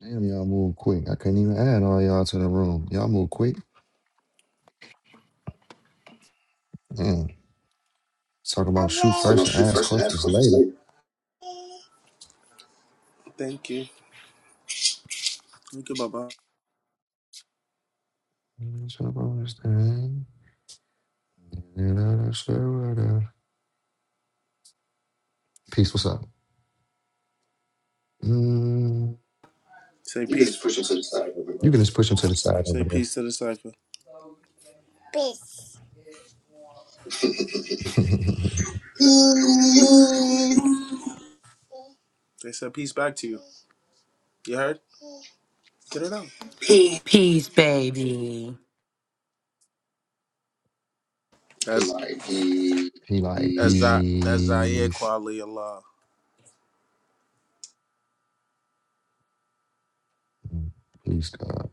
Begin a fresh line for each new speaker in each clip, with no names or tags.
Damn, y'all move quick. I couldn't even add all y'all to the room. Y'all move quick. Damn. Talk
So
about shoot
no,
first and
shoot
ask
first and ask
questions
questions
later.
later. Thank you. Thank you, Baba.
Mm, so I understand. You know, that's the weather. Peace, what's up? Mm,
Say You peace. just push them to the side.
you
remember?
can just push him to the side
Say
over there.
peace to the cipher. Peace. Peace.
Peace.
They said peace back to you. You heard? Get it out. Peace.
Peace, baby.
That's Like that's peace.
he like,
That's that that's Zaire
peace.
Kwali Allah.
Mm, Peace, God.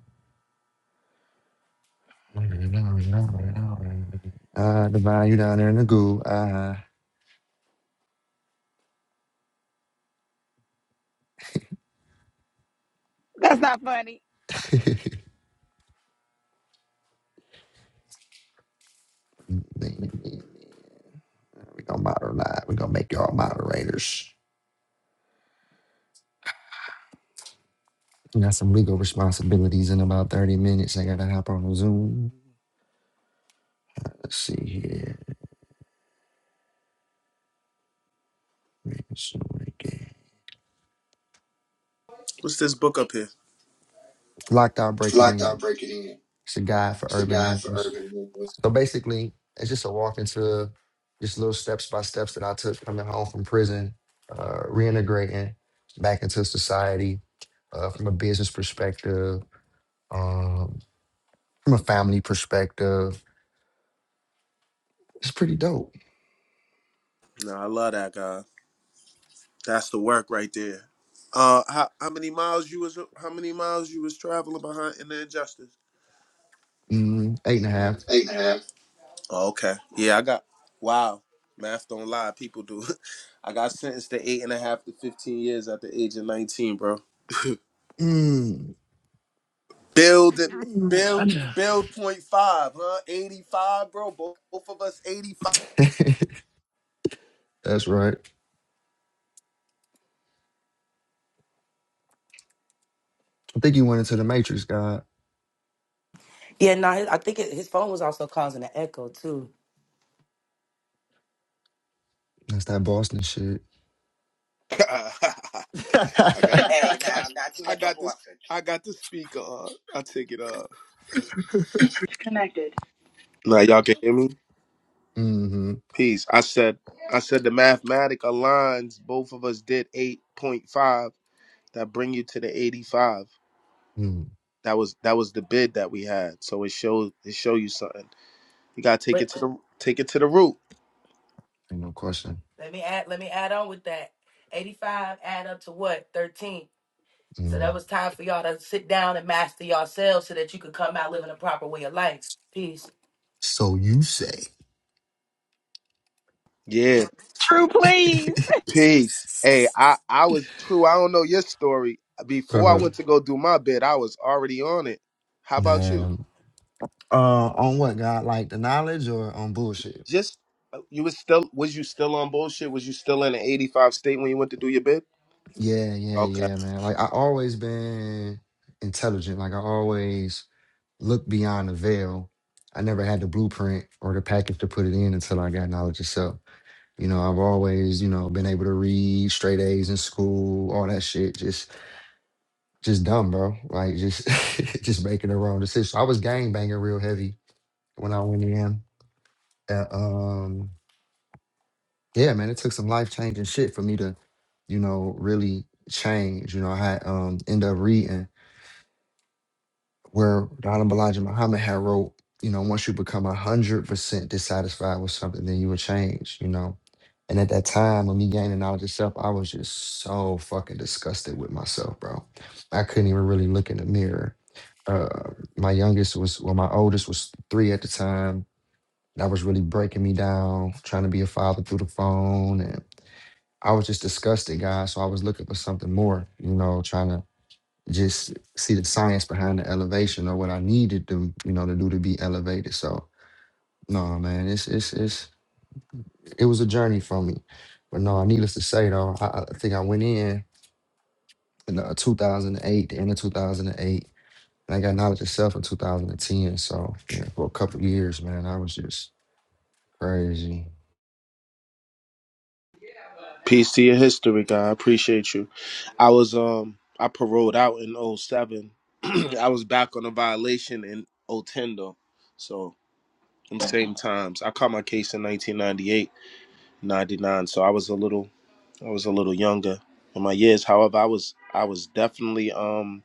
I divine you down there in the goo. Ah,
That's not funny.
huh we gonna moderate. We gonna make y'all moderators. Got some legal responsibilities in about 30 minutes. I gotta hop on a Zoom. Let's see here.
What's this book up here?
Locked out
If you
breaking
like
in.
break it in.
It's a guide for
It's the
urban
guy for
males.
urban movement.
So basically, it's just a walk into just little steps by steps that I took coming home from prison, uh, reintegrating back into society uh, from a business perspective, um, from a family perspective. It's pretty dope.
No, I love that guy. That's the work right there. Uh, how, how many miles you was how many miles you was traveling behind in the injustice?
Mm, eight and a
Mm,
half.
Eight and a half. Oh, okay. Yeah, I got. Wow. Math don't lie. People do. I got sentenced to eight and a half to fifteen years at the age of nineteen, bro.
Mm,
Build it.
mm, I
Build. Build point five, huh? Eighty five, bro. Both, both of us eighty five.
know. That's right. I think you went into the Matrix, God.
Yeah, no, his, I think it, his phone was also causing an echo too.
That's that Boston shit.
I got Hey, now, now you I hit the got this. horses. I got the speaker. on. I take it off. Now y'all can hear me.
Mm-hmm.
Peace. I said. I said the mathematic aligns. Both of us did eight point five. that bring you to the 85
Mm.
that was that was the bid that we had so it showed it show you something you gotta take it
But
to the take it to the root
Ain't no question.
let me add, let me add on with that. Eighty-five add up to what? Thirteen. So
Mm.
that was time for y'all to sit down and master yourselves so that you could come out living a proper way of life. Peace.
So you say.
yeah
True, please.
peace hey i i was true i don't know your story before i
uh-huh.
went to go do my bid i was already on it how about you
Man. Uh, on what, God? Like the knowledge or on bullshit?
Just you was still was you still on bullshit? Was you still in an eighty five state when you went to do your bid?
Yeah, yeah,
Okay.
yeah, man. Like I always been intelligent. Like I always looked beyond the veil. I never had the blueprint or the package to put it in until I got knowledge itself. You know, I've always, you know, been able to read straight A's in school, all that shit. Just, just dumb, bro. Like, just, just making the wrong decision. I was gang banging real heavy when I went in. Uh, um, yeah, man, it took some life changing shit for me to, you know, really change. You know, I had um end up reading. where Donna Balaji Muhammad had wrote, you know, once you become a hundred percent dissatisfied with something, then you will change, you know. And at that time, when me gaining knowledge of self, I was just so fucking disgusted with myself, bro. I couldn't even really look in the mirror. Uh, my youngest was, well, my oldest was three at the time. That was really breaking me down, trying to be a father through the phone. And I was just disgusted, guys. So I was looking for something more, you know, trying to just see the science behind the elevation or what I needed to, you know, to do to be elevated. So no, man, it's it's it's it was a journey for me. But no, needless to say though, I, I think I went in in uh, 2008, the end of 2008, and I got knowledge of self in 2010. So yeah, for a couple years, man, I was just crazy.
Peace to your history, guy. I appreciate you. I was um I paroled out in oh 07. I was back on a violation in oh 010 though. So in same times. I caught my case in 1998, 99. So I was a little I was a little younger in my years. However, I was I was definitely um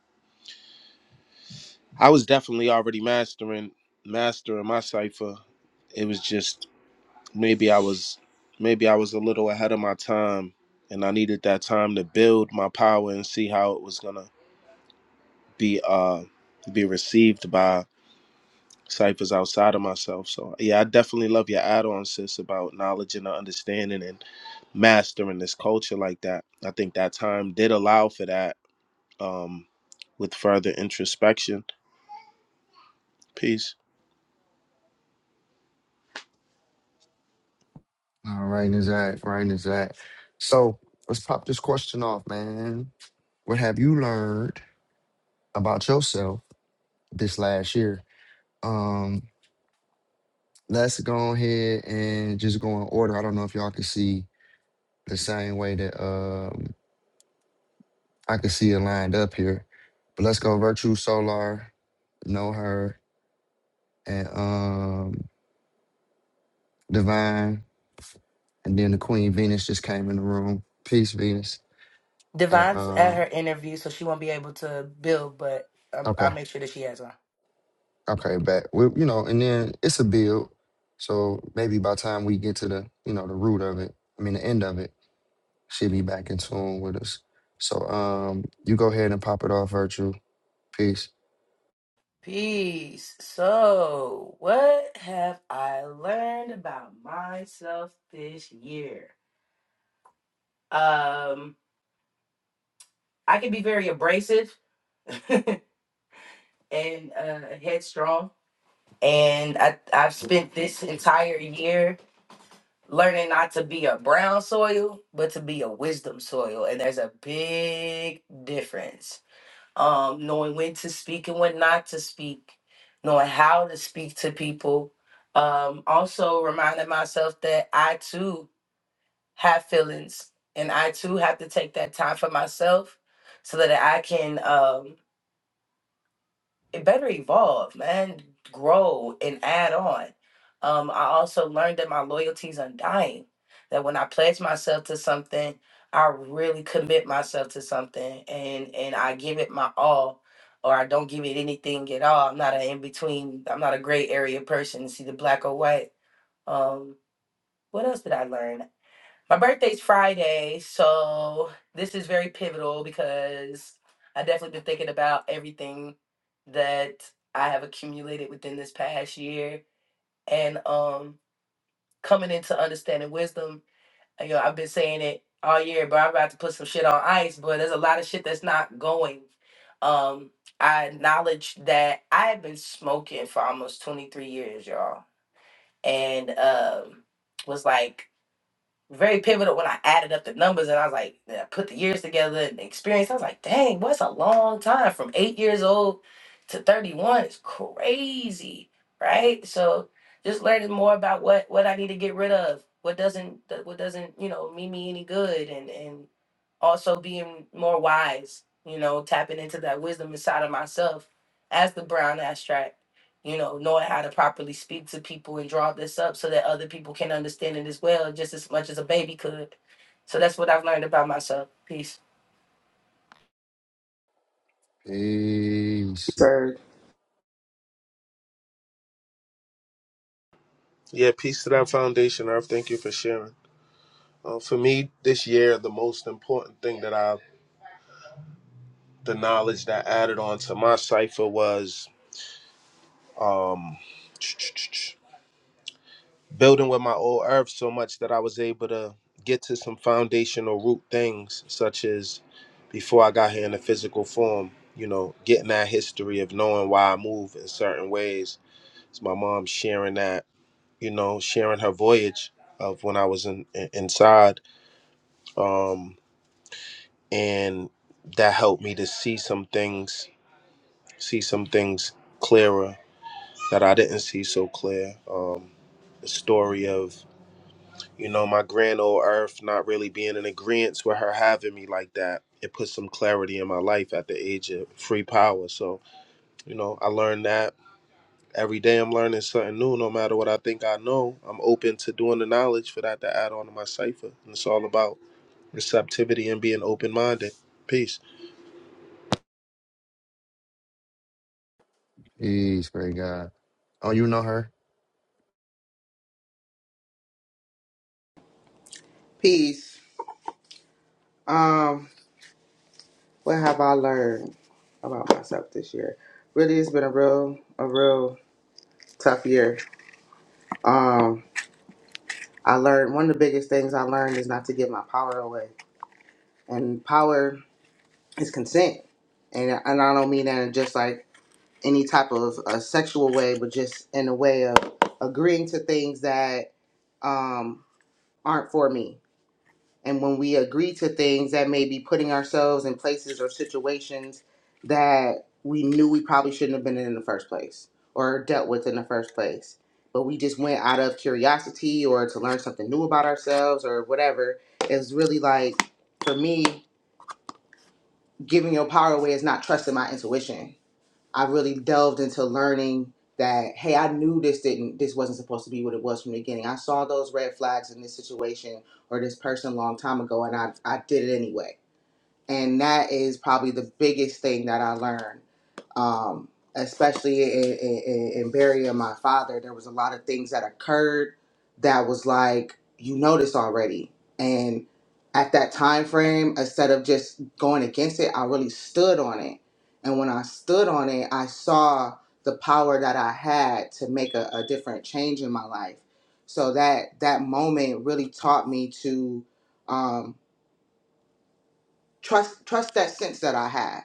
I was definitely already mastering mastering my cipher. It was just maybe I was maybe I was a little ahead of my time and I needed that time to build my power and see how it was gonna be uh be received by ciphers outside of myself. So yeah, I definitely love your add on sis about knowledge and understanding and mastering this culture like that. I think that time did allow for that um with further introspection. Peace.
All right, is that right? Is that so? Let's pop this question off, man. What have you learned about yourself this last year? Um, let's go ahead and just go in order. I don't know if y'all can see the same way that um I can see it lined up here. But let's go Virtue Solar, Know Her, and um Divine, and then the Queen Venus just came in the room. Peace, Venus. And
Divine's at
um
her interview, so she won't be able to build, but um,
okay,
I'll make sure that she has one.
okay, back. We, you know, and then it's a build. So maybe by the time we get to the, you know, the root of it, I mean the end of it, she'll be back in tune with us. So um you go ahead and pop it off, Virtue Peace.
Peace. So, what have I learned about myself this year? Um. I can be very abrasive and uh, headstrong. And I, I've spent this entire year learning not to be a brown soil, but to be a wisdom soil. And there's a big difference. Um, knowing when to speak and when not to speak, knowing how to speak to people. Um, also reminding myself that I too have feelings and I too have to take that time for myself so that I can. Um, it better evolve, man, grow and add on. Um, I also learned that my loyalty is undying. That when I pledge myself to something, I really commit myself to something, and and I give it my all, or I don't give it anything at all. I'm not an in between. I'm not a gray area person. It's either black or white. Um, what else did I learn? My birthday's Friday, so this is very pivotal because I definitely been thinking about everything that I have accumulated within this past year and um coming into understanding wisdom. uh, You know, I've been saying it all year, but I'm about to put some shit on ice, but there's a lot of shit that's not going. Um I acknowledge that I have been smoking for almost 23 years, y'all. And um was like very pivotal when I added up the numbers and I was like, and I put the years together and the experience. I was like, dang, what's a long time from eight years old to 31 is crazy, right? So just learning more about what what I need to get rid of, what doesn't that- what doesn't you know mean me any good, and and also being more wise, you know, tapping into that wisdom inside of myself as the brown ass you know, knowing how to properly speak to people and draw this up so that other people can understand it as well, just as much as a baby could. So that's what I've learned about myself. Peace.
Peace.
Sir,
Yeah, peace to that foundation, Earth. Thank you for sharing. Uh, for me, this year, the most important thing that I the knowledge that I added on to my cipher was um, building with my old earth so much that I was able to get to some foundational root things, such as before I got here in the physical form, you know, getting that history of knowing why I move in certain ways. It's my mom sharing that, you know, sharing her voyage of when I was in, in- inside. Um, and that helped me to see some things, see some things clearer that I didn't see so clear. Um, the story of, you know, my grand old earth not really being in agreement with her having me like that. It put some clarity in my life at the age of free power. So, you know, I learned that every day I'm learning something new. No matter what I think I know, I'm open to doing the knowledge for that to add on to my cipher. And it's all about receptivity and being open minded. Peace.
Peace. Great God. Oh, you know her.
peace. Um, what have I learned about myself this year? Really, it's been a real, a real tough year. Um, I learned one of the biggest things I learned is not to give my power away, and power is consent, and and I don't mean that in just like any type of a sexual way, but just in a way of agreeing to things that um aren't for me And when we agree to things, that may be putting ourselves in places or situations that we knew we probably shouldn't have been in in the first place or dealt with in the first place. But we just went out of curiosity or to learn something new about ourselves or whatever. It's really like, for me, giving your power away is not trusting my intuition I really delved into learning that hey, I knew this didn't this wasn't supposed to be what it was from the beginning. I saw those red flags in this situation or this person a long time ago and I I did it anyway. And that is probably the biggest thing that I learned um, especially in, in, in burying my father, there was a lot of things that occurred that was like you noticed already. And at that time frame, instead of just going against it, I really stood on it. And when I stood on it, I saw the power that I had to make a, a different change in my life. So that that moment really taught me to um, trust trust that sense that I had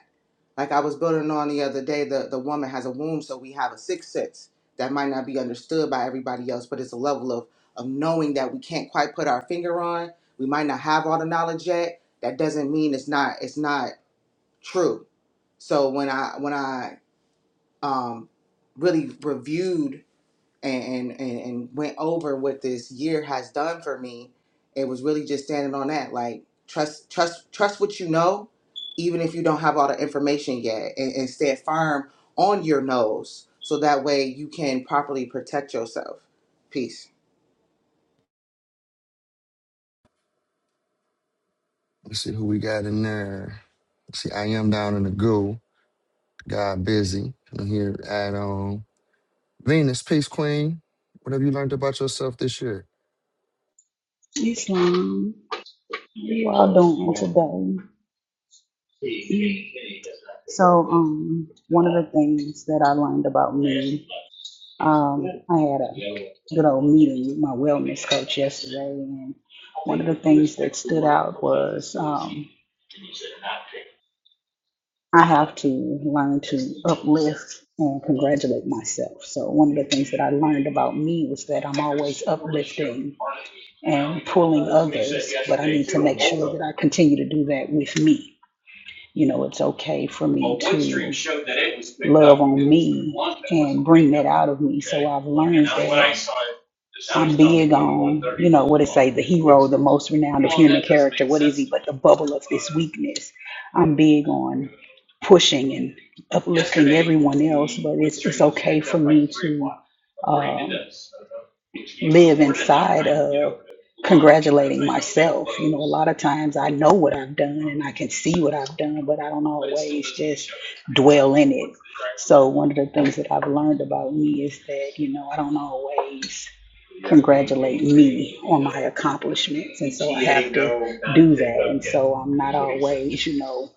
like I was building on the other day, the, the woman has a womb, so we have a sixth sense that might not be understood by everybody else, but it's a level of, of knowing that we can't quite put our finger on. We might not have all the knowledge yet. That doesn't mean it's not it's not true. So when I when I um, really reviewed and, and and went over what this year has done for me it was really just standing on that like trust trust trust what you know even if you don't have all the information yet and, and stand firm on your nose so that way you can properly protect yourself peace
Let's see who we got in there. Let's see, I am down in the goo. God busy. I'm here at um Venus, Peace Queen. What have you learned about yourself this year?
Islam. You all doing today? So, um, one of the things that I learned about me, um, I had a good old meeting with my wellness coach yesterday, and one of the things that stood out was um, I have to learn to uplift and congratulate myself. So, one of the things that I learned about me was that I'm always uplifting and pulling others, but I need to make sure that I continue to do that with me you know, it's okay for me Well, Windstream to showed that it was picked love up. on It was through me one that was and bring that out of me. So okay. I've learned I, when that I saw it, the sound I'm sound big from on, you 130 know, and what it say, the hero, Windstream. the one forty. most renowned of Well, human that doesn't character. make What is sense he to but the bubble of his But weakness? I'm big on pushing and uplifting yesterday, everyone else, the but one it's it's Windstream was okay picked for up like me 3 to o'clock, according um, this. I don't know. Which means live we're at that inside 9.30 of Yeah congratulating myself. You know, a lot of times I know what I've done and I can see what I've done, but I don't always just dwell in it. So one of the things that I've learned about me is that, you know, I don't always congratulate me on my accomplishments. And so I have to do that. And so I'm not always, you know,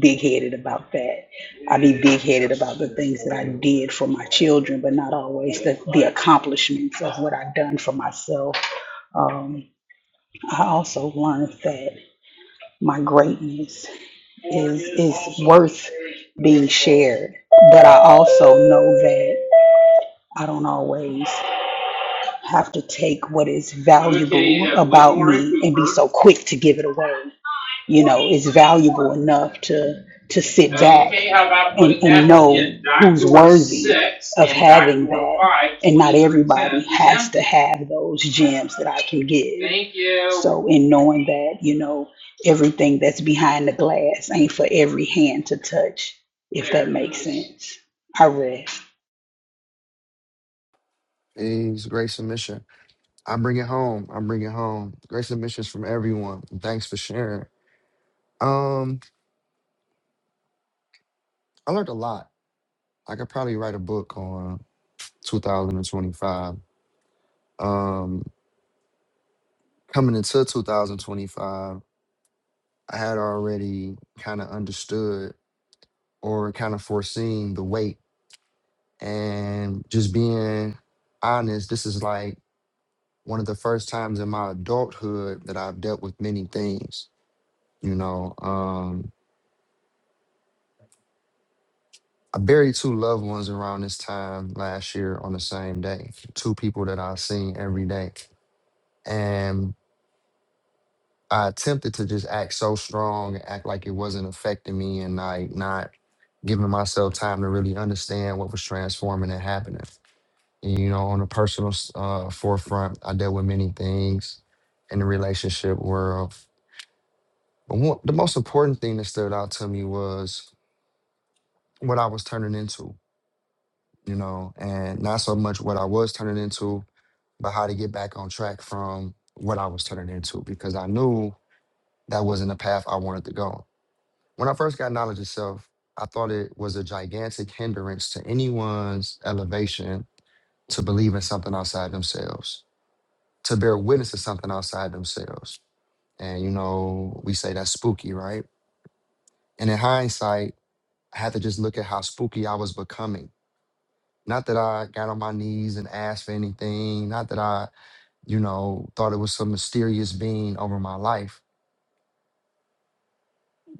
big headed about that. I be big headed about the things that I did for my children, but not always the, the accomplishments of what I've done for myself. Um, I also learned that my greatness is is worth being shared. But I also know that I don't always have to take what is valuable about me and be so quick to give it away you know, is valuable enough to to sit back and, and know who's worthy of having that. And not everybody has to have those gems that I can give. So in knowing that, you know, everything that's behind the glass ain't for every hand to touch, if that makes sense. I rest.
Peace, Great submission. I bring it home. I bring it home. Great submissions from everyone. Thanks for sharing. Um, I learned a lot. I could probably write a book on 2025. Um, coming into 2025. I had already kind of understood or kind of foreseen the weight. And just being honest, this is like one of the first times in my adulthood that I've dealt with many things. You know, um, I buried two loved ones around this time last year on the same day, two people that I've seen every day. And I attempted to just act so strong, act like it wasn't affecting me, and like not giving myself time to really understand what was transforming and happening. And, you know, on a personal s- uh, forefront, I dealt with many things in the relationship world. But one, the most important thing that stood out to me was what I was turning into, you know, and not so much what I was turning into, but how to get back on track from what I was turning into, because I knew that wasn't the path I wanted to go When I first got knowledge itself, I thought it was a gigantic hindrance to anyone's elevation to believe in something outside themselves, to bear witness to something outside themselves. And you know, we say that's spooky, right? And in hindsight, I had to just look at how spooky I was becoming. Not that I got on my knees and asked for anything, not that I, you know, thought it was some mysterious being over my life,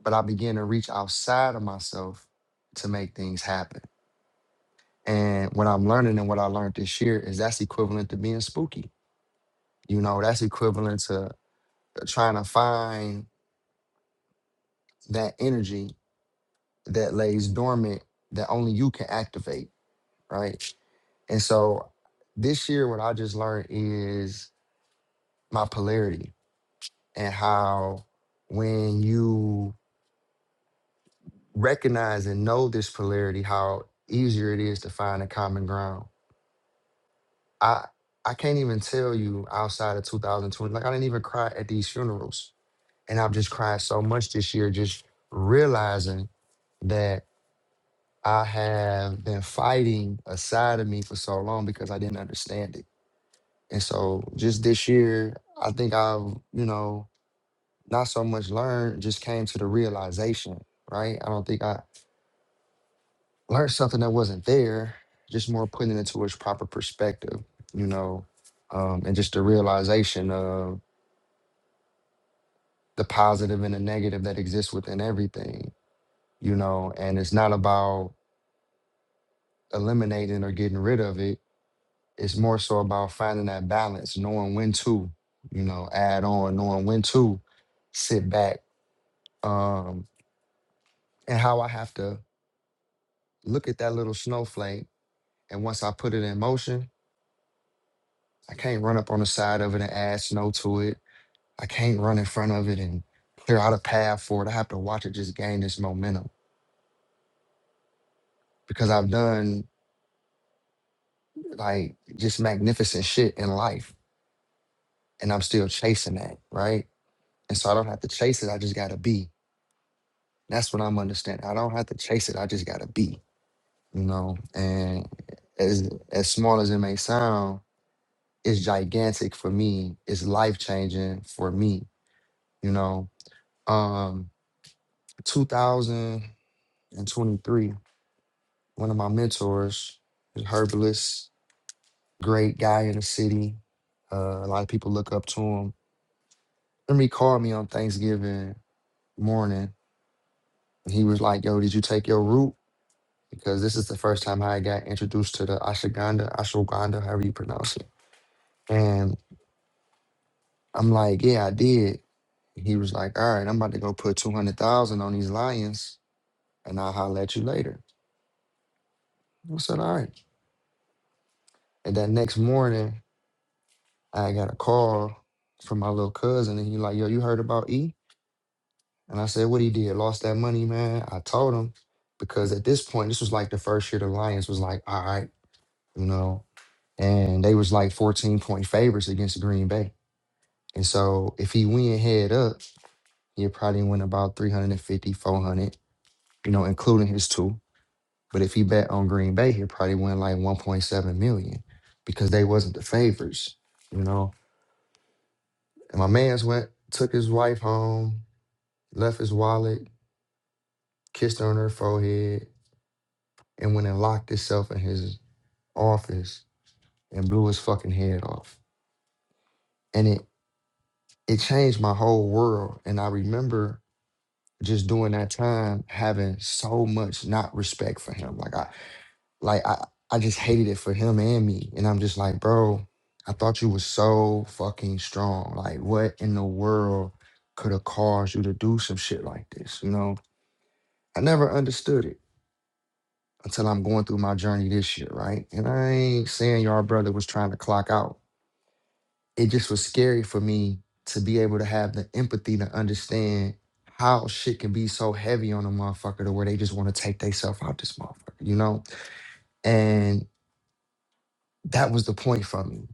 but I began to reach outside of myself to make things happen. And what I'm learning and what I learned this year is that's equivalent to being spooky. You know, that's equivalent to uh, trying to find that energy that lays dormant that only you can activate, right? And so this year, what I just learned is my polarity and how when you recognize and know this polarity, how easier it is to find a common ground. I I can't even tell you outside of 2020. Like I didn't even cry at these funerals, and I've just cried so much this year, just realizing that I have been fighting a side of me for so long because I didn't understand it. And so just this year, I think I've you know not so much learned, just came to the realization. Right? I don't think I learned something that wasn't there. Just more putting it into its proper perspective. You know, um, and just the realization of the positive and the negative that exists within everything, you know, and it's not about eliminating or getting rid of it. It's more so about finding that balance, knowing when to, you know, add on, knowing when to sit back, um, and how I have to look at that little snowflake. And once I put it in motion, I can't run up on the side of it and add snow to it. I can't run in front of it and clear out a path for it. I have to watch it just gain this momentum because I've done like just magnificent shit in life. And I'm still chasing that, right? And so I don't have to chase it. I just gotta be. That's what I'm understanding. I don't have to chase it. I just gotta be, you know? And as as small as it may sound, it's gigantic for me. It's life changing for me, you know? Um, 2023, one of my mentors, herbalist, great guy in the city. Uh, a lot of people look up to him Jeremy called me on Thanksgiving morning and he was like, Yo, did you take your root? Because this is the first time I got introduced to the ashwagandha, ashwagandha, however you pronounce it. And I'm like, Yeah, I did. And he was like, All right, I'm about to go put 200,000 on these lions and I'll holler at you later. I said, All right. And that next morning, I got a call from my little cousin and he like, Yo, you heard about E? And I said, what he did, lost that money, man. I told him because at this point, this was like the first year the Lions was like, all right, you know, and they was like 14 point favorites against Green Bay. And so if he went head up, he probably win about 350, 400, you know, including his two. But if he bet on Green Bay, he'd probably win like 1.7 million because they wasn't the favorites, you know. And my man's went, took his wife home, left his wallet, kissed her on her forehead, and went and locked itself in his office and blew his fucking head off. And it it changed my whole world. And I remember just during that time having so much not respect for him. Like I like I I just hated it for him and me. And I'm just like, bro, I thought you was so fucking strong. Like what in the world could have caused you to do some shit like this? You know? I never understood it until I'm going through my journey this year, right? And I ain't saying your brother was trying to clock out. it just was scary for me to be able to have the empathy to understand how shit can be so heavy on a motherfucker to where they just want to take themselves out this motherfucker, you know? And that was the point for me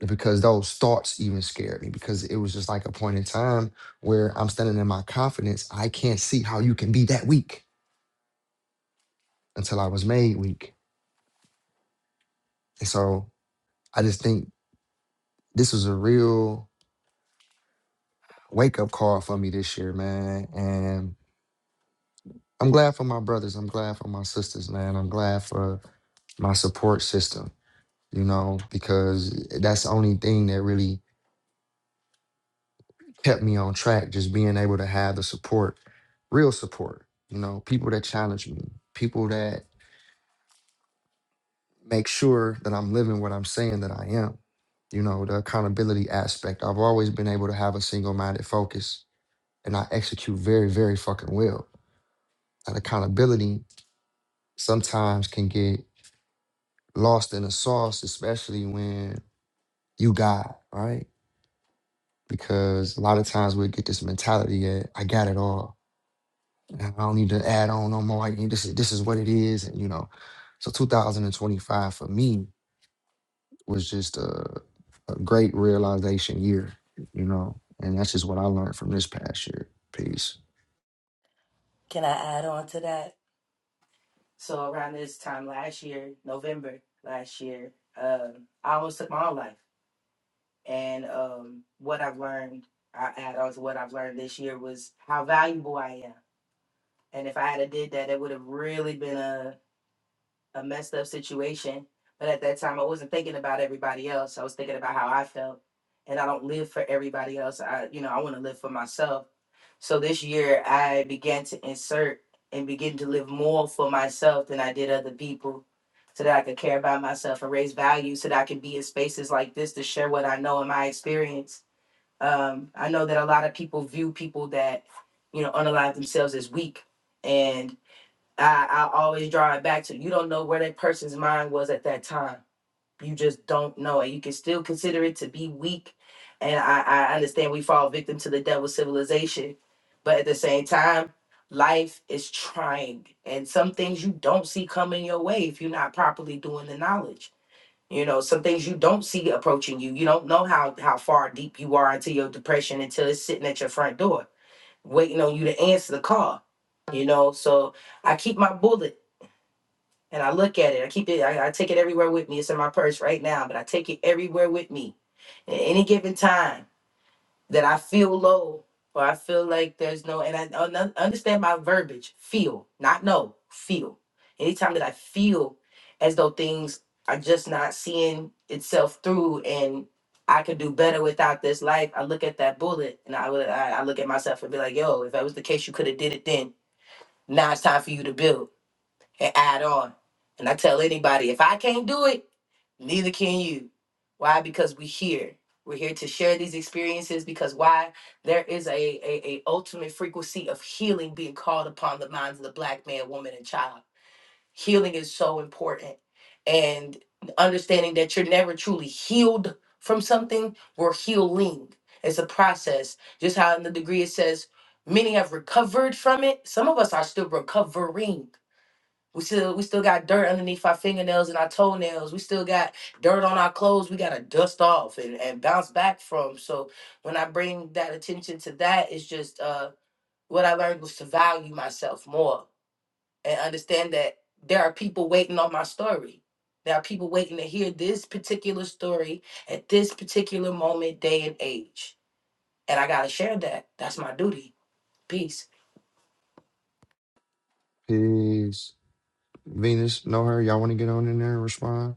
because those thoughts even scared me because it was just like a point in time where I'm standing in my confidence. I can't see how you can be that weak until I was made weak. And so I just think this was a real wake up call for me this year, man. And I'm glad for my brothers. I'm glad for my sisters, man. I'm glad for my support system, you know, because that's the only thing that really kept me on track, just being able to have the support, real support, you know, people that challenge me, people that make sure that I'm living what I'm saying that I am, you know, the accountability aspect. I've always been able to have a single minded focus and I execute very, very fucking well. That accountability sometimes can get lost in the sauce, especially when you God, right? Because a lot of times we get this mentality that I got it all. and I don't need to add on no more. I can- this is this is what it is, and you know. So 2025 for me was just a, a great realization year, you know, and that's just what I learned from this past year. Peace,
Can I add on to that? So around this time last year, November last year, um, I almost took my own life. And um, what I've learned, I add on to what I've learned this year was how valuable I am. And if I had did that, it would have really been a a messed up situation. But at that time, I wasn't thinking about everybody else. I was thinking about how I felt. And I don't live for everybody else. I, you know, I want to live for myself. So this year, I began to insert and begin to live more for myself than I did other people so that I could care about myself and raise value so that I can be in spaces like this to share what I know and my experience. Um, I know that a lot of people view people that, you know, unalive themselves as weak. And I, I always draw it back to you don't know where that person's mind was at that time. You just don't know. And you can still consider it to be weak. And I, I understand we fall victim to the devil's civilization. But at the same time, life is trying. And some things you don't see coming your way if you're not properly doing the knowledge. You know, some things you don't see approaching you. You don't know how, how far deep you are into your depression until it's sitting at your front door, waiting on you to answer the call. You know, so I keep my bullets and I look at it. I keep it. I, I take it everywhere with me. It's in my purse right now, but I take it everywhere with me. At any given time that I feel low or I feel like there's no, and I un- understand my verbiage. Feel, not know. Feel. Anytime that I feel as though things are just not seeing itself through, and I could do better without this life. I look at that bullet, and I would. I, I look at myself and be like, "Yo, if that was the case, you could have did it then. Now it's time for you to build." and add on. And I tell anybody, if I can't do it, neither can you. Why? Because we're here. We're here to share these experiences because why? There is a, a, a ultimate frequency of healing being called upon the minds of the black man, woman, and child. Healing is so important. And understanding that you're never truly healed from something, we're healing. It's a process. Just how in the degree it says, many have recovered from it. Some of us are still recovering we still we still got dirt underneath our fingernails and our toenails. We still got dirt on our clothes. We gotta dust off and, and bounce back from. So when I bring that attention to that, it's just uh what I learned was to value myself more and understand that there are people waiting on my story. There are people waiting to hear this particular story at this particular moment, day and age. And I gotta share that. That's my duty. Peace.
peace. Venus, know her. Y'all want to get on in there and respond?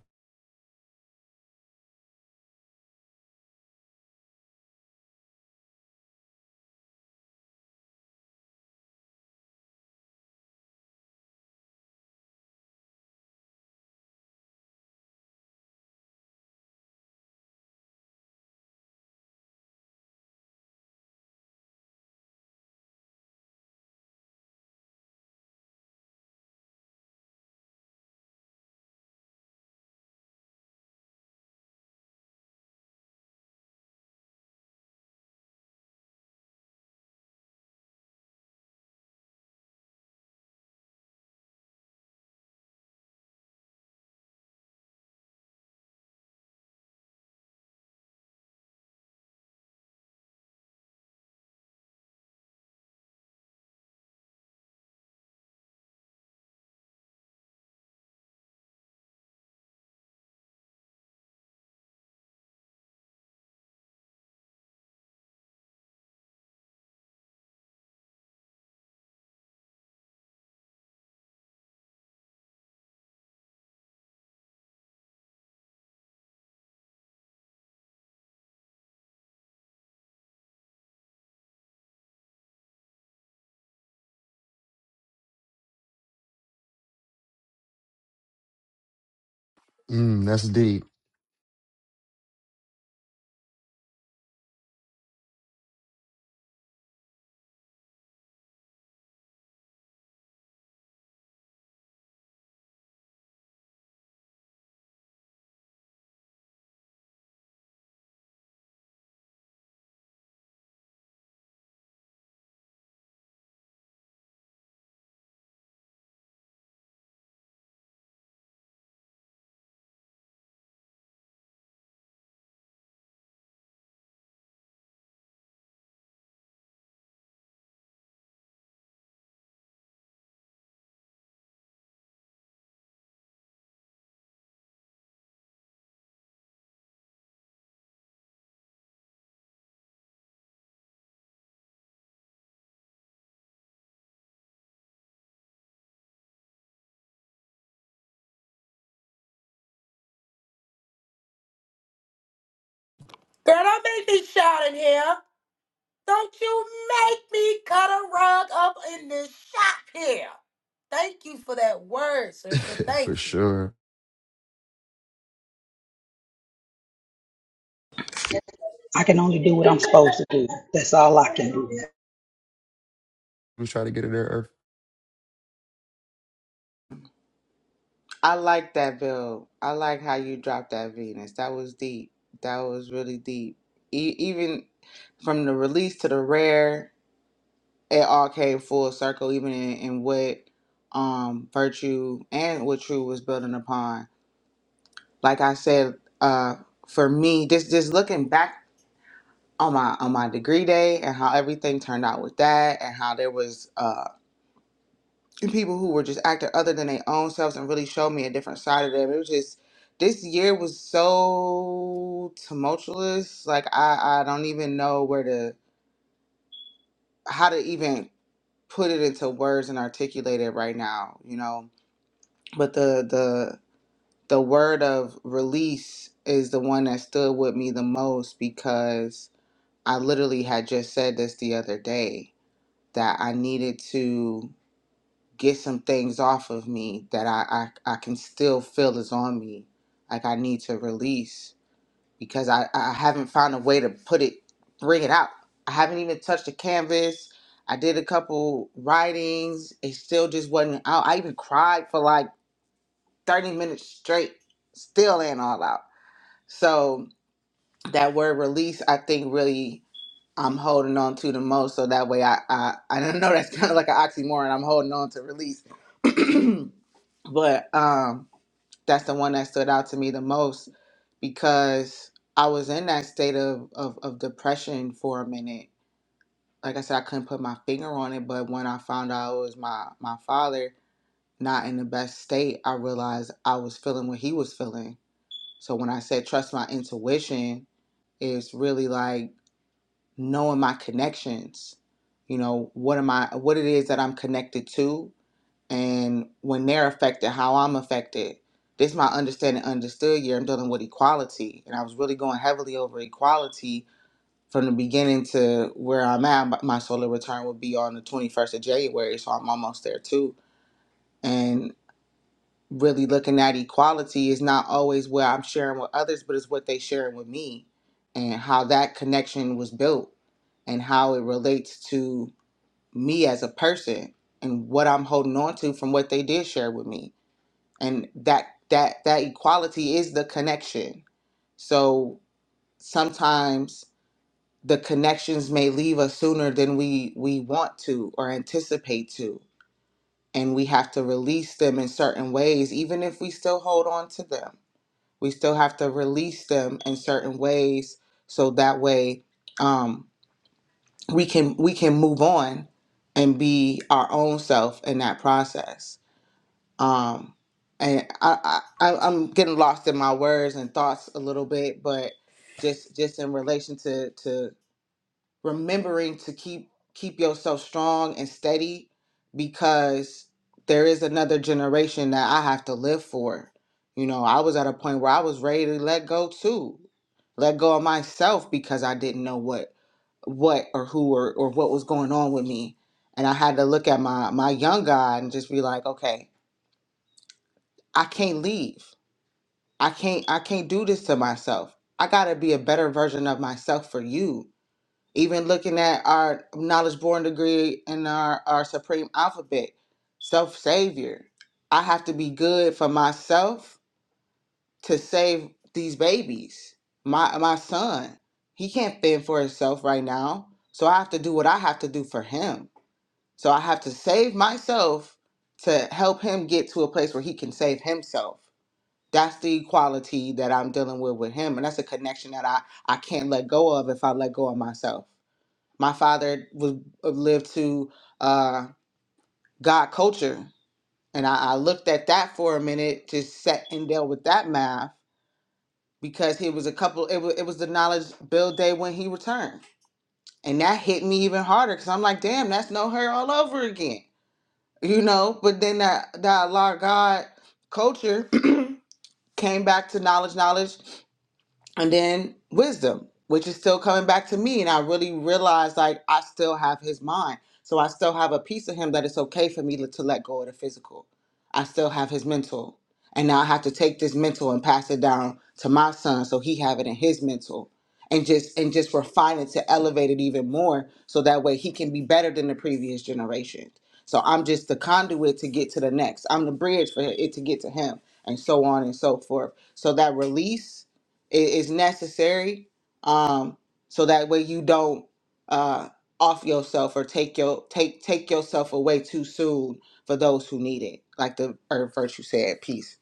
Mm, that's deep
Girl, don't make me shout in here. Don't you make me cut a rug up in this shop here. Thank you for that word, sister.
for
Thank you.
sure.
I can only do what I'm supposed to do. That's all I can do.
We try to get it there. Earth.
I like that, Bill. I like how you dropped that Venus. That was deep. That was really deep. E- even from the release to the rare. it all came full circle, even in, in what um, virtue and what true was building upon. Like I said, uh, for me, just just looking back on my on my degree day and how everything turned out with that, and how there was uh, people who were just acting other than their own selves and really showed me a different side of them. It was just this year was so tumultuous. Like I I don't even know where to how to even put it into words and articulate it right now. You know but the the the word of release is the one that stood with me the most because I literally had just said this the other day that I needed to get some things off of me that I I, I can still feel is on me. Like I need to release because I, I haven't found a way to put it bring it out. I haven't even touched the canvas. I did a couple writings. It still just wasn't out. I even cried for like 30 minutes straight, still ain't all out. So that word release, I think really I'm holding on to the most. So that way I I, I don't know that's kind of like an oxymoron. I'm holding on to release. but um that's the one that stood out to me the most because I was in that state of, of, of depression for a minute. Like I said, I couldn't put my finger on it, but when I found out it was my, my father not in the best state, I realized I was feeling what he was feeling So when I said trust my intuition, it's really like knowing my connections. You know, what am I what it is that I'm connected to and when they're affected, how I'm affected. This is my understanding understood year. I'm dealing with equality. And I was really going heavily over equality from the beginning to where I'm at. My solar return will be on the 21st of January, so I'm almost there too. and really looking at equality is not always what I'm sharing with others, but it's what they sharing with me and how that connection was built and how it relates to me as a person and what I'm holding on to from what they did share with me. And that that that equality is the connection. So sometimes the connections may leave us sooner than we we want to or anticipate to and we have to release them in certain ways even if we still hold on to them we still have to release them in certain ways so that way um, we can we can move on and be our own self in that process um, and I, I I- i'm getting lost in my words and thoughts a little bit but just just in relation to to remembering to keep keep yourself strong and steady because there is another generation that I have to live for. You know, I was at a point where I was ready to let go too. Let go of myself because I didn't know what what or who or, or what was going on with me. And I had to look at my my young guy and just be like, okay, I can't leave. I can't I can't do this to myself. I gotta be a better version of myself for you even looking at our knowledge born degree and our, our supreme alphabet self savior i have to be good for myself to save these babies my my son he can't fend for himself right now so i have to do what i have to do for him so i have to save myself to help him get to a place where he can save himself that's the equality that i'm dealing with with him and that's a connection that i i can't let go of if i let go of myself my father was uh, lived to uh, God culture, and I, I looked at that for a minute, just sat and dealt with that math because it was a couple. It was it was the knowledge build day when he returned, and that hit me even harder because I'm like, damn, that's no her all over again, you know. But then that that Allah God culture came back to knowledge, knowledge. and then wisdom which is still coming back to me and i really realized like i still have his mind so i still have a piece of him that it's okay for me to, to let go of the physical i still have his mental and now i have to take this mental and pass it down to my son so he have it in his mental and just and just refine it to elevate it even more so that way he can be better than the previous generation so i'm just the conduit to get to the next i'm the bridge for it to get to him and so on and so forth so that release it is necessary, um, so that way you don't uh, off yourself or take your take take yourself away too soon for those who need it. Like the Earth Virtue said, peace.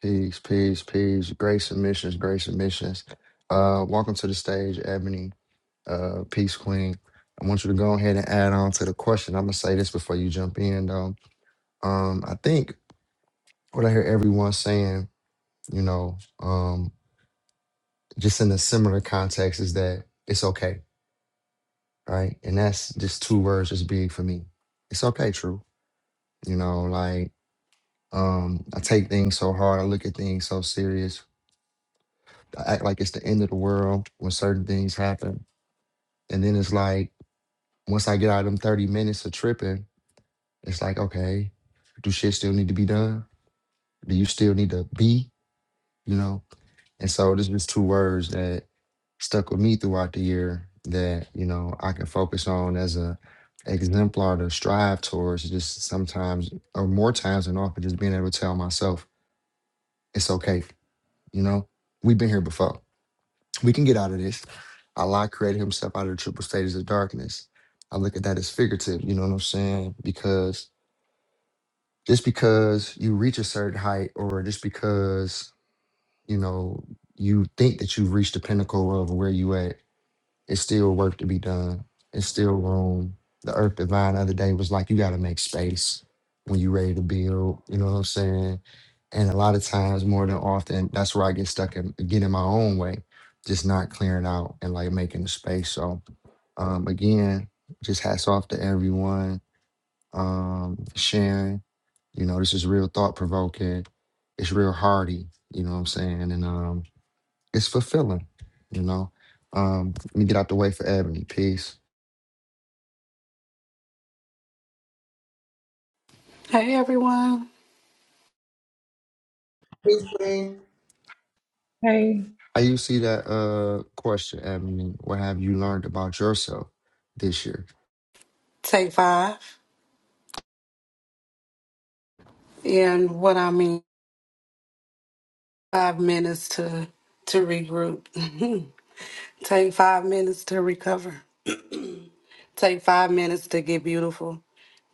Peace, peace, peace. Great submissions, great submissions. Uh, welcome to the stage, Ebony, uh, Peace Queen. I want you to go ahead and add on to the question. I'm gonna say this before you jump in, though. Um, I think what I hear everyone saying, you know, um, just in a similar context, is that it's okay, right? And that's just two words is big for me. It's okay, true. You know, like um, I take things so hard, I look at things so serious. I act like it's the end of the world when certain things happen And then it's like, once I get out of them 30 minutes of tripping, it's like, okay, do shit still need to be done? Do you still need to be? You know? And so there's just two words that stuck with me throughout the year that, you know, I can focus on as a exemplar to strive towards just sometimes or more times than often just being able to tell myself, it's okay, you know, we've been here before. We can get out of this. Allah created himself out of the triple stages of darkness. I look at that as figurative, you know what I'm saying? Because just because you reach a certain height or just because, you know, you think that you've reached the pinnacle of where you at it's still work to be done. It's still room. The Earth Divine the other day was like, you got to make space when you're ready to build. You know what I'm saying? And a lot of times, more than often, that's where I get stuck and get in getting my own way, just not clearing out and like making the space. So, um, again, just hats off to everyone um, for sharing. You know, this is real thought provoking. It's real hardy. You know what I'm saying? And um, it's fulfilling, you know. Um, let me get out the way for Ebony. Peace.
Hey everyone,
Peace, Queen.
Hey,
How you see that uh question, Ebony? What have you learned about yourself this year?
take five. And what I mean, five minutes to to regroup. take five minutes to recover. Take five minutes to get beautiful.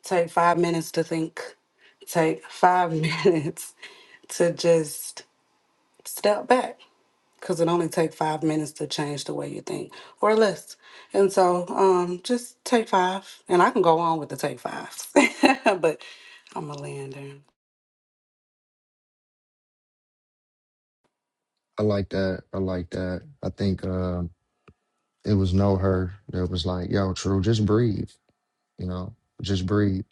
Take five minutes to think. Take five minutes to just step back because it only takes five minutes to change the way you think or less. And so um, just take five. And I can go on with the take fives, but I'm a lander.
I like that. I like that. I think um it was know her that was like, yo, true, just breathe, you know, just breathe.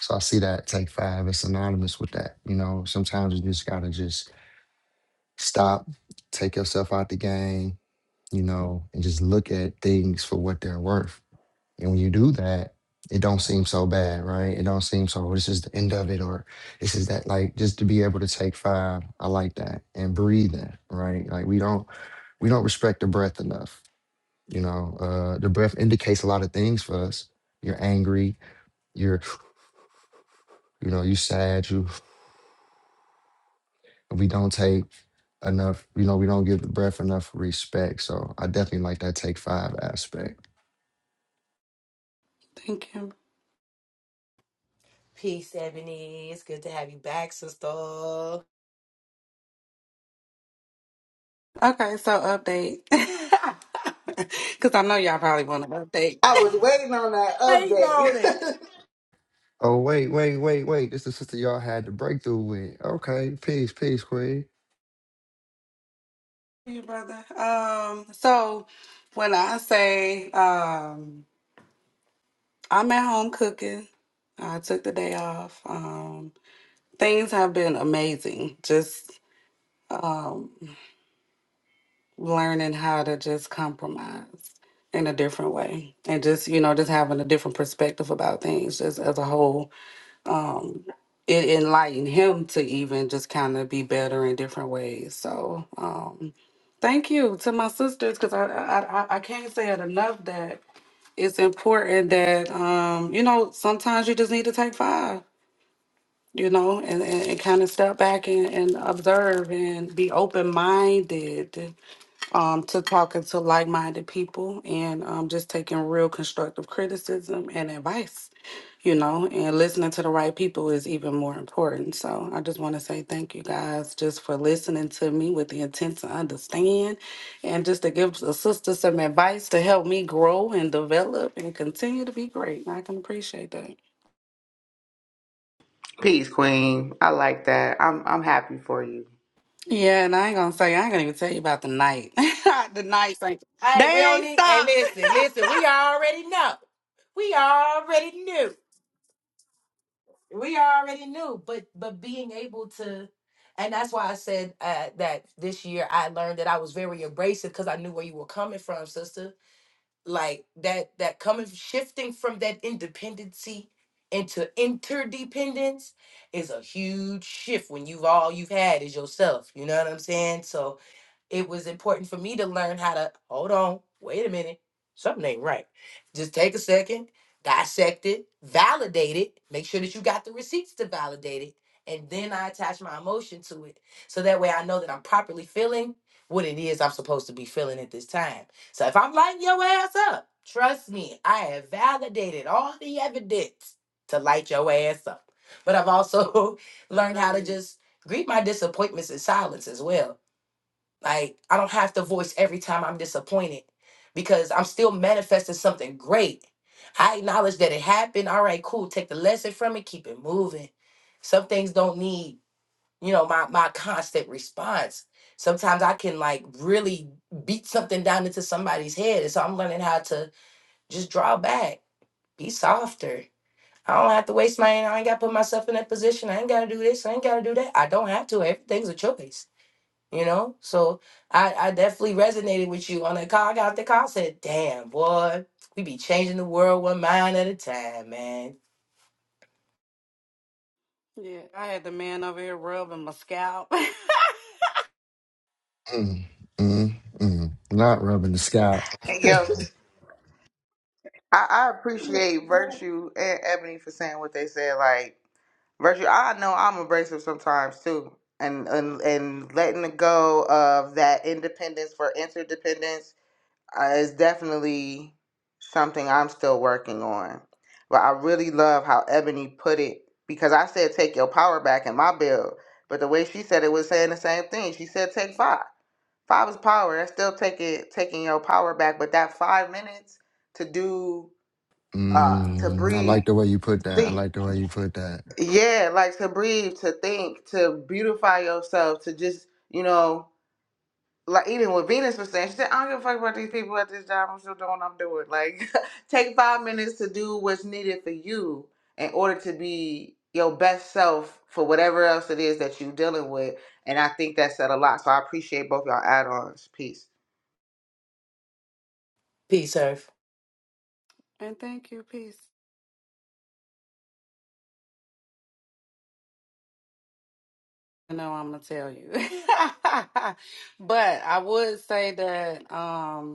So I see that take five is synonymous with that. You know, sometimes you just gotta just stop, take yourself out the game, you know, and just look at things for what they're worth And when you do that, it don't seem so bad, right? It don't seem so this is the end of it or this is that like just to be able to take five, I like that. And breathing, right? Like we don't we don't respect the breath enough. You know, uh the breath indicates a lot of things for us. You're angry, you're you know, you sad, you we don't take enough, you know, we don't give the breath enough respect. So I definitely like that take five aspect.
Thank you.
Peace, Ebony. It's good to have you back, sister.
Okay, so update. Cause I know y'all probably want to update.
I was waiting on that
Waiting on it.
update.
Oh wait, wait, wait, wait. This is the sister y'all had the breakthrough with. Okay, peace, peace, Queen.
you brother. Um, so when I say um I'm at home cooking. I took the day off. Um things have been amazing. Just um learning how to just compromise in a different way. And just, you know, just having a different perspective about things just as a whole. it enlightened him to even just kind of be better in different ways. So um, thank you to my sisters because I, I I I can't say it enough that it's important that um, you know sometimes you just need to take five, you know, and, and, and kind of step back and, and observe and be open minded um, to talking to like minded people and um, just taking real constructive criticism and advice, you know, and listening to the right people is even more important. So I just want to say thank you guys just for listening to me with the intent to understand and just to give a sister some advice to help me grow and develop and continue to be great. I can appreciate that.
Peace, Queen. I like that. I'm I'm happy for you.
Yeah, and I ain't gonna say I ain't gonna even tell you about the night. the nights ain't
Hey, we
they
don't
ain't
need. Hey,
stopped.
listen, listen. We already know. We already knew. We already knew, but but being able to, and that's why I said uh, that this year I learned that I was very abrasive because I knew where you were coming from, sister. like that that coming shifting from that independency into interdependence is a huge shift when you've all you've had is yourself you know what i'm saying so it was important for me to learn how to hold on, wait a minute, something ain't right. Just take a second, dissect it, validate it, make sure that you got the receipts to validate it, and then I attach my emotion to it. So that way I know that I'm properly feeling what it is I'm supposed to be feeling at this time. So if I'm lighting your ass up, trust me, I have validated all the evidence to light your ass up. But I've also learned how to
Agreed.
just greet my disappointments in silence as well like, I don't have to voice every time I'm disappointed because I'm still manifesting something great. I acknowledge that it happened. All right, cool. Take the lesson from it, keep it moving. Some things don't need, you know, my my constant response. Sometimes I can like really beat something down into somebody's head. And so I'm learning how to just draw back, be softer. I don't have to waste my I ain't gotta put myself in that position. I ain't gotta do this. I ain't gotta do that. I don't have to. Everything's a choice you know so i i definitely resonated with you on that call i got off the call I said damn boy we be changing the world one mind at a time man
Yeah, I had the man over here rubbing my scalp.
Mm, mm, mm. Not rubbing the scalp.
I, I appreciate Virtue and Ebony for saying what they said. Like Virtue, I know I'm abrasive sometimes too, and and and letting the go of that independence for interdependence uh, is definitely something I'm still working on. But I really love how Ebony put it because I said take your power back in my bill, but the way she said it was saying the same thing. She said take five. Five is power. That's still taking taking your power back, but that five minutes to do uh, to
Mm, I
breathe,
like the way you put that. I
think,
like the way you put that.
yeah, like to breathe, to think, to beautify yourself, to just, you know, like even what Venus was saying, she said, I don't give a fuck about these people at this job. I'm still doing what I'm doing. Like, take five minutes to do what's needed for you in order to be your best self for whatever else it is that you're dealing with. And I think that said a lot. So I appreciate both y'all add ons. Peace.
peace earth
and thank you, peace. I know I'm gonna tell you. but I would say that um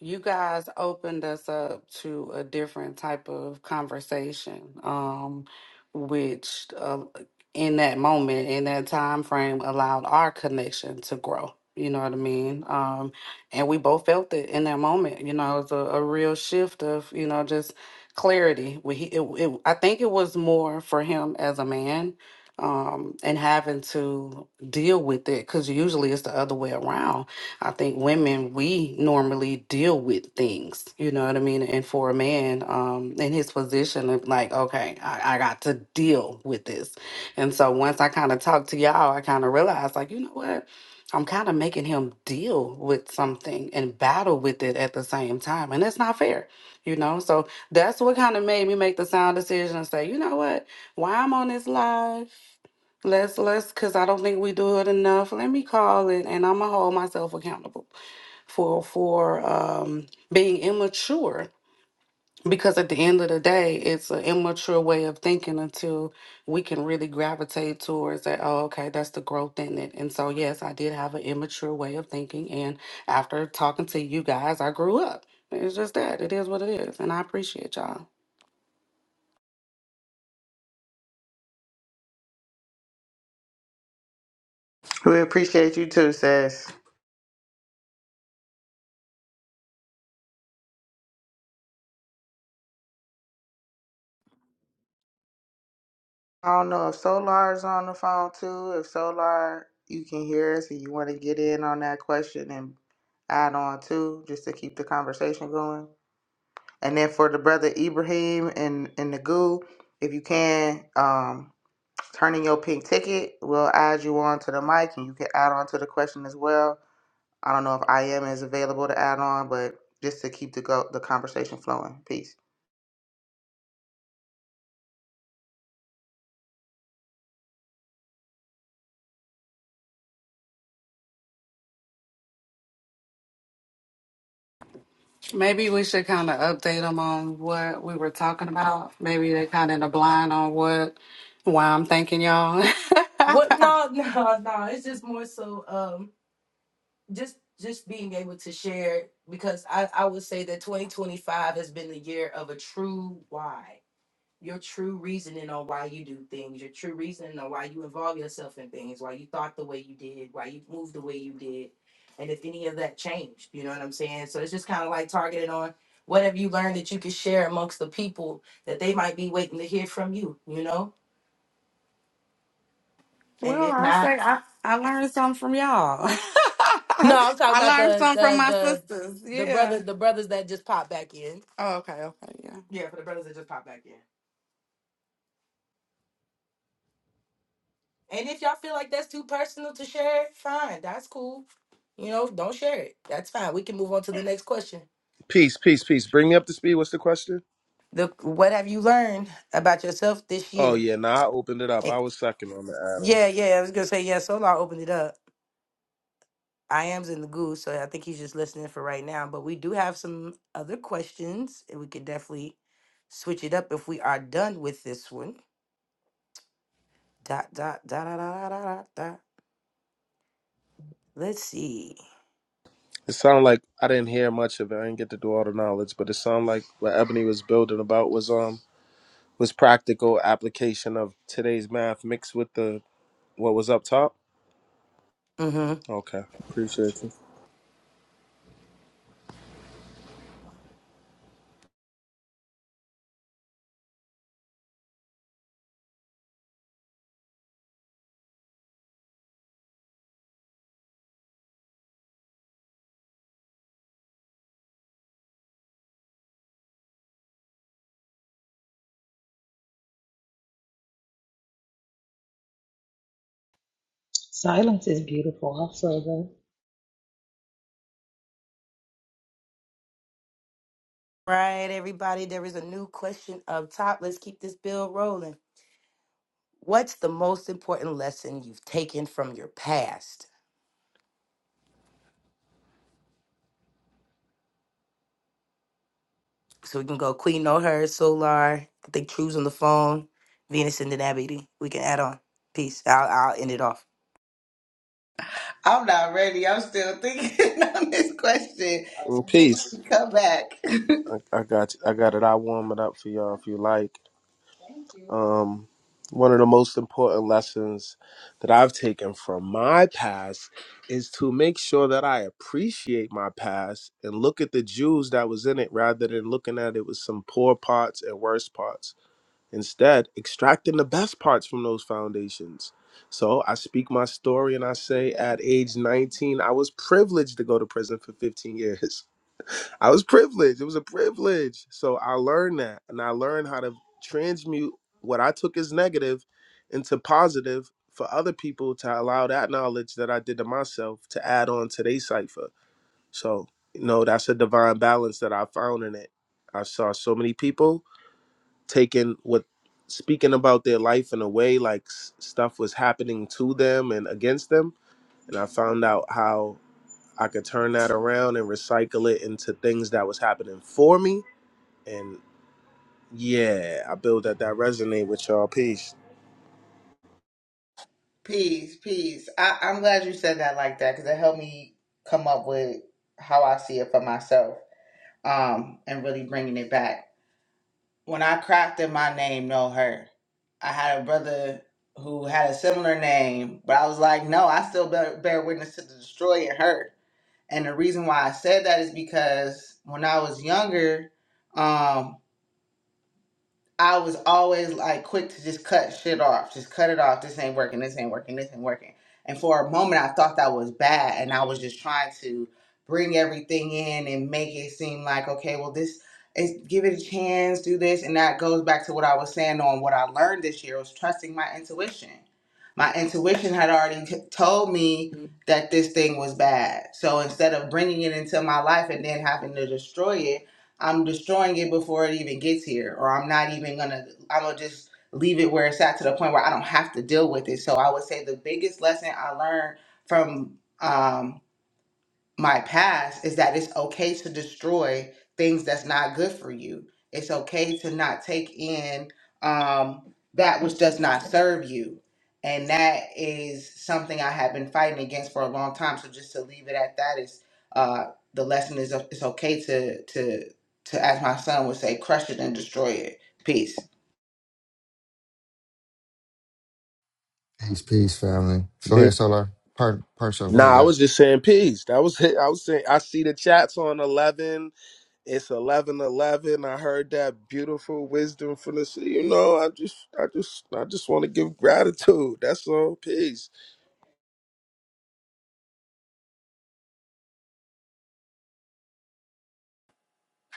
You guys opened us up to a different type of conversation, um, which uh, in that moment, in that time frame, allowed our connection to grow. You know what I mean? Um, and we both felt it in that moment. You know, it was a, a real shift of you know just clarity. We, he, it, it, I think it was more for him as a man um, and having to deal with it because usually it's the other way around I think women we normally deal with things, you know what I mean? And for a man, um, in his position of like, okay, I, I got to deal with this. And so once I kind of talked to y'all, I kind of realized like, you know what? I'm kind of making him deal with something and battle with it at the same time. And that's not fair, you know? So that's what kind of made me make the sound decision and say, you know what? Why I'm on this live, let's, let's, cause I don't think we do it enough. Let me call it and I'm gonna hold myself accountable for for um, being immature because at the end of the day it's an immature way of thinking until we can really gravitate towards that oh okay that's the growth in it and so yes i did have an immature way of thinking and after talking to you guys i grew up it's just that it is what it is and i appreciate y'all
We appreciate you too, sis. I don't know if Solar's on the phone too. If Solar, you can hear us and you want to get in on that question and add on too, just to keep the conversation going. And then for the brother Ibrahim and and the goo, if you can um, turn in your pink ticket, we'll add you on to the mic and you can add on to the question as well. I don't know if I am is available to add on, but just to keep the go the conversation flowing. Peace.
maybe we should kind of update them on what we were talking about maybe they kind of in the blind on what why i'm thanking y'all
what no no no it's just more so um just just being able to share because i i would say that 2025 has been the year of a true why your true reasoning on why you do things, your true reasoning on why you involve yourself in things, why you thought the way you did, why you moved the way you did, and if any of that changed, you know what I'm saying? So it's just kind of like targeted on what have you learned that you can share amongst the people that they might be waiting to hear from you, you know? And
Well,
if
I
not,
say I, I learned something from y'all. I
No, I'm talking about
learned
the
something from
the
my
the
sisters.
the
Yeah.
brother the brothers that just popped back in.
Oh, okay, okay, yeah.
yeah, for the brothers that just pop back in. And if y'all feel like that's too personal to share, fine, that's cool. You know, don't share it. That's fine. We can move on to the next question.
Peace, peace, peace. Bring me up to speed. What's the question?
The what have you learned about yourself this
Oh,
year?
yeah. Nah, I opened it up.
Eh,
I was second on the add on.
Yeah, yeah, I was gonna say yeah. Solar opened it up. I am's in the goose, so I think he's just listening for right now. But we do have some other questions, and we could definitely switch it up if we are done with this one. Dot dot dot dot dot dot dot. dot. Let's see.
It sounded like I didn't hear much of it. I didn't get to do all the knowledge, but it sounded like what Ebony was building about was um was practical application of today's math mixed with the what was up top.
Mm-hmm.
Okay, appreciate you.
silence is beautiful. I feel that.
Right, everybody, there is a new question up top. Let's keep this bill rolling. What's the most important lesson you've taken from your past? So we can go Queen No Her, Solar, I think True's on the phone, Venus and Denabity. We can add on. Peace. I'll, I'll end it off.
I'm not ready. I'm still thinking on this question.
And peace.
Come back.
I, I got you. I got it. I warm it up for y'all if you like. Um, one of the most important lessons that I've taken from my past is to make sure that I appreciate my past and look at the jewels that was in it rather than looking at it with some poor parts and worse parts. Instead, extracting the best parts from those foundations. So I speak my story and I say at age 19, I was privileged to go to prison for 15 years. I was privileged. It was a privilege. So I learned that and I learned how to transmute what I took as negative into positive for other people to allow that knowledge that I did to myself to add on to their cipher. So, you know, that's a divine balance that I found in it. I saw so many people taking what speaking about their life in a way like s- stuff was happening to them and against them and I found out how I could turn that around and recycle it into things that was happening for me. And yeah, I build that that resonate with y'all. Peace.
Peace, peace. I, I'm glad you said that like that because it helped me come up with how I see it for myself um, and really bringing it back. When I crafted my name, No Hurt, I had a brother who had a similar name, but I was like, no, I still bear, bear witness to the destroyer Hurt. And the reason why I said that is because when I was younger, um, I was always like quick to just cut shit off, just cut it off. This ain't working. This ain't working. This ain't working. And for a moment, I thought that was bad, and I was just trying to bring everything in and make it seem like okay, well, this is give it a chance, do this, and that goes back to what I was saying on what I learned this year was trusting my intuition. My intuition had already t- told me that this thing was bad. So instead of bringing it into my life and then having to destroy it, I'm destroying it before it even gets here, or I'm not even gonna, I'm gonna just leave it where it's at to the point where I don't have to deal with it. So I would say the biggest lesson I learned from, um, my past is that it's okay to destroy things that's not good for you. It's okay to not take in um, that which does not serve you. And that is something I have been fighting against for a long time. So just to leave it at that is uh, the lesson is it's okay to to to as my son would say, crush it and destroy it. Peace.
Peace, peace, family. Go
Eh,
ahead, Solar. Part, part, so go ahead,
Nah, I
God.
was just saying peace. That was it. I was saying I see the chats on eleven. It's eleven eleven. I heard that beautiful wisdom from the sea. You know, I just I just I just want to give gratitude. That's all. Peace.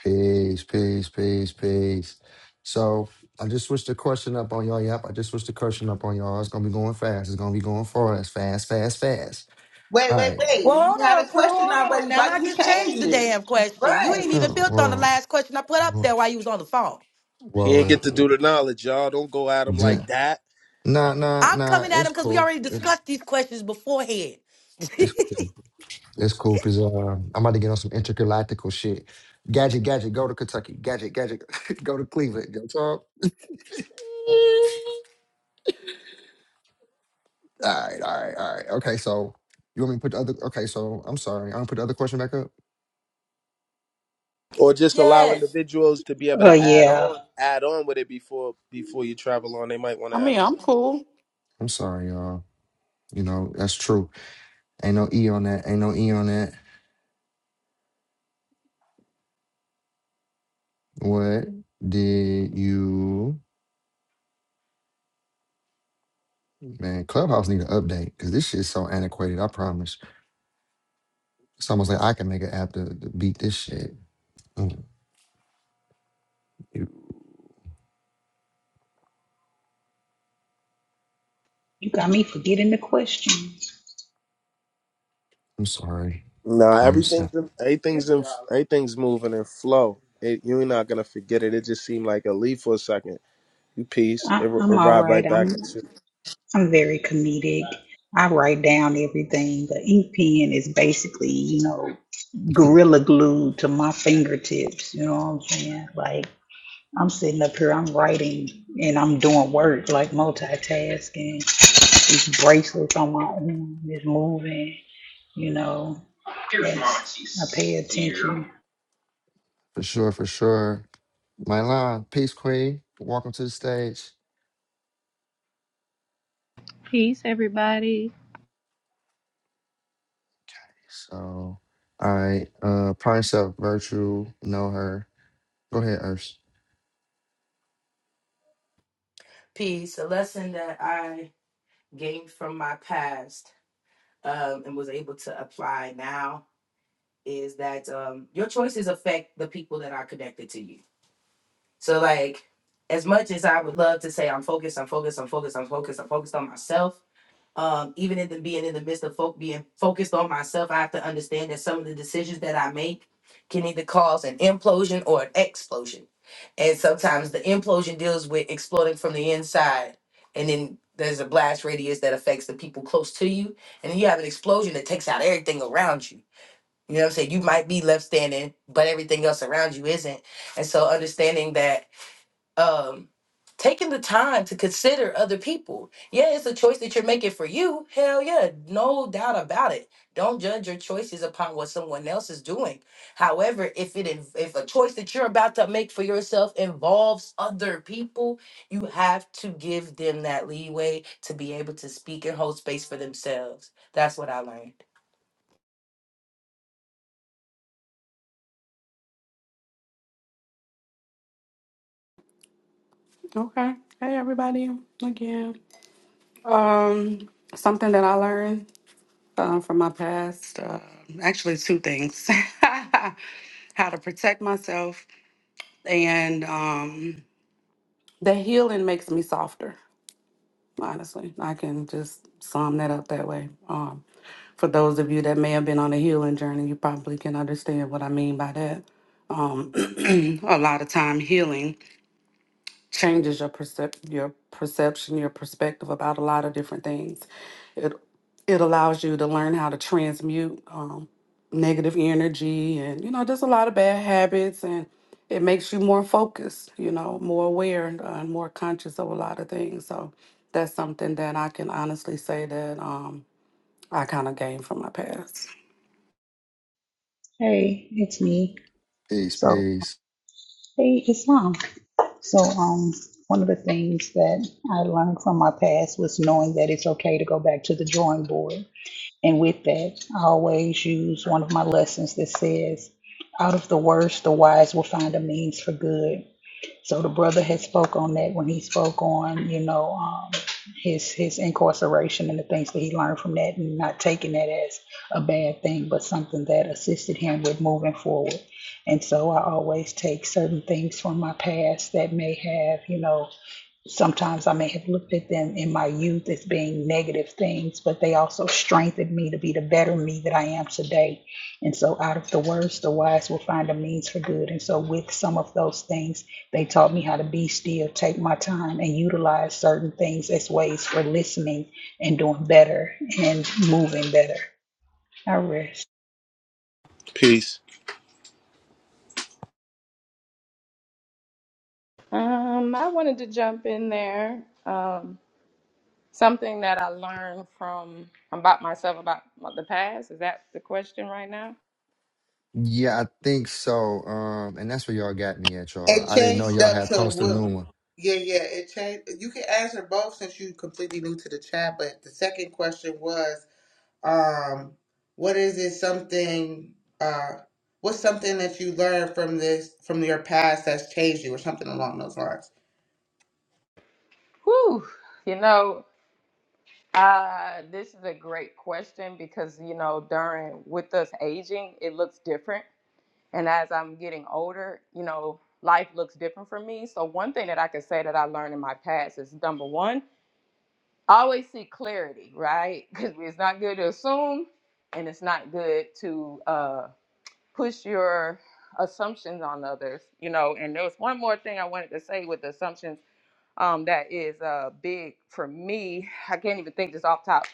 Peace, peace, peace, peace. So I just switched the question up on y'all. Yep, I just switched the question up on y'all. It's gonna be going fast. It's gonna be going fast, fast, fast, fast.
Wait,
All
wait,
right.
wait.
Well, hold
You had a
on, True.
question
Hold on.
already.
Now,
Why
I
you
just changed
change
the
it?
damn question. You
Right.
ain't
Oh,
even built on the
whoa,
last question I put up
whoa,
there while you was on the phone.
He ain't get to do
whoa.
the knowledge, y'all. Don't go at him like
Then-
that.
Nah, nah,
I'm
nah.
coming at
It's
him because we
cool.
already
It's
discussed these questions beforehand.
it's cool. It's cool because uh, I'm about to get on some intergalactical shit. Gadget, gadget, go to Kentucky. Gadget, gadget, go to Cleveland. Yo, talk. All right, all right, all right. Okay, so you want me to put the other? Okay, so I'm sorry. I don't put the other question back up.
or just allow
yes.
individuals to be able
Oh
to add
yeah.
on add on with it before before you travel on they might want
I
to add
mean,
on
I'm cool.
I'm sorry, y'all. You know that's true. Ain't no e on that. Ain't no e on that. What did you? Man, Clubhouse need an update because this shit's so antiquated. I promise. It's almost like I can make an app to, to beat this shit. Mm, you-
You got me forgetting the questions.
I'm sorry.
no nah,
Pardon, sir.
everything's in, everything's in, everything's moving in flow it, you're not gonna forget it it just seemed like a leaf for a second you peace it
I,
r-
I'm all
arrived
right.
right back
I'm
at you
I'm very comedic. I write down everything. The ink pen is basically, you know, gorilla glue to my fingertips. You know what I'm saying? Like I'm sitting up here, I'm writing and I'm doing work, like multitasking. These bracelets on my arm is moving. You know. Yes, I pay attention.
For sure, for sure. Mylan, peace queen. Welcome to the stage.
Peace, everybody.
So, all right. Uh, prime self, virtue. Know her. Go ahead, Urs.
Peace. A lesson that I gained from my past um, and was able to apply now is that um, your choices affect the people that are connected to you. So, like, as much as I would love to say I'm focused, I'm focused, I'm focused, I'm focused, I'm focused on myself, um, even in the being in the midst of folk being focused on myself, I have to understand that some of the decisions that I make can either cause an implosion or an explosion. And sometimes the implosion deals with exploding from the inside, and then there's a blast radius that affects the people close to you, and then you have an explosion that takes out everything around you. You know what I'm saying? You might be left standing, but everything else around you isn't. And so understanding that um taking the time to consider other people yeah it's a choice that you're making for you hell yeah no doubt about it don't judge your choices upon what someone else is doing however if it in- if a choice that you're about to make for yourself involves other people you have to give them that leeway to be able to speak and hold space for themselves that's what i learned
Okay. Hey, everybody. Again. Um, something that I learned um, from my past. Uh, actually, two things: how to protect myself, and um, the healing makes me softer. Honestly, I can just sum that up that way. Um, For those of you that may have been on a healing journey, you probably can understand what I mean by that. Um, a lot of time healing changes your percep- your perception, your perspective about a lot of different things. It it allows you to learn how to transmute um, negative energy and you know just a lot of bad habits and it makes you more focused you know more aware and uh, more conscious of a lot of things so that's something that i can honestly say that um, i kind of gained from my past
Hey, it's me.
Peace,
So
peace.
hey, it's on. So, um, one of the things that I learned from my past was knowing that it's okay to go back to the drawing board. And with that, I always use one of my lessons that says, out of the worst, the wise will find a means for good. So the brother had spoke on that when he spoke on, you know, um, his his incarceration and the things that he learned from that, and not taking that as a bad thing, but something that assisted him with moving forward. And so I always take certain things from my past that may have, you know, Sometimes I may have looked at them in my youth as being negative things, but they also strengthened me to be the better me that I am today. And so, out of the worst, the wise will find a means for good. And so, with some of those things, they taught me how to be still, take my time, and utilize certain things as ways for listening and doing better and moving better. I rest.
peace
Um, I wanted to jump in there. Um, something that I learned from about myself about the past. Is that the question right now?
Yeah, I think so. Um, and that's where y'all got me at, y'all.
It
I didn't know
changed
y'all
up
had
to
posted a
what?
new one.
Yeah, yeah. It changed. You can answer both since you completely new to the chat. But the second question was, um, what is it? Something? Uh, what's something that you learned from this from your past that's changed you, or something along those lines?
Whew. You know, uh, this is a great question because you know, during with us aging, it looks different, and as I'm getting older, you know, life looks different for me. So one thing that I could say that I learned in my past is number one. always seek clarity, right? Because it's not good to assume, and it's not good to uh, push your assumptions on others, you know. And there was one more thing I wanted to say with assumptions um, that is uh, big for me. I can't even think this off top.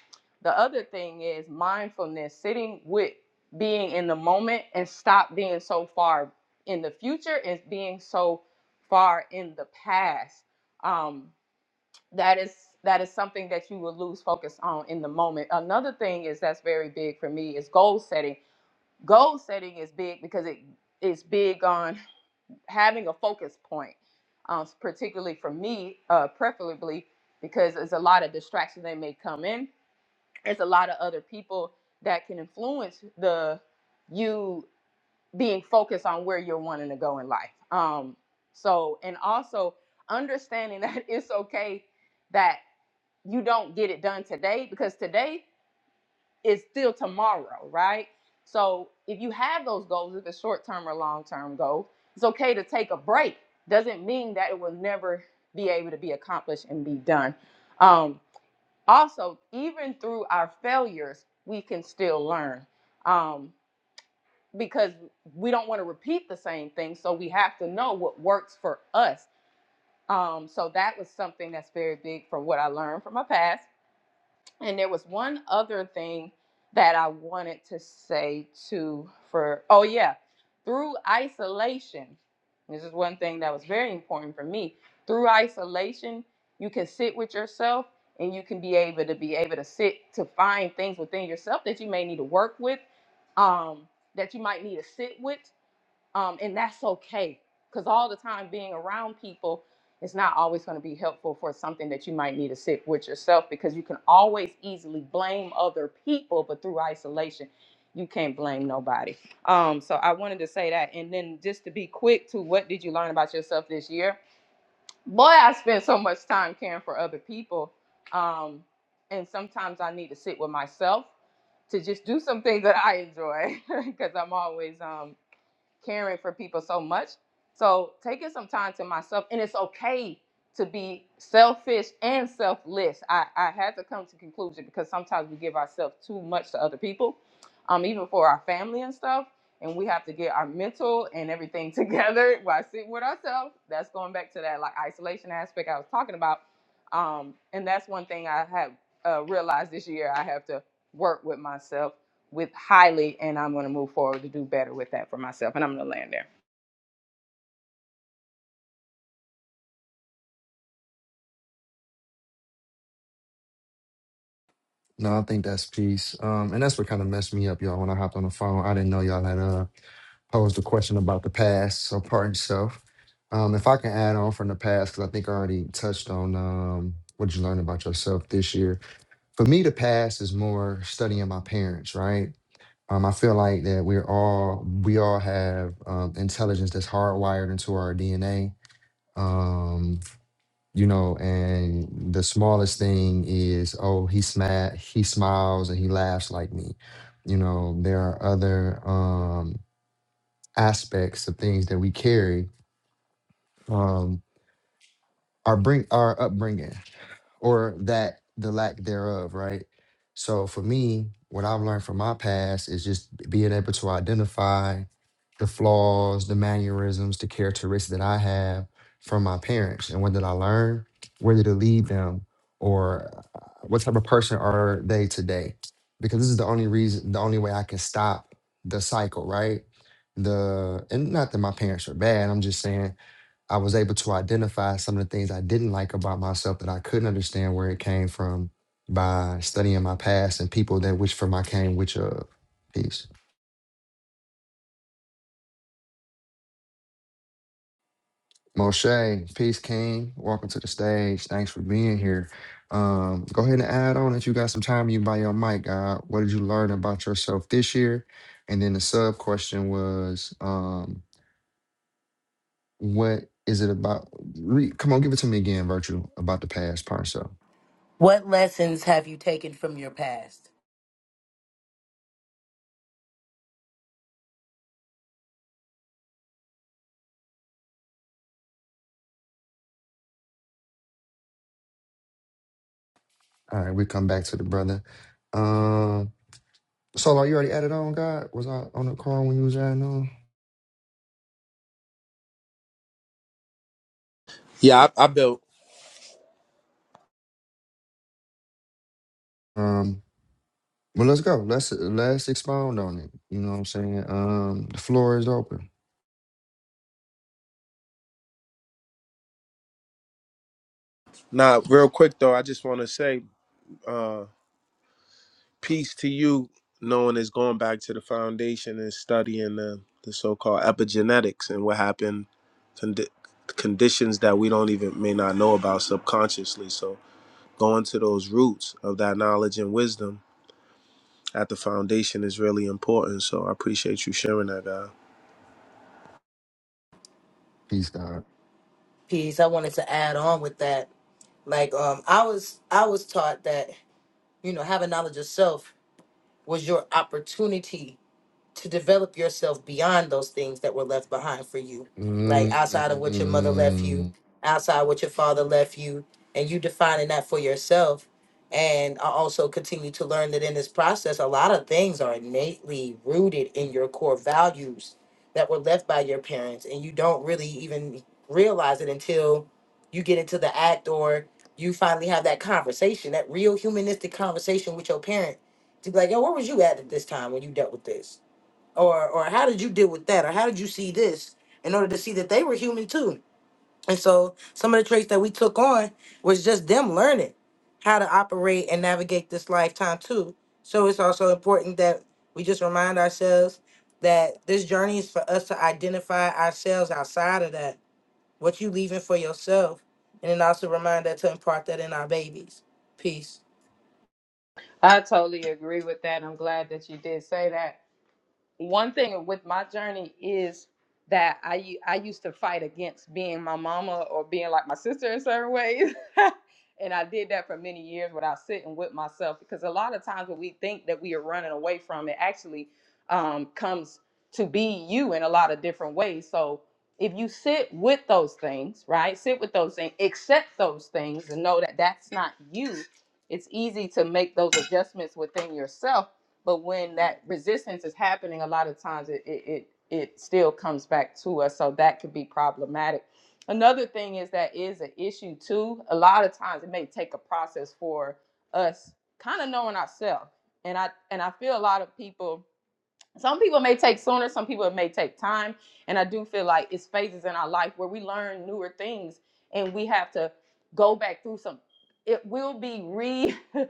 The other thing is mindfulness, sitting with being in the moment and stop being so far in the future and being so far in the past. Um, that is that is something that you will lose focus on in the moment another thing is that's very big for me is goal setting goal setting is big because it is big on having a focus point um, particularly for me uh, preferably because there's a lot of distractions that may come in there's a lot of other people that can influence the you being focused on where you're wanting to go in life um, so and also understanding that it's okay that you don't get it done today because today is still tomorrow, right? So if you have those goals, if it's short term or long term goal, it's okay to take a break. Doesn't mean that it will never be able to be accomplished and be done. Um, also, even through our failures, we can still learn um, because we don't want to repeat the same thing. So we have to know what works for us. Um, so that was something that's very big from what I learned from my past And there was one other thing that I wanted to say to for oh yeah, through isolation. This is one thing that was very important for me. Through isolation, you can sit with yourself and you can be able to be able to sit to find things within yourself that you may need to work with, um, that you might need to sit with um, and that's okay because all the time being around people it's not always going to be helpful for something that you might need to sit with yourself because you can always easily blame other people but through isolation you can't blame nobody um, so i wanted to say that and then just to be quick to what did you learn about yourself this year boy i spent so much time caring for other people um, and sometimes i need to sit with myself to just do some things that I enjoy because I'm always um, caring for people so much. So taking some time to myself, and it's okay to be selfish and selfless. I, I had to come to conclusion because sometimes we give ourselves too much to other people, um, even for our family and stuff. And we have to get our mental and everything together while sitting with ourselves. That's going back to that like isolation aspect I was talking about. Um, and that's one thing I have uh, realized this year. I have to work with myself with highly, and I'm going to move forward to do better with that for myself. And I'm going to land there.
No, I think that's peace. Um, and that's what kind of messed me up, y'all. When I hopped on the phone, I didn't know y'all had uh posed a question about the past, so pardon yourself. Um, if I can add on from the past, because I think I already touched on um, what you learned about yourself this year. For me, the past is more studying my parents, right? Um, I feel like that we're all we all have um, intelligence that's hardwired into our DNA. Um, you know, and the smallest thing is, oh, he sma- he smiles and he laughs like me. You know, there are other. Um, aspects of things that we carry um, our bring our upbringing or that the lack thereof, right? So for me, what I've learned from my past is just being able to identify the flaws, the mannerisms, the characteristics that I have from my parents. And what did I learn? Where did it lead them? Or uh, what type of person are they today? Because this is the only reason, the only way I can stop the cycle, right? The and not that my parents are bad. I'm just saying I was able to identify some of the things I didn't like about myself that I couldn't understand where it came from by studying my past and people that which from I came, which of peace. Moshe, peace, King. Welcome to the stage. Thanks for being here. Um, go ahead and add on if you got some time. You buy your mic. God, what did you learn about yourself this year? And then the sub question was, um, what is it about? Re- Come on, give it to me again, Virtue, about the past part. So.
what lessons have you taken from your past
All right, we come back to the brother. Um, Solo, you already added on, God? Was I on the call when you was adding on?
yeah i, I built
Um, well, let's go. Let's let's expound on it. You know what I'm saying? Um, the floor is open.
Nah, real quick though i just want to say Peace to you, knowing is going back to the foundation and studying the, the so-called epigenetics and what happened, condi- conditions that we don't even may not know about subconsciously. So going to those roots of that knowledge and wisdom at the foundation is really important. So I appreciate you sharing that, guy.
Peace, God.
piece i wanted to add on with that like um i was i was taught that you know having knowledge of self was your opportunity to develop yourself beyond those things that were left behind for you, like outside of what your mother left you,
mm
outside what your father left you, and you defining that for yourself. And I also continue to learn that in this process, a lot of things are innately rooted in your core values that were left by your parents, and you don't really even realize it until you get into the act or you finally have that conversation, that real humanistic conversation with your parent to be like, yo, where was you at at this time when you dealt with this? or or how did you deal with that or how did you see this in order to see that they were human too and so some of the traits that we took on was just them learning how to operate and navigate this lifetime too so it's also important that we just remind ourselves that this journey is for us to identify ourselves outside of that what you leaving for yourself and then also remind that to impart that in our babies peace
I totally agree with that. I'm glad that you did say that. one thing with my journey is that I u- I used to fight against being my mama or being like my sister in certain ways. and I did that for many years without sitting with myself because a lot of times when we think that we are running away from it actually um, comes to be you in a lot of different ways. So if you sit with those things, right? Sit with those things, accept those things and know that that's not you. It's easy to make those adjustments within yourself but when that resistance is happening a lot of times it it, it it still comes back to us so that could be problematic another thing is that is an issue too a lot of times it may take a process for us kind of knowing ourselves and i and i feel a lot of people some people may take sooner some people it may take time and i do feel like it's phases in our life where we learn newer things and we have to go back through some it will be re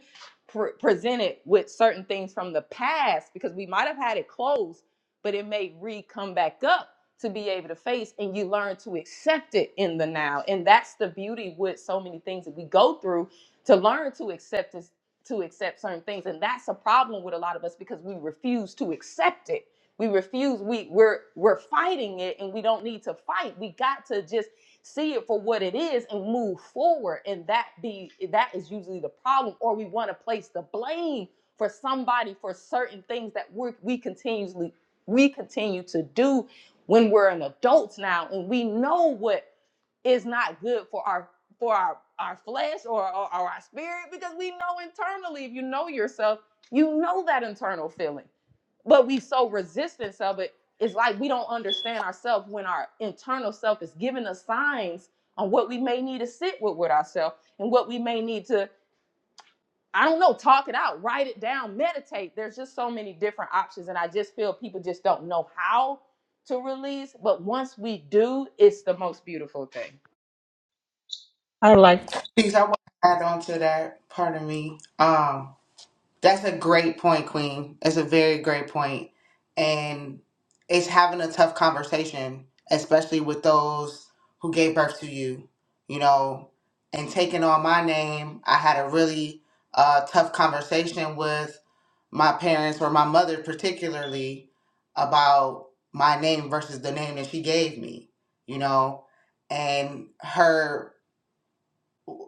pre- presented with certain things from the past because we might have had it closed but it may re come back up to be able to face and you learn to accept it in the now and that's the beauty with so many things that we go through to learn to accept it to accept certain things and that's a problem with a lot of us because we refuse to accept it we refuse we we're we're fighting it and we don't need to fight we got to just see it for what it is and move forward and that be that is usually the problem or we want to place the blame for somebody for certain things that we are we continuously we continue to do when we're an adults now and we know what is not good for our for our our flesh or, or, or our spirit because we know internally if you know yourself you know that internal feeling but we so resistance of it it's like we don't understand ourselves when our internal self is giving us signs on what we may need to sit with with ourselves and what we may need to i don't know talk it out write it down meditate there's just so many different options and i just feel people just don't know how to release but once we do it's the most beautiful thing
I like
Please, I want to add on to that. Pardon me. Um, That's a great point, Queen. It's a very great point. And it's having a tough conversation, especially with those who gave birth to you, you know, and taking on my name. I had a really uh, tough conversation with my parents or my mother, particularly, about my name versus the name that she gave me, you know, and her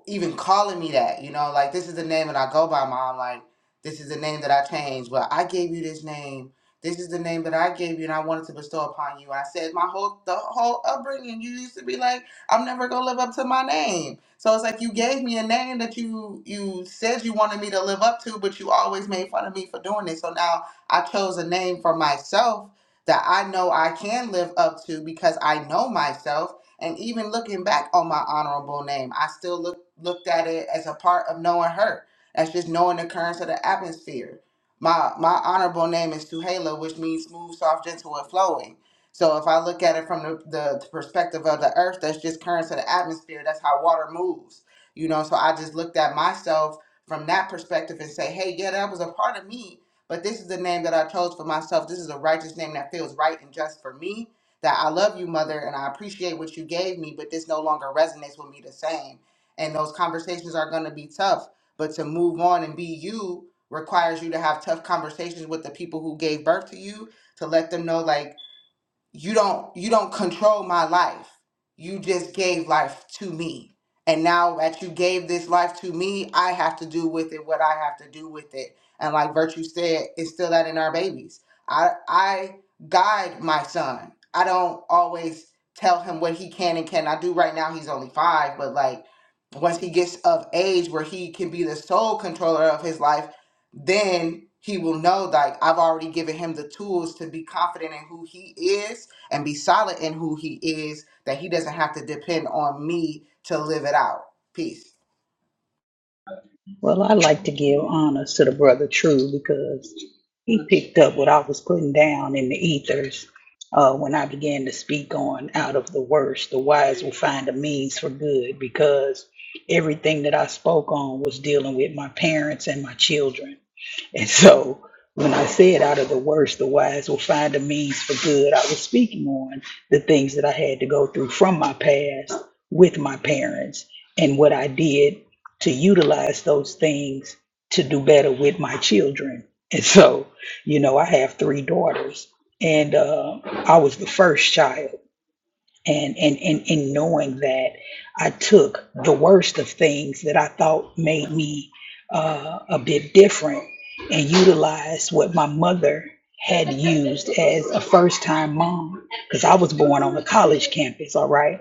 even calling me that, you know, like this is the name that I go by, mom. Like this is the name that I changed, but I gave you this name. This is the name that I gave you, and I wanted to bestow upon you. And I said, my whole the whole upbringing, you used to be like, I'm never gonna live up to my name. So it's like you gave me a name that you you said you wanted me to live up to, but you always made fun of me for doing it. So now I chose a name for myself that I know I can live up to because I know myself. And even looking back on my honorable name, I still look looked at it as a part of knowing her. That's just knowing the currents of the atmosphere. My my honorable name is Tuhela, which means smooth, soft, gentle, and flowing. So if I look at it from the, the perspective of the earth, that's just currents of the atmosphere. That's how water moves. You know, so I just looked at myself from that perspective and say, hey, yeah, that was a part of me, but this is the name that I chose for myself. This is a righteous name that feels right and just for me that I love you, mother, and I appreciate what you gave me, but this no longer resonates with me the same and those conversations are going to be tough but to move on and be you requires you to have tough conversations with the people who gave birth to you to let them know like you don't you don't control my life you just gave life to me and now that you gave this life to me i have to do with it what i have to do with it and like virtue said it's still that in our babies i i guide my son i don't always tell him what he can and cannot do right now he's only five but like once he gets of age where he can be the sole controller of his life then he will know like I've already given him the tools to be confident in who he is and be solid in who he is that he doesn't have to depend on me to live it out. Peace.
Well, I like to give honors to the brother True because he picked up what I was putting down in the ethers uh, when I began to speak on out of the worst, the wise will find a means for good because everything that I spoke on was dealing with my parents and my children. And so when I said out of the worst, the wise will find a means for good, I was speaking on the things that I had to go through from my past with my parents and what I did to utilize those things to do better with my children. And so, you know, I have three daughters and uh, I was the first child and and and and knowing that I took the worst of things that I thought made me uh, a bit different and utilized what my mother had used as a first time mom because I was born on a college campus, all right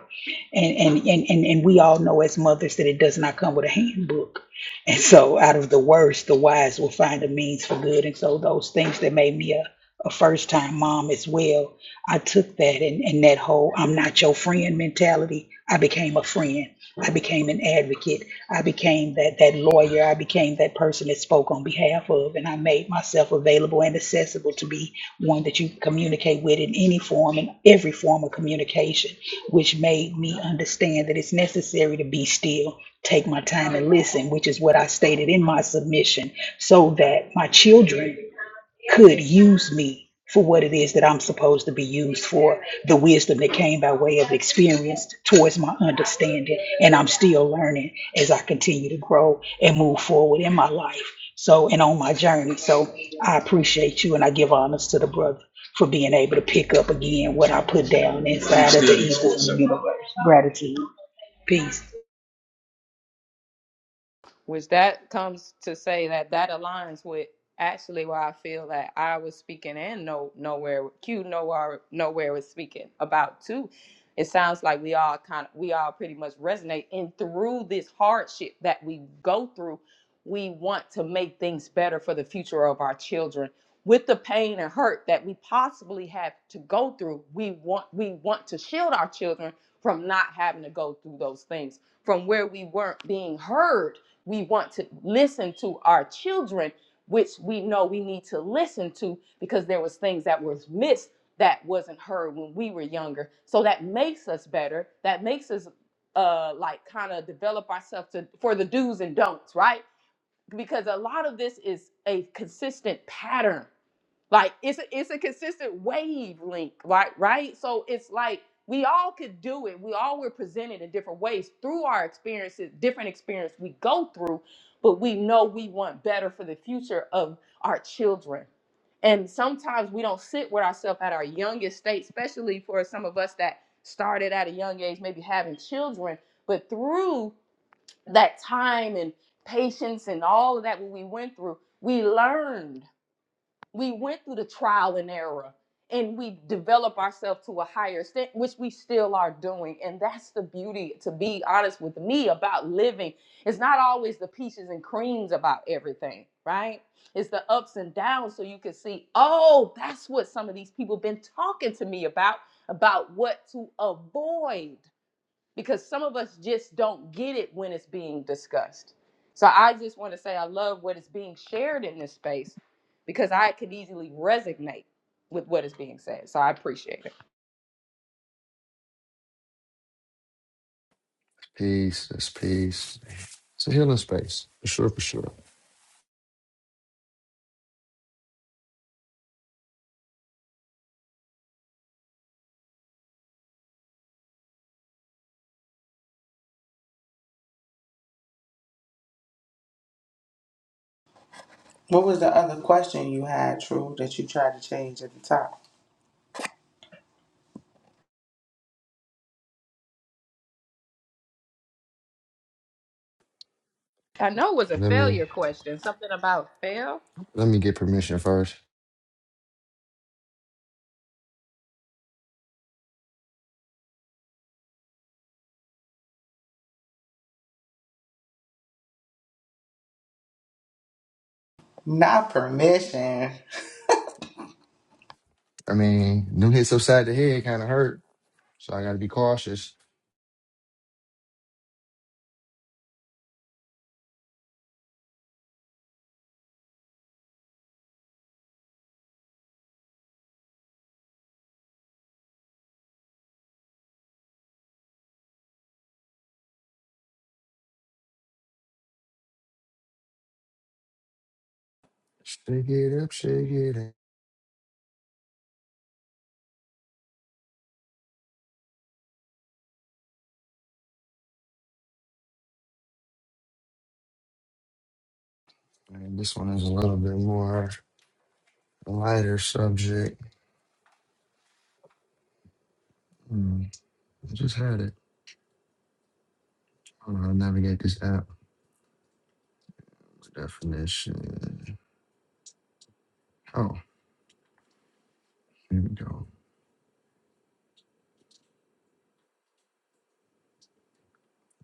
and and and and, and we all know as mothers that it does not come with a handbook and so out of the worst the wise will find a means for good and so those things that made me a, a first time mom as well i took that and, and that whole i'm not your friend mentality i became a friend i became an advocate i became that that lawyer i became that person that spoke on behalf of and i made myself available and accessible to be one that you can communicate with in any form and every form of communication which made me understand that it's necessary to be still, take my time and listen, which is what I stated in my submission, so that my children could use me for what it is that I'm supposed to be used for, the wisdom that came by way of experience towards my understanding. And I'm still learning as I continue to grow and move forward in my life. So, and on my journey. So I appreciate you and I give honors to the brother for being able to pick up again what I put down inside of the evil universe. Gratitude. Peace.
which that comes to say that that aligns with actually why I feel that I was speaking and no nowhere Q nowhere nowhere was speaking about too. It sounds like we all kind of we all pretty much resonate and through this hardship that we go through, we want to make things better for the future of our children. With the pain and hurt that we possibly have to go through, we want we want to shield our children from not having to go through those things, from where we weren't being heard we want to listen to our children which we know we need to listen to because there was things that was missed that wasn't heard when we were younger so that makes us better that makes us uh like kind of develop ourselves to for the do's and don'ts right because a lot of this is a consistent pattern. Like it's a, it's a consistent wavelength, right? Right. So it's like we all could do it. We all were presented in different ways through our experiences, different experience we go through, but we know we want better for the future of our children. And sometimes we don't sit with ourselves at our youngest state, especially for some of us that started at a young age, maybe having children. But through that time and patience and all of that what we went through we learned we went through the trial and error and we develop ourselves to a higher extent which we still are doing and that's the beauty to be honest with me about living it's not always the peaches and creams about everything right it's the ups and downs so you can see oh that's what some of these people been talking to me about about what to avoid because some of us just don't get it when it's being discussed. So I just want to say I love what is being shared in this space because I could easily resonate with what is being said. So I appreciate it.
Peace. That's peace. It's a healing space for sure. For sure.
What was the other question you had, True, that you tried to change at the top?
I know it was a
Let me
failure question, something about fail.
let me get permission first.
Not permission.
I mean, new hits upside the head kind of hurt, so I got to be cautious. Shake it up, shake it up. And this one is a little bit more. Lighter subject. Hmm. I just had it. I don't know how to navigate this app. Definition. Oh, here we go.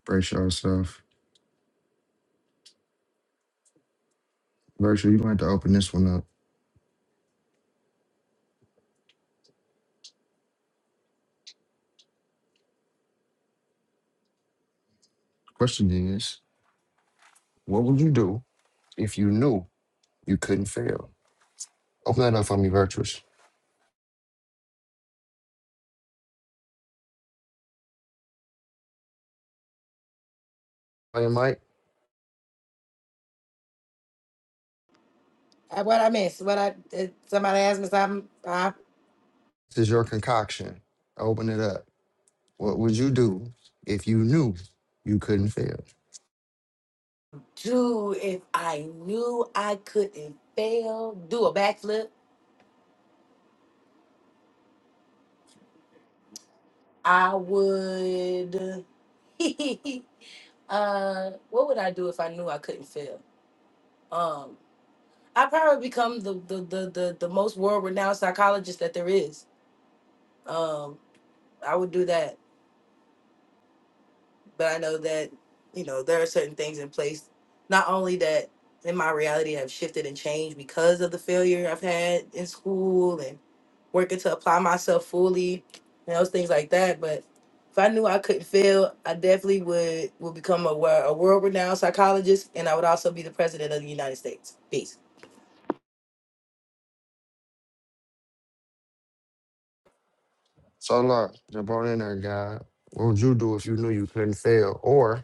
Brace yourself. Virtual, you're going to have to open this one up. Question is, what would you do if you knew you couldn't fail? Open that up for me, Virtuous. Hey, Mike,
Uh, what i miss what i uh, somebody asked me something
this is your concoction. Open it up. What would you do if you knew you couldn't fail?
Dude, if I knew I couldn't fail, do a backflip, I would. uh, what would I do if I knew I couldn't fail? Um, I'd probably become the the the the, the most world renowned psychologist that there is. Um, I would do that, but I know that you know there are certain things in place. Not only that, in my reality, have shifted and changed because of the failure I've had in school and. working to apply myself fully and those things like that. But if I knew I couldn't fail, I definitely would would become a, wor- a world renowned psychologist, and I would also be the president of the United States. Peace.
So, Lord, jump on in there, God. What would you do if you knew you couldn't fail? Or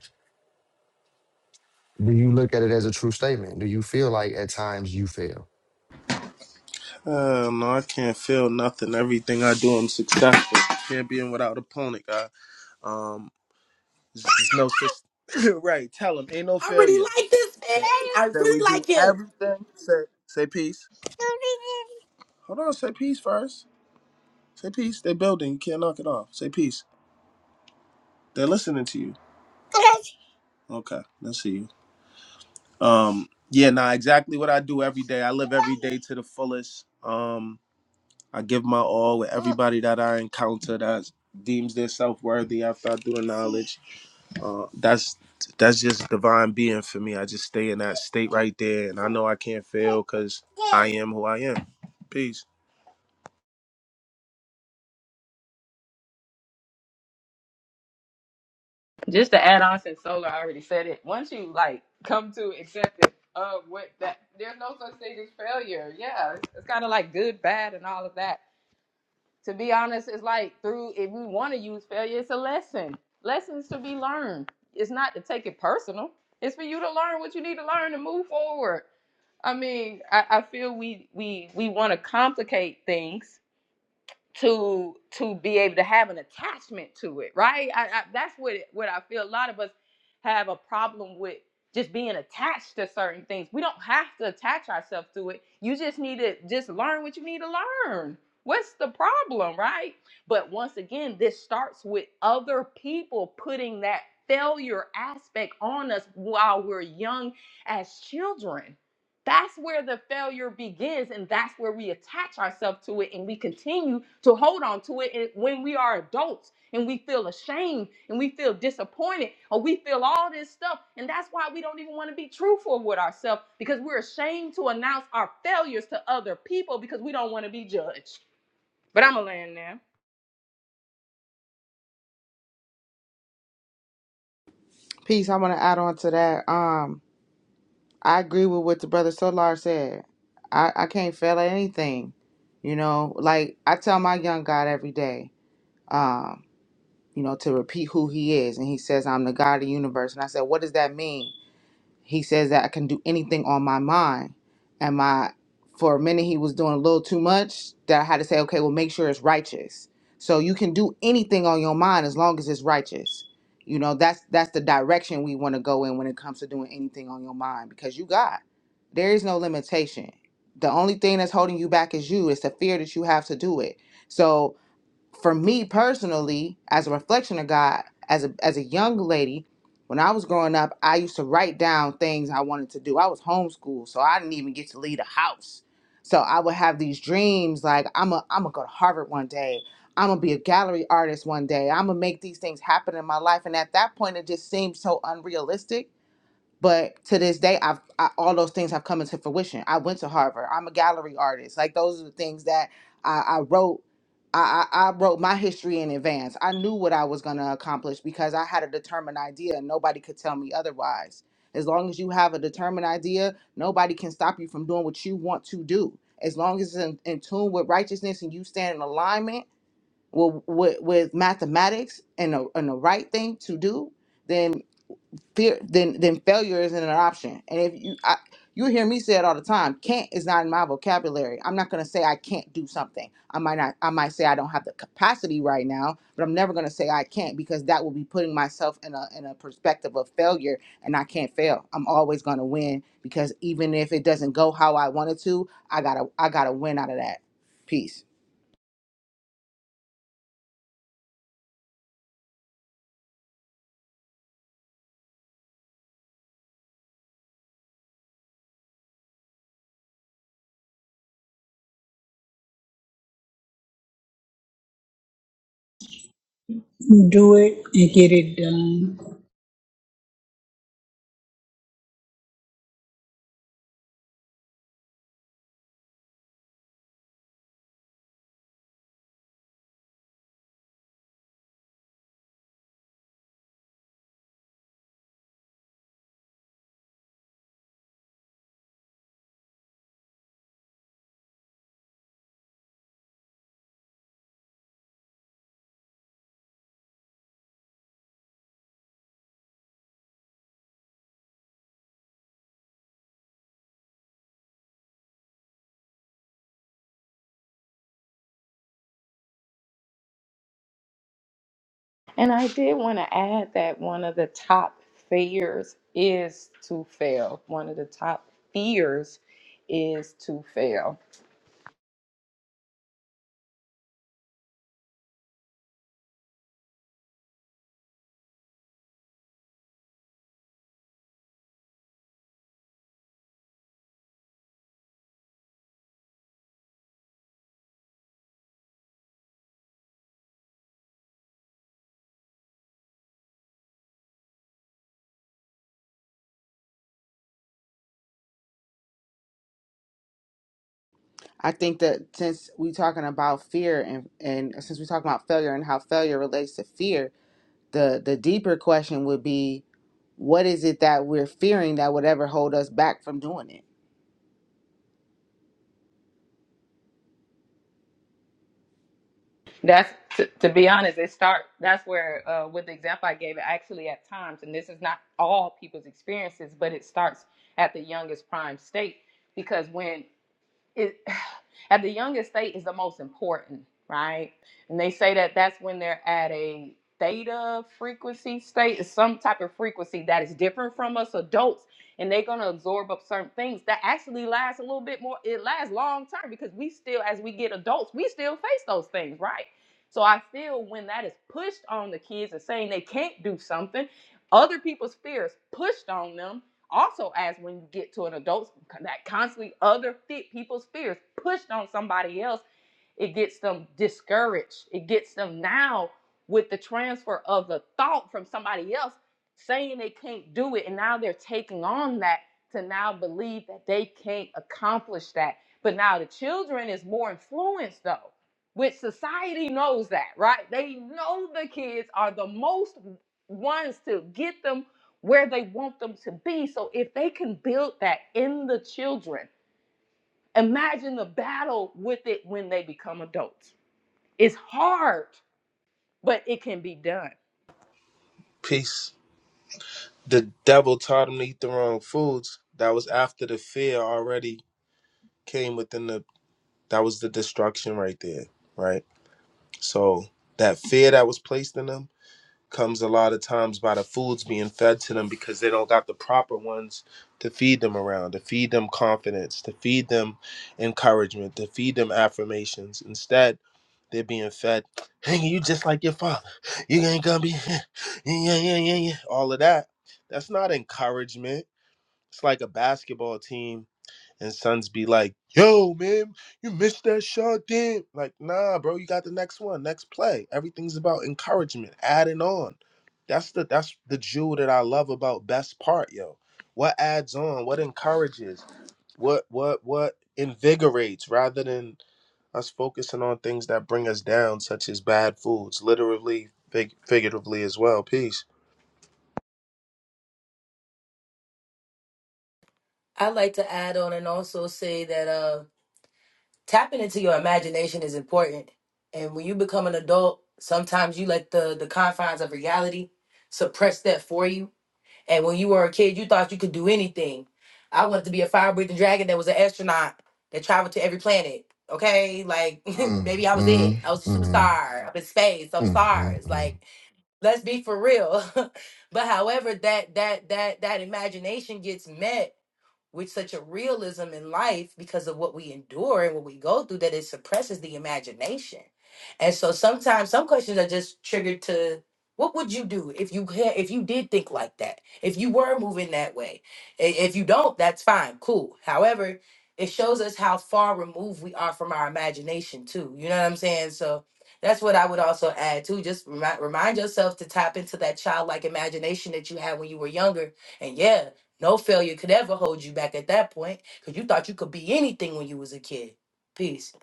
Do you look at it as a true statement? Do you feel like at times you fail?
Uh, no, I can't feel nothing. Everything I do, I'm successful. Champion without opponent, guy. Um, there's, there's no system. right. Tell him, ain't no
I really
failure.
like this
Say,
man. I
say we
really
do
like him.
everything. Say, say peace. Hold on. Say peace first. Say peace. They building. You can't knock it off. Say peace. They're listening to you. Okay. Let's see you. Um. Yeah. Nah. Exactly what I do every day. I live every day to the fullest. Um. I give my all with everybody that I encounter that deems their self worthy after I do the knowledge. Uh, that's that's just divine being for me. I just stay in that state right there, and I know I can't fail because I am who I am. Peace.
Just to add on, since Solar already said it, once you like come to accept it, uh, what that there's no such thing as failure. Yeah, it's, it's kind of like good, bad, and all of that to be honest, it's like through if we want to use failure, it's a lesson. Lessons to be learned. It's not to take it personal. It's for you to learn what you need to learn to move forward. I mean, I, I feel we we we want to complicate things to to be able to have an attachment to it, right? I, I that's what it- what I feel. A lot of us have a problem with just being attached to certain things. We don't have to attach ourselves to it. You just need to just learn what you need to learn. What's the problem, right? But once again, this starts with other people putting that failure aspect on us while we're young as children that's where the failure begins, and that's where we attach ourselves to it and we continue to hold on to it. And when we are adults and we feel ashamed and we feel disappointed or we feel all this stuff, and that's why we don't even want to be truthful with ourselves because we're ashamed to announce our failures to other people because we don't want to be judged. But I'm a land now.
Peace. I want to add on to that. Um, I agree with what the brother Solar said. I, I can't fail at anything. You know, like I tell my young God every day. Um. you know, to repeat who he is. And he says, I'm the God of the universe. And I said, What does that mean? He says that I can do anything on my mind. And my for a minute he was doing a little too much that I had to say, okay, well make sure it's righteous. So you can do anything on your mind as long as it's righteous. You know, that's that's the direction we want to go in when it comes to doing anything on your mind because you got. There is no limitation. The only thing that's holding you back is you. It's the fear that you have to do it. So for me personally, as a reflection of God, as a as a young lady, when I was growing up, I used to write down things I wanted to do. I was homeschooled, so I didn't even get to leave the house. So I would have these dreams like I'm a I'm gonna go to Harvard one day. I'm gonna be a gallery artist one day. I'm gonna make these things happen in my life. And at that point, it just seemed so unrealistic but to this day i've I, all those things have come into fruition i went to harvard i'm a gallery artist like those are the things that i, I wrote I, I I wrote my history in advance i knew what i was going to accomplish because i had a determined idea and nobody could tell me otherwise as long as you have a determined idea nobody can stop you from doing what you want to do as long as it's in, in tune with righteousness and you stand in alignment with, with, with mathematics and the, and the right thing to do then fear then then failure isn't an option and if you I, you hear me say it all the time can't is not in my vocabulary i'm not going to say i can't do something i might not i might say i don't have the capacity right now but i'm never going to say i can't because that will be putting myself in a in a perspective of failure and i can't fail i'm always going to win because even if it doesn't go how i wanted to i gotta i gotta win out of that piece
Do it and get it done.
And I did want to add that one of the top fears is to fail. One of the top fears is to fail.
i think that since we talking about fear and and since we talking about failure and how failure relates to fear the the deeper question would be what is it that we're fearing that would ever hold us back from doing it
That's to, to be honest, it start that's where uh, with the example I gave, it actually at times, and this is not all people's experiences, but it starts at the youngest prime state because when it at the youngest state is the most important, right? And they say that that's when they're at a theta frequency state, is some type of frequency that is different from us adults, and they're gonna absorb up certain things that actually lasts a little bit more. It lasts long term because we still, as we get adults, we still face those things, right? So I feel when that is pushed on the kids and saying they can't do something, other people's fears pushed on them also, as when you get to an adult, that constantly other fit people's fears pushed on somebody else it gets them discouraged. It gets them now with the transfer of the thought from somebody else saying they can't do it. And now they're taking on that to now believe that they can't accomplish that. But now the children is more influenced though, which society knows that, right? They know the kids are the most ones to get them where they want them to be. So if they can build that in the children, imagine the battle with it when they become adults. It's hard, but it can be done.
Peace. The devil taught him to eat the wrong foods. That was after the fear already came within the. That was the destruction right there, right? So that fear that was placed in them. comes a lot of times by the foods being fed to them because they don't got the proper ones to feed them around, to feed them confidence, to feed them encouragement, to feed them affirmations. Instead, they're being fed, hey, you just like your father. You ain't gonna be, yeah, yeah, yeah, yeah, yeah," all of that. That's not encouragement. It's like a basketball team and sons be like, yo, man, you missed that shot, damn. Like, nah, bro, you got the next one, next play. Everything's about encouragement, adding on. That's the that's the jewel that I love about best part, yo. What adds on, what encourages, what what what invigorates rather than us focusing on things that bring us down, such as bad foods, literally, fig- figuratively as well. Peace.
I'd like to add on and also say that uh, tapping into your imagination is important. And when you become an adult, sometimes you let the the confines of reality suppress that for you And when you were a kid, you thought you could do anything. I wanted to be a fire breathing dragon that was an astronaut that traveled to every planet. Okay, like
Mm,
maybe I was
mm,
it. I was a
mm,
superstar up in space. some
mm, mm,
stars.
mm.
Like let's be for real. but however, that that that that imagination gets met with such a realism in life because of what we endure and what we go through that it suppresses the imagination. And so sometimes some questions are just triggered to what would you do if you had, if you did think like that? If you were moving that way? I- If you don't, that's fine, cool. However, it shows us how far removed we are from our imagination too. You know what I'm saying? So that's what I would also add too. Just remind, remind yourself to tap into that childlike imagination that you had when you were younger. And yeah, no failure could ever hold you back at that point because you thought you could be anything when you was a kid. Peace.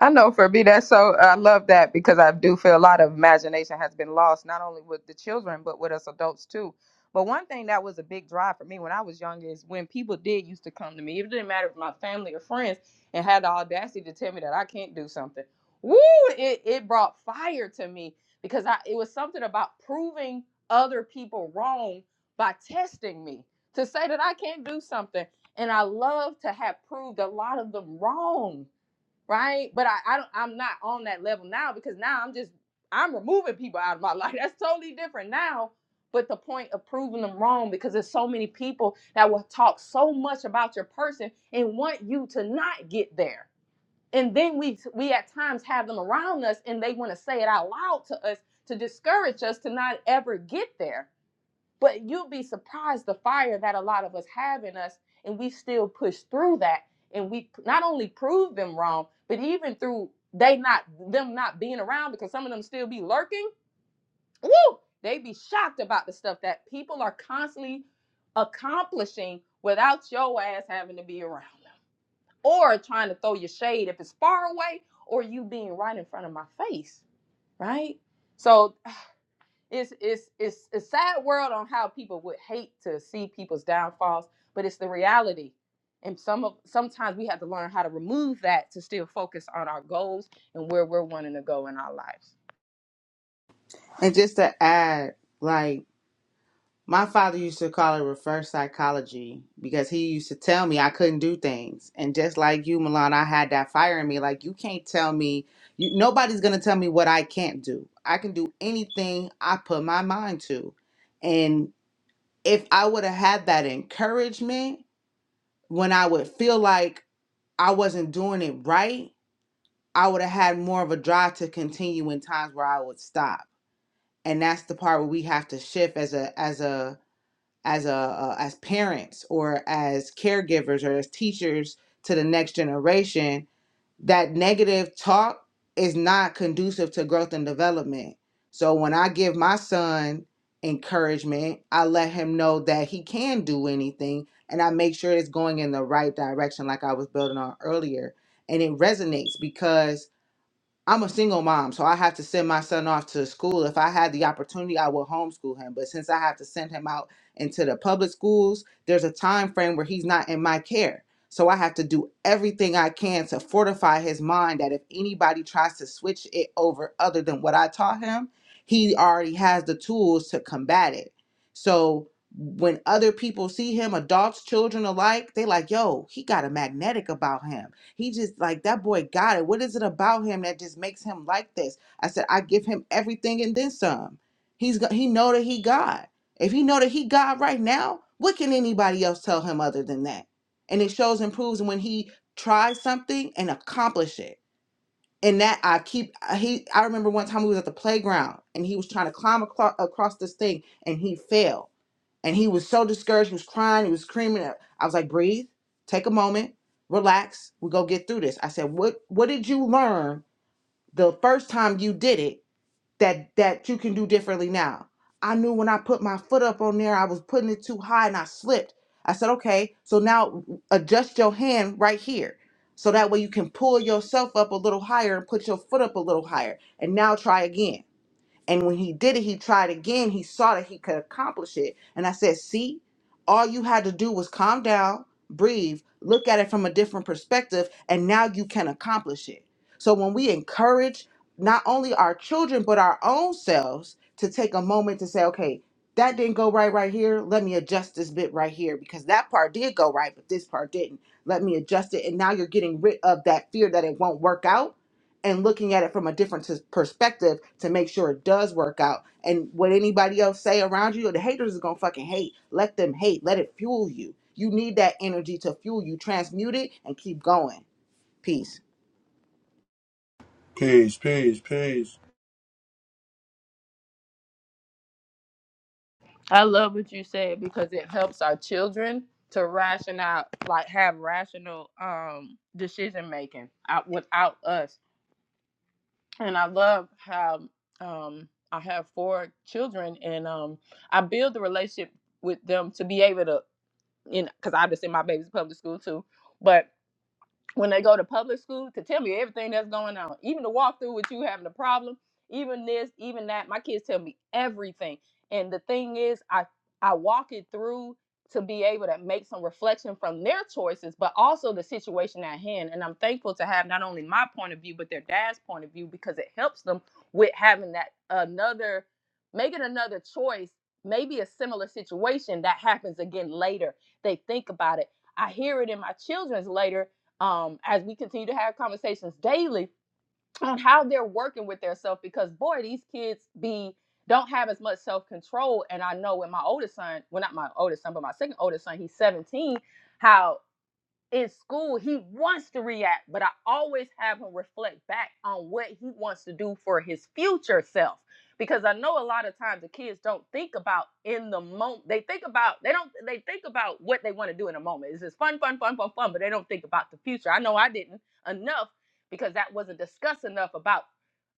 I know for me that's so I love that because I do feel a lot of imagination has been lost not only with the children but with us adults too. But one thing that was a big drive for me when I was younger is when people did used to come to me, it didn't matter if my family or friends, and had the audacity to tell me that I can't do something. Woo! It it brought fire to me because I it was something about proving other people wrong by testing me to say that I can't do something, and I love to have proved a lot of them wrong right? But I, I don't I'm not on that level now because now I'm just I'm removing people out of my life. That's totally different now. But the point of proving them wrong because there's so many people that will talk so much about your person and want you to not get there. And then we we at times have them around us and they want to say it out loud to us to discourage us to not ever get there. But you'd be surprised the fire that a lot of us have in us, and we still push through that, and we not only prove them wrong, but even through they not them not being around because some of them still be lurking. Woo! They be shocked about the stuff that people are constantly accomplishing without your ass having to be around them, or trying to throw your shade if it's far away, or you being right in front of my face, right? So it's it's it's a sad world on how people would hate to see people's downfalls, but it's the reality. And some of sometimes we have to learn how to remove that to still focus on our goals and where we're wanting to go in our lives.
and just to add like my father used to call it reverse psychology because he used to tell me i couldn't do things and just like you milan i had that fire in me like you can't tell me you, nobody's going to tell me what i can't do i can do anything i put my mind to and if i would have had that encouragement when i would feel like i wasn't doing it right I would have had more of a drive to continue in times where I would stop. And that's the part where we have to shift as a as a as a uh, as parents or as caregivers or as teachers to the next generation. That negative talk is not conducive to growth and development. So when I give my son encouragement, I let him know that he can do anything and I make sure it's going in the right direction like I was building on earlier. And it resonates because I'm a single mom, so I have to send my son off to school. If I had the opportunity, I would homeschool him. But since I have to send him out into the public schools, there's a time frame where he's not in my care. So I have to do everything I can to fortify his mind that if anybody tries to switch it over other than what I taught him, he already has the tools to combat it. So when other people see him, adults, children alike, they like, yo, he got a magnetic about him he just like that boy got it. What is it about him that just makes him like this? I said I give him everything and then some. He's go- he know that he God. If he know that he God right now, what can anybody else tell him other than that? And it shows and proves when he tries something and accomplish it. And that I keep uh, he I remember one time we was at the playground and he was trying to climb aclo- across this thing and he fell and he was so discouraged. He was crying. He was screaming. I was like, breathe, take a moment, relax. We go get through this. I said, what What did you learn the first time you did it that that you can do differently now? I knew when I put my foot up on there, I was putting it too high and I slipped. I said, okay, so now adjust your hand right here. So that way you can pull yourself up a little higher and put your foot up a little higher. And now try again and when he did it, he tried again. He saw that he could accomplish it. And I said, See, all you had to do was calm down, breathe, look at it from a different perspective, and now you can accomplish it. So when we encourage not only our children, but our own selves to take a moment to say, Okay, that didn't go right right here. Let me adjust this bit right here because that part did go right, but this part didn't. Let me adjust it. And now you're getting rid of that fear that it won't work out and looking at it from a different s- perspective to make sure it does work out. And what anybody else say around you, the haters is gonna fucking hate. Let them hate. Let it fuel you. You need that energy to fuel you. Transmute it and keep going. Peace.
I love what you said because it helps our children to rational, like have rational um decision making out without us. And I love how um I have four children and um I build the relationship with them to be able to you know, because I have to my baby's public school too. But when they go to public school to tell me everything that's going on, even the walkthrough with you having a problem, even this, even that. My kids tell me everything, and the thing is, I I walk it through to be able to make some reflection from their choices, but also the situation at hand. And I'm thankful to have not only my point of view, but their dad's point of view because it helps them with having that another, making another choice, maybe a similar situation that happens again later. They think about it. I hear it in my children's later um, as we continue to have conversations daily on how they're working with their self because boy these kids be don't have as much self-control and i know with my oldest son well not my oldest son but my second oldest son he's 17 how in school, he wants to react, but I always have him reflect back on what he wants to do for his future self. Because I know a lot of times the kids don't think about in the moment. They think about they don't they think about what they want to do in a moment. It's just fun, fun, fun, fun, fun, but they don't think about the future. I know I didn't enough because that wasn't discussed enough about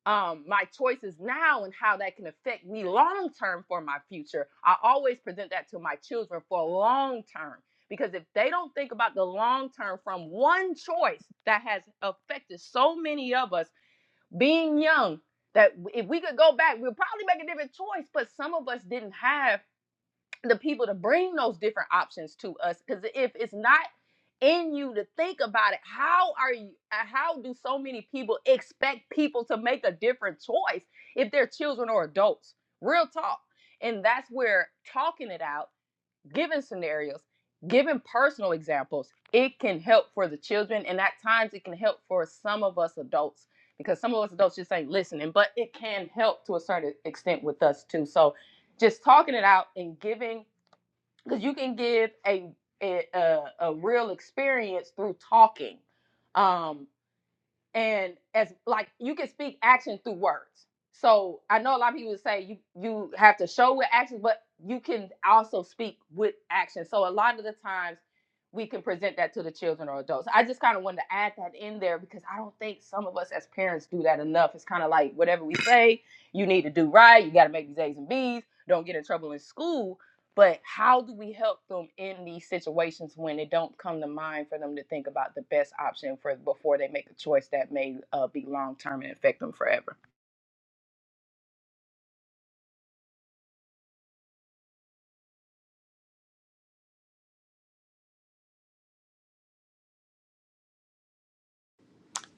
um, my choices now and how that can affect me long term for my future. I always present that to my children for long term because if they don't think about the long term from one choice that has affected so many of us being young, that if we could go back, we'll probably make a different choice. But some of us didn't have the people to bring those different options to us. Because if it's not in you to think about it, how are you? uh, How do so many people expect people to make a different choice if they're children or adults? Real talk. And that's where talking it out giving scenarios, giving personal examples, it can help for the children. And at times it can help for some of us adults because some of us adults just ain't listening, but it can help to a certain extent with us too. So just talking it out and giving, because you can give a, a, a, real experience through talking. Um, and as like you can speak action through words so i know a lot of people say you you have to show with action but you can also speak with action so a lot of the times we can present that to the children or adults i just kind of wanted to add that in there because i don't think some of us as parents do that enough it's kind of like whatever we say you need to do right you got to make these a's and b's don't get in trouble in school but how do we help them in these situations when it don't come to mind for them to think about the best option for before they make a choice that may uh, be long term and affect them forever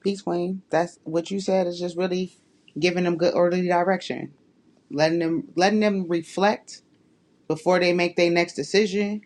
Peace, Queen. That's what you said is just really giving them good orderly direction. Letting them letting them reflect before they make their next decision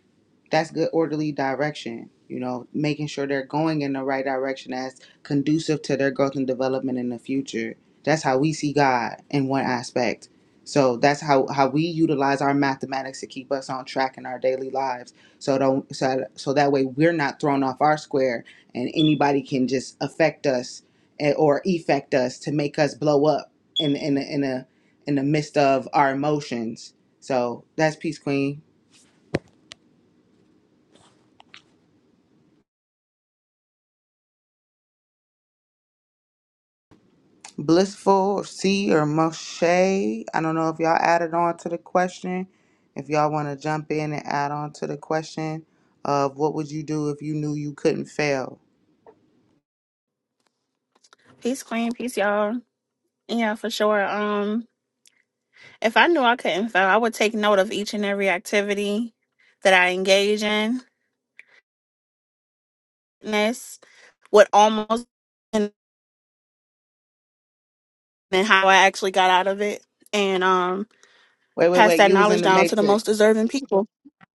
that's good orderly direction you know making sure they're going in the right direction that's conducive to their growth and development in the future that's how we see god in one aspect so that's how how we utilize our mathematics to keep us on track in our daily lives so don't so, so that way we're not thrown off our square and anybody can just affect us eh, or effect us to make us blow up in in a, in a in the midst of our emotions so that's peace queen Blissful C or Moshe. I don't know if y'all added on to the question. If y'all want to jump in and add on to the question of what would you do if you knew you couldn't fail?
Peace, Queen. Peace, y'all. Yeah, for sure. Um, if I knew I couldn't fail, I would take note of each and every activity that I engage in. And This would almost and and how I actually got out of it, and um,
Wait, wait,
pass
wait.
that
You was in
knowledge
the
down to the most
Matrix.
deserving people.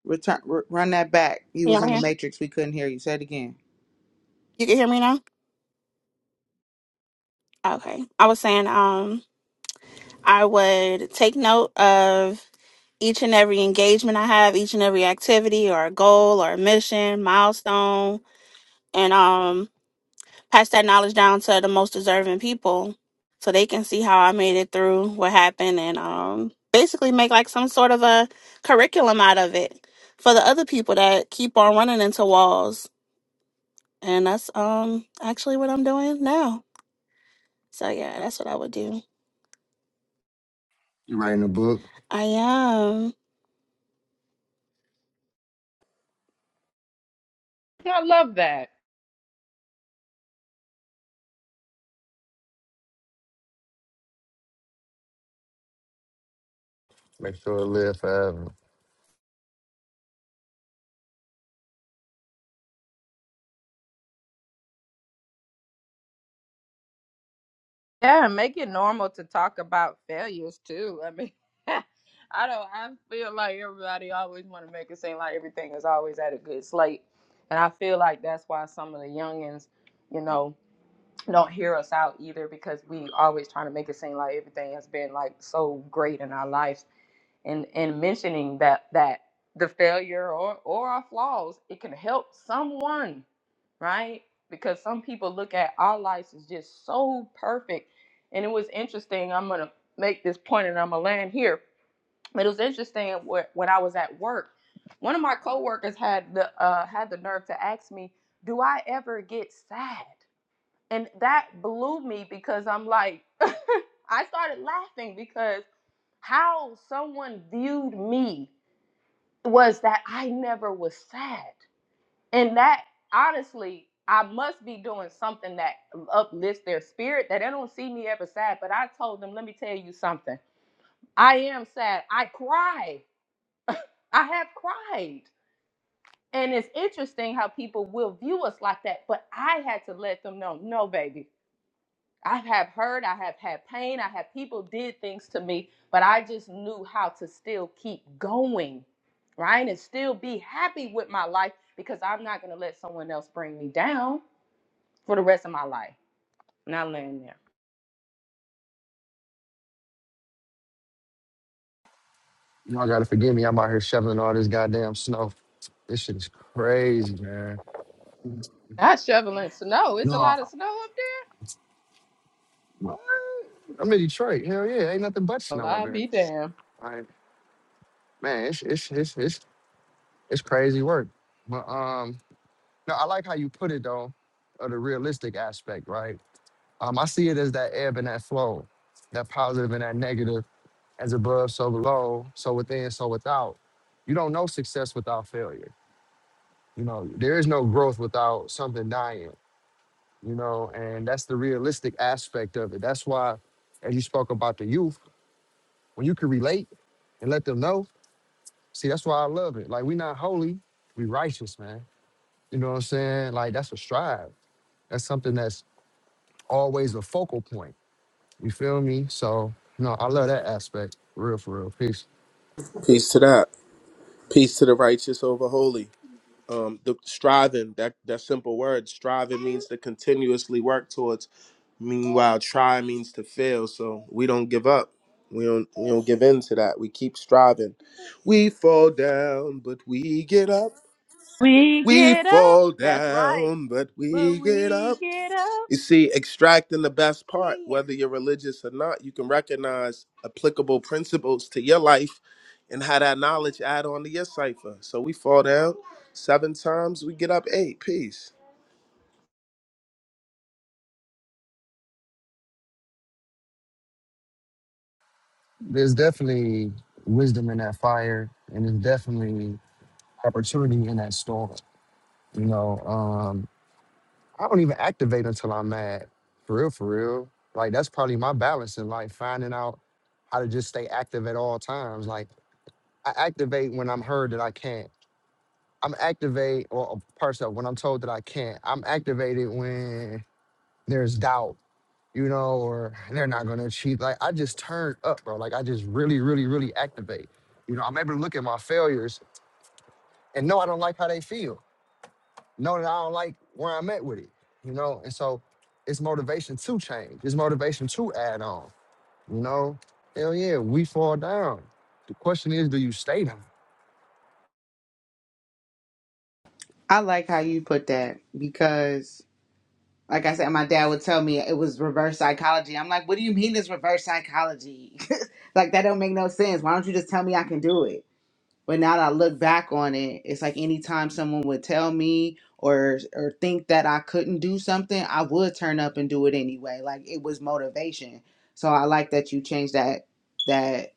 Return, r- run that back. You
Can
was
Y'all
in the
hear?
Matrix. We couldn't hear you. Say it again.
You can hear me now. Okay. I was saying, um, I would take note of each and every engagement I have, each and every activity or a goal or a mission, milestone, and um pass that knowledge down to the most deserving people so they can see how I made it through what happened and um basically make like some sort of a curriculum out of it for the other people that keep on running into walls. And that's um actually what I'm doing now. So yeah, that's what I would do.
You writing a book?
I am.
i love that
Make sure it live forever.
Yeah, and make it normal to talk about failures too. I mean, I don't. I feel like everybody always want to make it seem like everything is always at a good slate, and I feel like that's why some of the youngins, you know, don't hear us out either because we always trying to make it seem like everything has been like so great in our lives and and mentioning that that the failure or or our flaws it can help someone right because some people look at our lives as just so perfect and it was interesting i'm gonna make this point and i'm gonna land here but it was interesting wh- when i was at work one of my coworkers had the uh, had the nerve to ask me do i ever get sad and that blew me because i'm like i started laughing because how someone viewed me was that I never was sad. And that honestly, I must be doing something that uplifts their spirit that they don't see me ever sad. But I told them, let me tell you something. I am sad. I cry. I have cried. And it's interesting how people will view us like that. But I had to let them know, no, baby. I have hurt, I have had pain, I have people did things to me, but I just knew how to still keep going, right? And still be happy with my life because I'm not going to let someone else bring me down for the rest of my life. Not laying there.
Y'all gotta forgive me. I'm out here shoveling all this goddamn snow. This shit is crazy, man.
Not shoveling snow. It's a
No,
lot of snow up there.
what? I'm in Detroit. Hell yeah, ain't nothing but
Well,
snow up
I'll
here.
be damned.
Like, man, it's it's it's it's it's crazy work. But um, no, I like how you put it though, of the realistic aspect, right? Um, I see it as that ebb and that flow, that positive and that negative, as above, so below, so within, so without. You don't know success without failure. You know, there is no growth without something dying, you know, and that's the realistic aspect of it. That's why, as you spoke about the youth, when you can relate and let them know, see, that's why I love it. Like, we not holy, we righteous, man. You know what I'm saying? Like, that's a strive. That's something that's always a focal point You feel me? So, no, I love that aspect. Real for real. Peace.
Peace to that. Peace to the righteous over holy. um the striving that that simple word striving means to continuously work towards meanwhile try means to fail so we don't give up we don't we don't give in to that we keep striving we fall down but we get up
We
we
get up.
fall
That's right.
down but
But
we get up
we get up.
you see, extracting the best part, whether you're religious or not, you can recognize applicable principles to your life and how that knowledge add on to your cipher. So we fall down seven times, we get up eight. Peace.
There's definitely wisdom in that fire, and there's definitely opportunity in that storm. You know, um, I don't even activate until I'm mad. For real, for real. Like that's probably my balance in life, finding out how to just stay active at all times. Like I activate when I'm heard that I can't. I'm activate or or parts of when I'm told that I can't. I'm activated when there's doubt. you know, or they're not going to achieve. Like I just turn up, bro. Like I just really, really, really activate. You know, I'm able to look at my failures and know I don't like how they feel. Know that I don't like where I'm at with it. You know, and so it's motivation to change. It's motivation to add on. You know, hell yeah, we fall down. The question is, do you stay down?
I like how you put that because, like I said, my dad would tell me it was reverse psychology. I'm like, what do you mean it's reverse psychology? like that don't make no sense. Why don't you just tell me I can do it? But now that I look back on it, it's like anytime someone would tell me or or think that I couldn't do something, I would turn up and do it anyway. Like it was motivation. So I like that you changed that that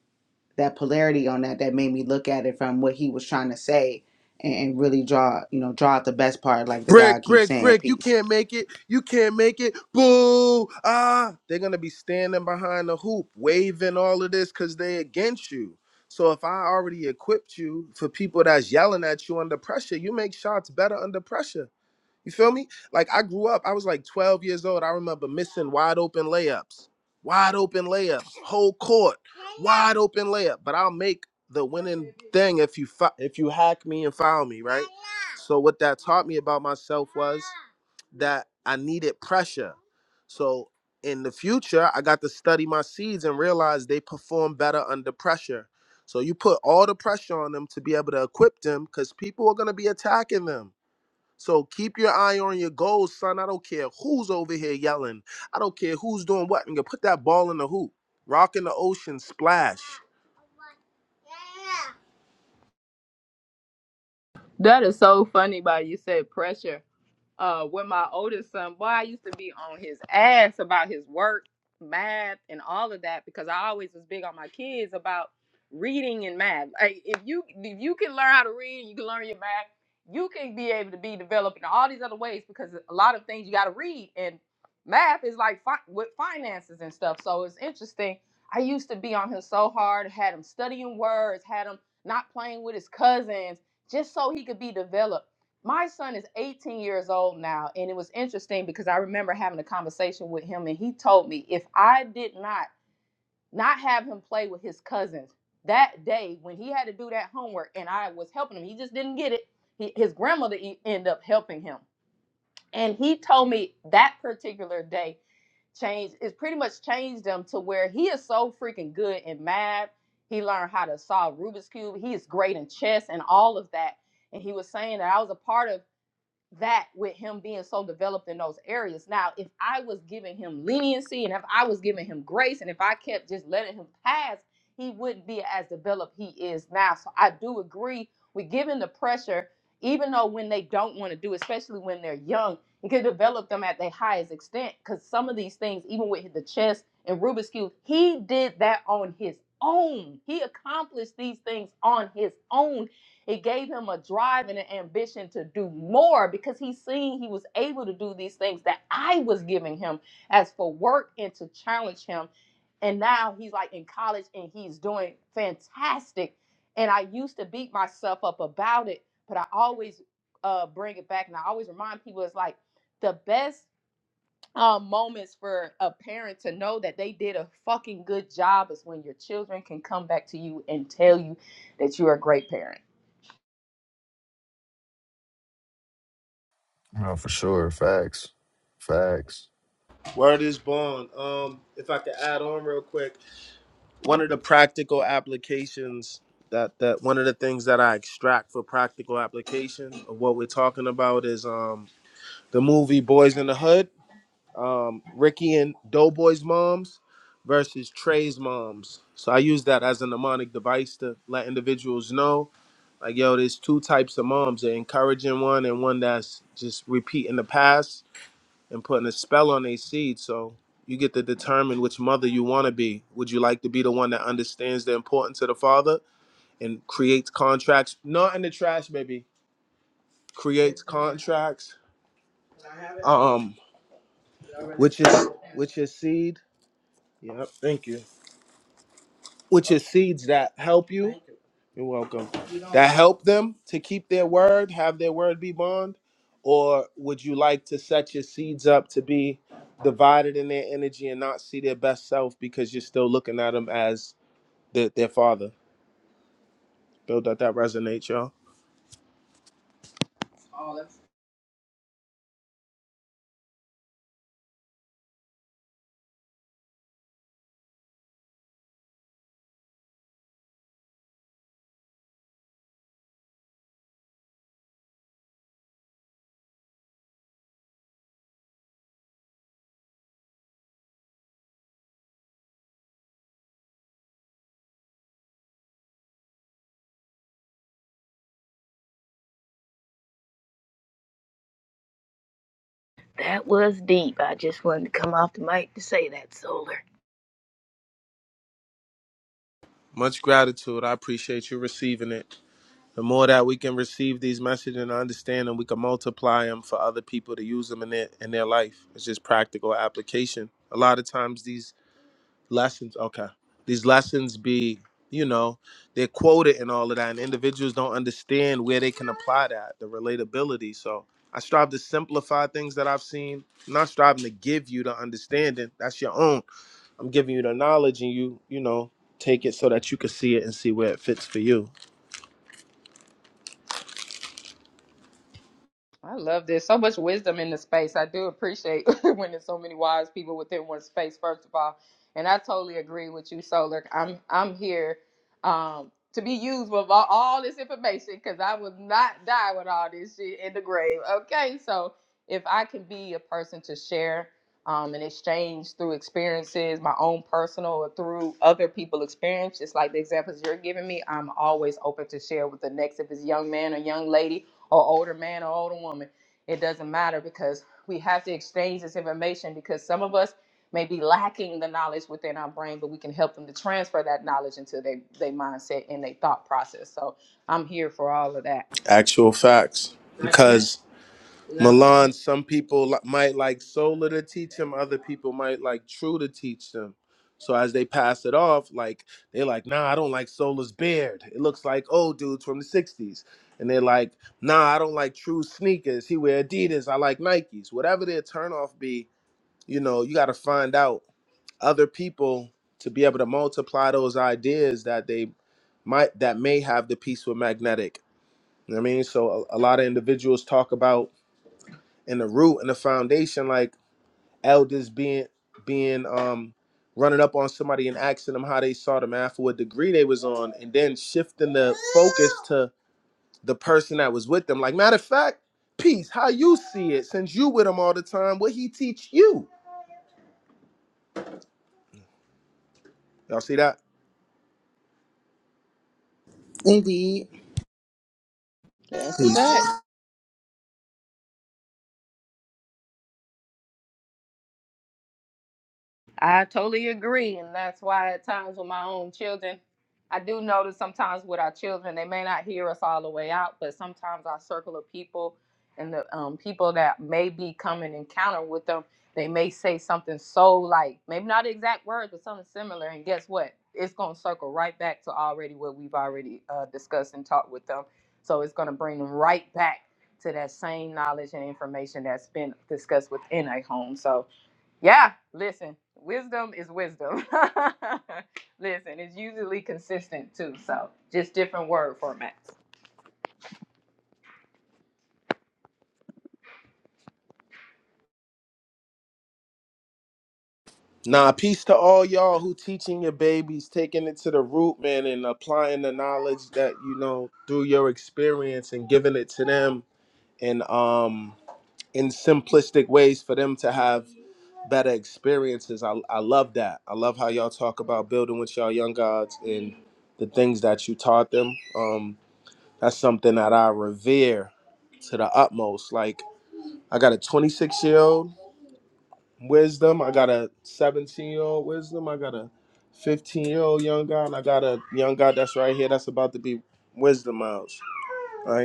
that polarity on that. That made me look at it from what he was trying to say and, and really draw you know draw out the best part, like the God
Brick,
keeps
brick,
saying,
brick, you
peace.
can't make it. You can't make it. Boo! Ah! They're gonna be standing behind the hoop, waving all of this because they against you. So if I already equipped you for people that's yelling at you under pressure, you make shots better under pressure. You feel me? Like I grew up, I was like 12 years old. I remember missing wide open layups, wide open layups, whole court, wide open layup. But I'll make the winning thing if you fi- if you hack me and foul me, right? So what that taught me about myself was that I needed pressure. So in the future, I got to study my seeds and realize they perform better under pressure. So you put all the pressure on them to be able to equip them because people are going to be attacking them. So keep your eye on your goals, son. I don't care who's over here yelling. I don't care who's doing what. And you put that ball in the hoop. Rock in the ocean, splash.
That is so funny by you said pressure. uh with my oldest son boy i used to be on his ass about his work math and all of that because i always was big on my kids about reading and math like if you if you can learn how to read you can learn your math you can be able to be developed in all these other ways because a lot of things you got to read and math is like fi- with finances and stuff so it's interesting i used to be on him so hard had him studying words had him not playing with his cousins just so he could be developed my son is 18 years old now and it was interesting because i remember having a conversation with him and he told me if i did not not have him play with his cousins that day when he had to do that homework and i was helping him he just didn't get it he, his grandmother e- ended up helping him and he told me that particular day changed it's pretty much changed him to where he is so freaking good in math he learned how to solve rubik's cube he is great in chess and all of that and he was saying that i was a part of that with him being so developed in those areas. Now, if I was giving him leniency and if I was giving him grace and if I kept just letting him pass, he wouldn't be as developed he is now. So I do agree with giving the pressure, even though when they don't want to do, especially when they're young, it can develop them at their highest extent. Because some of these things, even with the chess and Rubik's Cube, he did that on his own. He accomplished these things on his own it gave him a drive and an ambition to do more because he seen he was able to do these things that I was giving him as for work and to challenge him. And now he's like in college and he's doing fantastic. And I used to beat myself up about it, but I always uh, bring it back and I always remind people it's like the best um, moments for a parent to know that they did a fucking good job is when your children can come back to you and tell you that you're a great parent
No, for sure. Facts. Facts.
Word is born. Um, if I could add on real quick, one of the practical applications that that one of the things that I extract for practical application of what we're talking about is um the movie Boys in the Hood. um, Ricky and Doughboy's moms versus Trey's moms. So I use that as a mnemonic device to let individuals know, like, yo, there's two types of moms: an encouraging one and one that's just repeating the past and putting a spell on their seed. So you get to determine which mother you want to be. Would you like to be the one that understands the importance of the father and creates contracts? Not in the trash, baby. Creates contracts. Um, which is which is seed. Yep. Thank you. which is seeds that help you. You're welcome. That help them to keep their word, have their word be bond, or would you like to set your seeds up to be divided in their energy and not see their best self because you're still looking at them as the, their father? Build that that resonates, y'all.
That was deep. I just wanted to come off the mic to say that, Solar.
Much gratitude. I appreciate you receiving it. The more that we can receive these messages and understand them, we can multiply them for other people to use them in their in their life. It's just practical application. A lot of times these lessons okay these lessons be you know they're quoted and all of that and individuals don't understand where they can apply that the relatability so i strive to simplify things that i've seen I'm not striving to give you the understanding that's your own i'm giving you the knowledge and you you know take it so that you can see it and see where it fits for you
I love this. So much wisdom in the space. I do appreciate when there's so many wise people within one space, first of all. And I totally agree with you, Solar. I'm I'm here um, to be used with all, all this information because I will not die with all this shit in the grave. Okay. So if I can be a person to share um, and exchange through experiences, my own personal or through other people experience, just like the examples you're giving me, I'm always open to share with the next if it's young man or young lady or older man or older woman. It doesn't matter because we have to exchange this information because some of us may be lacking the knowledge within our brain, but we can help them to transfer that knowledge into their, their mindset and their thought process. So I'm here for all of that.
actual facts because Milan, some people li- might like Sola to teach them, other people might like True to teach them. So as they pass it off, like they're like, nah, I don't like Sola's beard. It looks like old dudes from the 60s. And they're like, nah, I don't like true sneakers. He wear Adidas. I like Nikes. Whatever their turnoff be, you know, you gotta find out other people to be able to multiply those ideas that they might that may have the piece with magnetic. You know what I mean? So a, a lot of individuals talk about and the root and the foundation, like elders being being um running up on somebody and asking them how they saw them after what degree they was on, and then shifting the focus to the person that was with them. Like matter of fact, peace, how you see it, since you with him all the time, what he teach you. Y'all see that?
Indeed,
That's a
Peace.
fact. I totally agree, and that's why at times with my own children, I do notice sometimes with our children, they may not hear us all the way out, but sometimes our circle of people and the um, people that may be coming encounter with them, they may say something so like maybe not the exact words, but something similar, and guess what? It's gonna circle right back to already what we've already uh, discussed and talked with them. So it's gonna bring them right back to that same knowledge and information that's been discussed within a home. So yeah, listen, wisdom is wisdom. listen, it's usually consistent too, so just different word formats.
Nah, peace to all y'all who teaching your babies, taking it to the root, man, and applying the knowledge that you know through your experience and giving it to them. And um in simplistic ways for them to have better experiences. I, I love that. I love how y'all talk about building with y'all young gods and the things that you taught them. Um, that's something that I revere to the utmost. Like I got a 26 year old wisdom. I got a 17 year old wisdom. I got a 15 year old young god. And I got a young god that's right here. That's about to be wisdom miles. Right.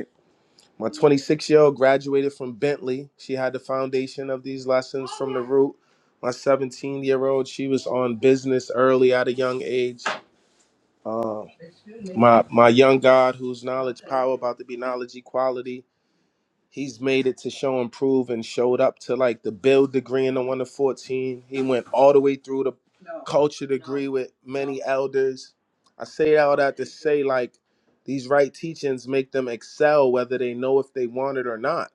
My 26 year old graduated from Bentley. She had the foundation of these lessons from the root. My 17 year old, she was on business early at a young age. Uh, my my young God, whose knowledge power about to be knowledge equality, he's made it to show and prove and showed up to like the build degree in the one to 14. He went all the way through the culture degree with many elders. I say all that to say like these right teachings make them excel whether they know if they want it or not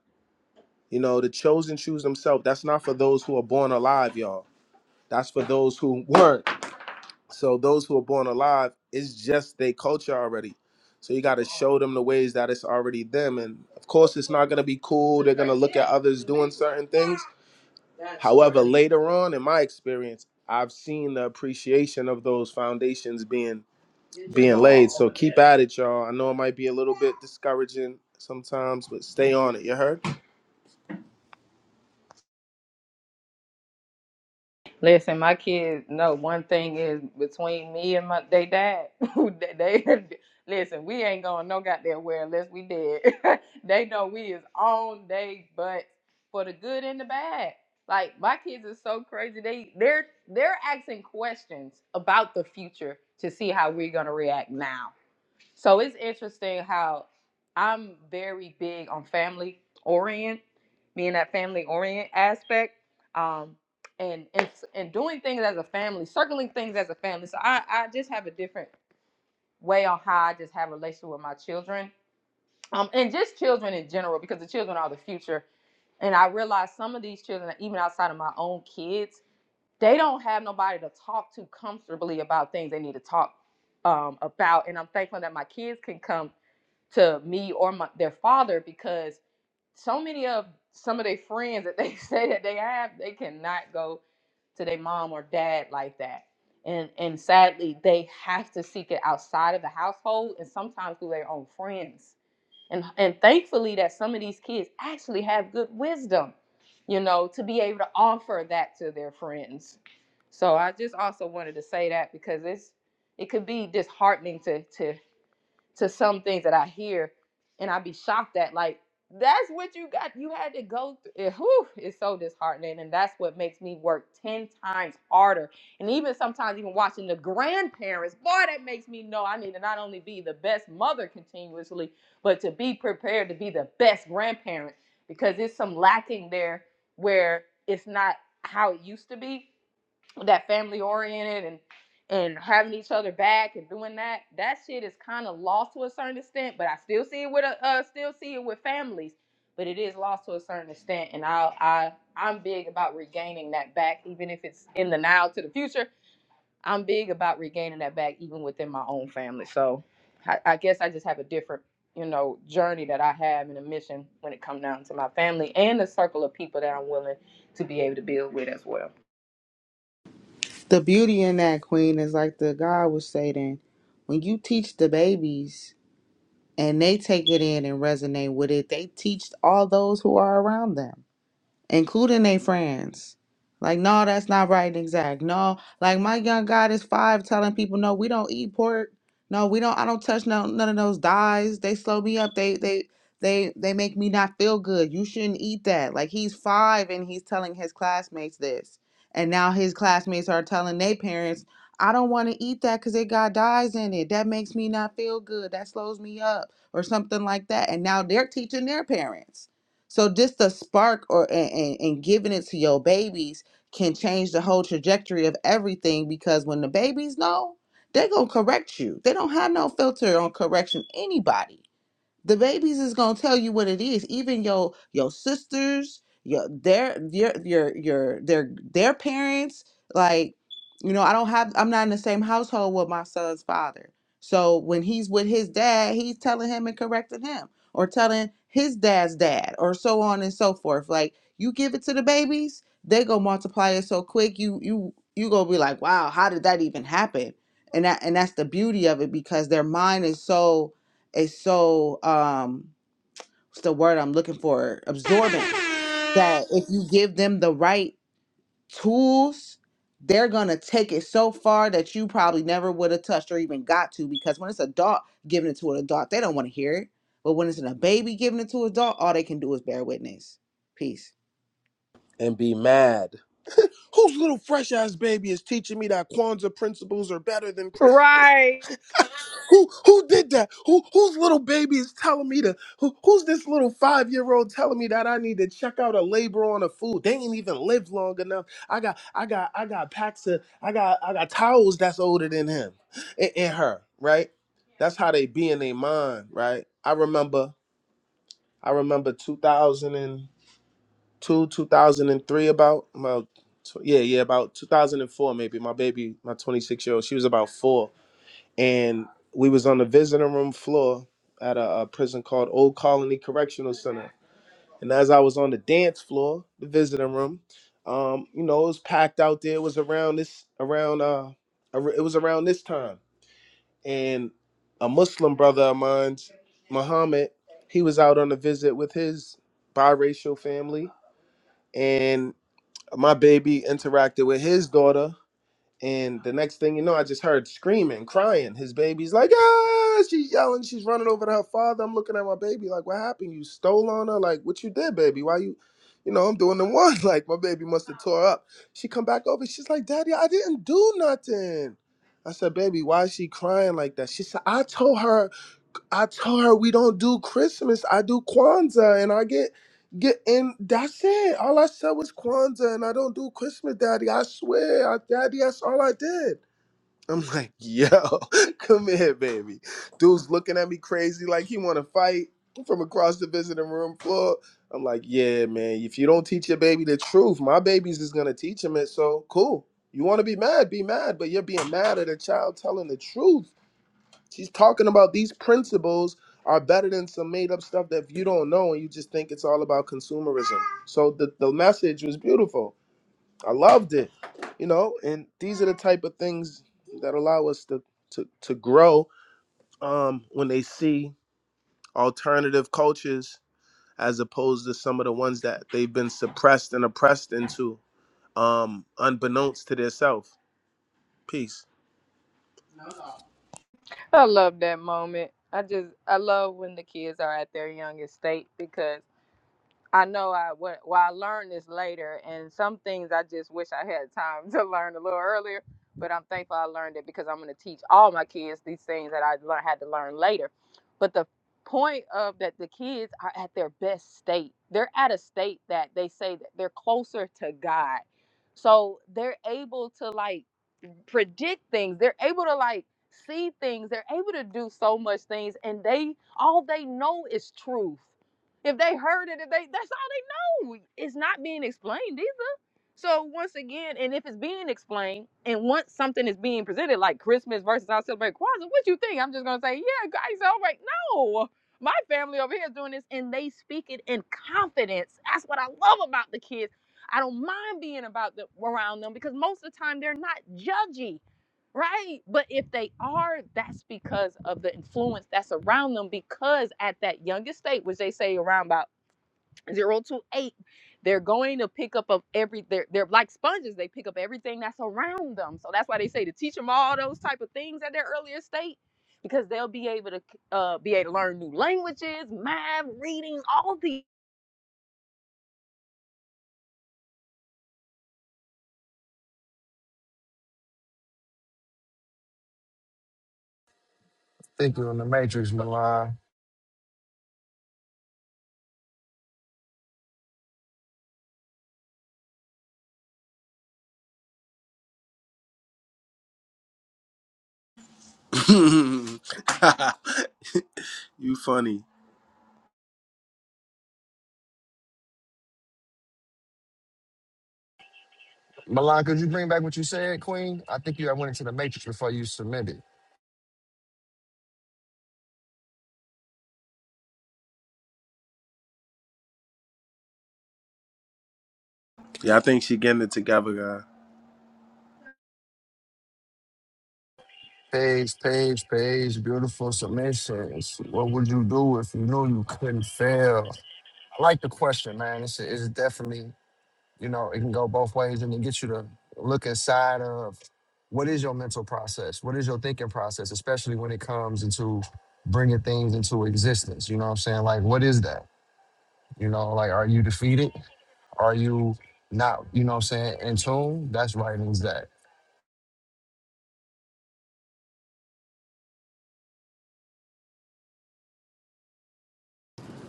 you know, the chosen choose themselves. That's not for those who are born alive, y'all. That's for those who weren't. So those who are born alive, it's just their culture already. So you got to show them the ways that it's already them. And of course, it's not going to be cool. They're going to look at others doing certain things. However, later on in my experience, I've seen the appreciation of those foundations being being laid. So keep at it, y'all. I know it might be a little bit discouraging sometimes, but stay on it. You heard?
Listen, my kids know one thing is between me and my they dad. they, they- listen, we ain't going no goddamn where unless we did. they know we is on they but for the good and the bad. Like my kids are so crazy. They they're they're asking questions about the future to see how we're gonna react now So it's interesting how I'm very big on family orient, being that family orient aspect, um, and and and doing things as a family, circling things as a family. So I I just have a different way on how I just have a relationship with my children, um, and just children in general because the children are the future. And I realize some of these children, even outside of my own kids, they don't have nobody to talk to comfortably about things they need to talk um, about. And I'm thankful that my kids can come to me or my, their father because so many of some of their friends that they say that they have, they cannot go to their mom or dad like that. And and sadly, they have to seek it outside of the household and sometimes through their own friends and and thankfully that some of these kids actually have good wisdom you know to be able to offer that to their friends so i just also wanted to say that because it's it could be disheartening to to to some things that I hear and I be shocked at like that's what you got. You had to go through. It, whew, it's so disheartening, and that's what makes me work ten times harder. And even sometimes, even watching the grandparents, boy, that makes me know I need to not only be the best mother continuously, but to be prepared to be the best grandparent because there's some lacking there where it's not how it used to be that family oriented and and having each other back and doing that that shit is kind of lost to a certain extent but i still see it with a uh, still see it with families but it is lost to a certain extent and i i i'm big about regaining that back even if it's in the now to the future i'm big about regaining that back even within my own family so i, I guess i just have a different you know journey that i have and a mission when it comes down to my family and the circle of people that i'm willing to be able to build with as well
the beauty in that queen is like the God was saying. When you teach the babies and they take it in and resonate with it. They teach all those who are around them including their friends. Like, no, that's not right and exact. No, like my young God is five telling people, no, we don't eat pork. No, we don't. I don't touch no none of those dyes. They slow me up. They they they they make me not feel good. You shouldn't eat that. Like he's five and he's telling his classmates this, and now his classmates are telling their parents, I don't want to eat that because it got dyes in it. That makes me not feel good. That slows me up, or something like that. And now they're teaching their parents. So just the spark or and, and, and giving it to your babies can change the whole trajectory of everything because when the babies know, they're gonna correct you. They don't have no filter on correction anybody the babies is gonna tell you what it is. Even your your sisters, your their your your your their their parents. Like, you know, I don't have. I'm not in the same household with my son's father. So when he's with his dad, he's telling him and correcting him, or telling his dad's dad, or so on and so forth. Like you give it to the babies, they go multiply it so quick. You you you gonna be like, wow, how did that even happen? And that and that's the beauty of it because their mind is so is so um what's the word I'm looking for? Absorbent. That if you give them the right tools, they're gonna take it so far that you probably never would have touched or even got to because when it's an adult giving it to an adult, they don't want to hear it. But when it's in a baby giving it to an adult, all they can do is bear witness. Peace.
and be mad. Whose little fresh ass baby is teaching me that Kwanzaa principles are better than Christmas?
right
Who who did that? Who whose little baby is telling me to who, who's this little five year old telling me that I need to check out a labor on a food? They ain't even lived long enough. I got I got I got packs of I got I got towels that's older than him and, and her, right? That's how they be in their mind, right? I remember I remember 2000 and two, 2003 about about tw- yeah yeah about 2004 maybe my baby my 26 year old she was about four and we was on the visiting room floor at a, a prison called old colony correctional center and as i was on the dance floor the visiting room um you know it was packed out there it was around this around uh ar- it was around this time and a muslim brother of mine muhammad he was out on a visit with his biracial family my baby interacted with his daughter and the next thing you know i just heard screaming crying his baby's like ah she's yelling she's running over to her father i'm looking at my baby like what happened you stole on her like what you did baby why you you know i'm doing the one like my baby must have tore up she come back over she's like daddy i didn't do nothing i said baby why is she crying like that she said i told her I tell her we don't do Christmas. I do Kwanzaa, and I get get and that's it. All I said was Kwanzaa, and I don't do Christmas, Daddy. I swear, I, Daddy, that's all I did. I'm like, yo, come here, baby. Dude's looking at me crazy, like he want to fight from across the visiting room floor. I'm like, yeah, man. If you don't teach your baby the truth, my baby's is gonna teach him it. So cool. You want to be mad, be mad, but you're being mad at a child telling the truth She's talking about these principles are better than some made up stuff that you don't know and you just think it's all about consumerism. So the, the message was beautiful. I loved it. You know, and these are the type of things that allow us to to, to grow um, when they see alternative cultures as opposed to some of the ones that they've been suppressed and oppressed into, um, unbeknownst to themselves. Peace.
I love that moment. I just I love when the kids are at their youngest state because I know I what well I learned this later and some things I just wish I had time to learn a little earlier. But I'm thankful I learned it because I'm going to teach all my kids these things that I learned, had to learn later. But the point of that the kids are at their best state. They're at a state that they say that they're closer to God. So they're able to like predict things. They're able to like see things. They're able to do so much things, and they all they know is truth. If they heard it, if they that's all they know. It's not being explained either. So once again, and if it's being explained, and once something is being presented, like Christmas versus I celebrate Kwanzaa, what you think? I'm just gonna say, yeah, I celebrate. No, my family over here is doing this, and they speak it in confidence. That's what I love about the kids I don't mind being about them around them because most of the time they're not judgy, right? But if they are, that's because of the influence that's around them. Because at that youngest state, which they say around about zero to eight, they're going to pick up of every they're they're like sponges. They pick up everything that's around them. So that's why they say to teach them all those type of things at their earlier state. Because they'll be able to uh, be able to learn new languages, math, reading, all these.
Think you're in the matrix, Milan.
you funny.
Milan, could you bring back what you said, Queen? I think you I went into the matrix before you submitted.
Yeah, I think she getting it together, guys.
Page, page, page, beautiful submissions. What would you do if you knew you couldn't fail? I like the question, man. It's, it's definitely, you know, it can go both ways and it gets you to look inside of what is your mental process? What is your thinking process, especially when it comes into bringing things into existence? You know what I'm saying? Like, what is that? You know, like, are you defeated? Are you not, you know what I'm saying, in tune? That's writing's that.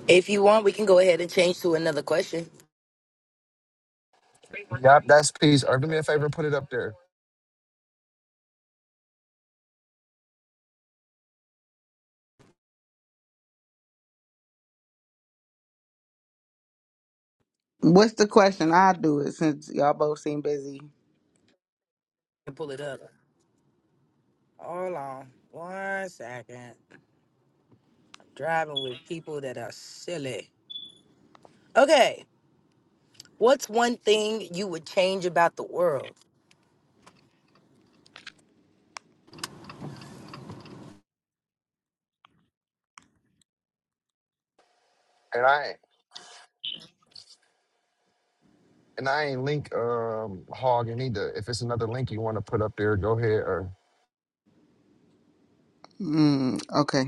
If you want, we can go ahead and change to another question
Yep, that's peace. Or do me a favor, put it up there.
What's the question? I'll do it since y'all both seem busy.
and pull it up. Hold on one second. I'm driving with people that are silly. Okay. What's one thing you would change about the world?
And I And I ain't link um hogging either. If it's another link you want to put up there, go ahead. Or
Mm, okay.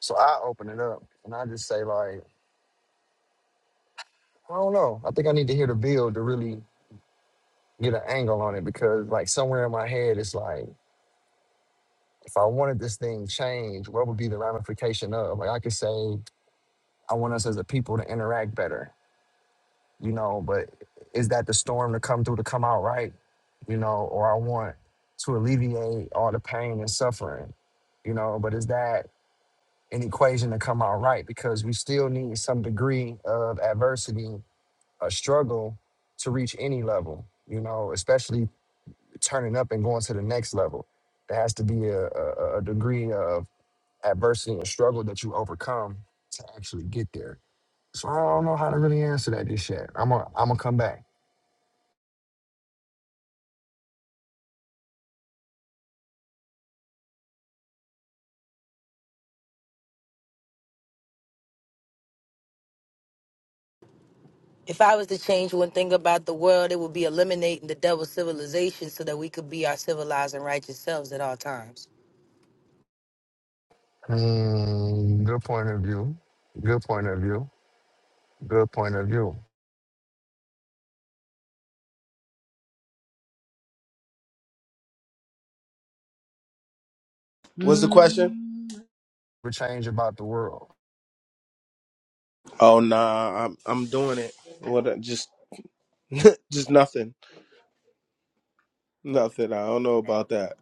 so I open it up and I just say like, I don't know. I think I need to hear the build to really get an angle on it because like somewhere in my head it's like, if I wanted this thing changed, what would be the ramification of? Like I could say, I want us as a people to interact better, you know, but is that the storm to come through to come out right? You know, or I want to alleviate all the pain and suffering you know but is that an equation to come out right because we still need some degree of adversity a struggle to reach any level, you know, especially turning up and going to the next level. There has to be a, a, a degree of adversity and struggle that you overcome to actually get there. So I don't know how to really answer that just yet. I'm gonna I'm gonna come back.
If I was to change one thing about the world, it would be eliminating the double civilization so that we could be our civilized and righteous selves at all times.
Mm, good point of view. Good point of view. Good point of view.
What's the question?
The change about the world.
Oh nah, I'm I'm doing it. What? uh, Just just nothing, nothing. I don't know about that.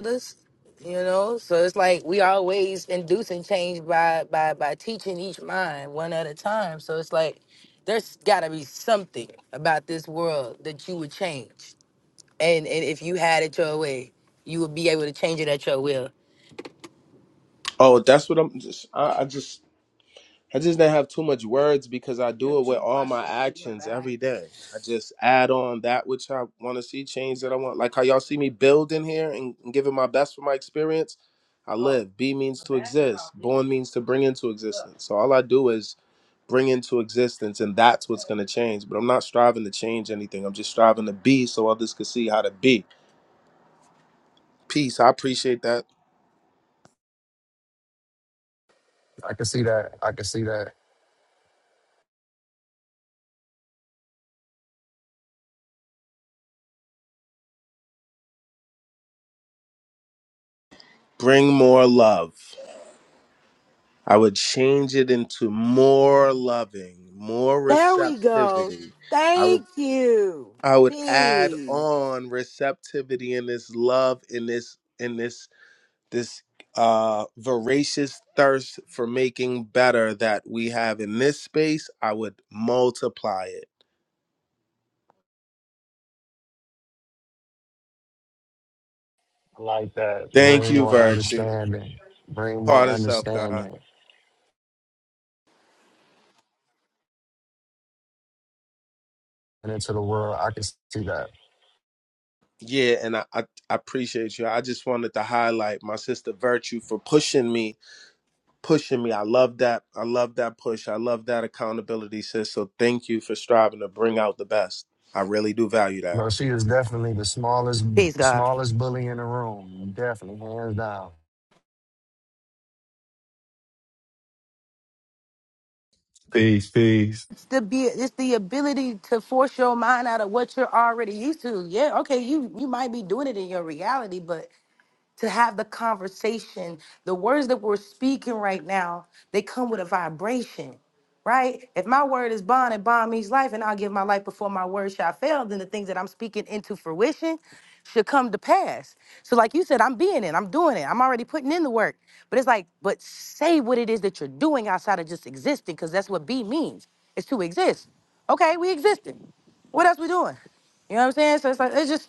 others, you know so it's like we always inducing change by by by teaching each mind one at a time so it's like there's got to be something about this world that you would change and and if you had it your way you would be able to change it at your will
Oh, that's what I'm just. I, I just I just didn't have too much words because I do it with all my actions every day. I just add on that which I want to see, change that I want. Like how y'all see me building here and, and giving my best for my experience. I live. Be means to exist. Born means to bring into existence. So all I do is bring into existence and that's what's going to change but i'm not striving to change anything i'm just striving to be so others could see how to be peace i appreciate that
I can see that. I can see that
bring more love i would change it into more loving more
There we go.
receptivity i would
Thank you.
i would add
Peace.
on receptivity in this love in this in this this uh voracious thirst for making better that we have in this space i would multiply it
I like that.
Thank
Bring
you,
more
Virtue.
understanding. Bring more
Part of self, God.
understanding and into the world. I can see that.
Yeah, and I, I I appreciate you. I just wanted to highlight my sister Virtue for pushing me, pushing me. I love that. I love that push. I love that accountability, sis. So thank you for striving to bring out the best. I really do value that.
Bro, she is definitely the smallest
peace god
smallest bully in the room. Definitely, hands down.
Peace, peace,
it's the be it's the ability to force your mind out of what you're already used to yeah okay you you might be doing it in your reality but to have the conversation. The words that we're speaking right now, they come with a vibration, right? If my word is bond and bond means life, and I'll give my life before my word shall fail, then the things that I'm speaking into fruition should come to pass. So, like you said, I'm being it, I'm doing it, I'm already putting in the work. But it's like, but say what it is that you're doing outside of just existing, because that's what be means. It's to exist. Okay, we existed. What else we doing? You know what I'm saying? So it's like it's just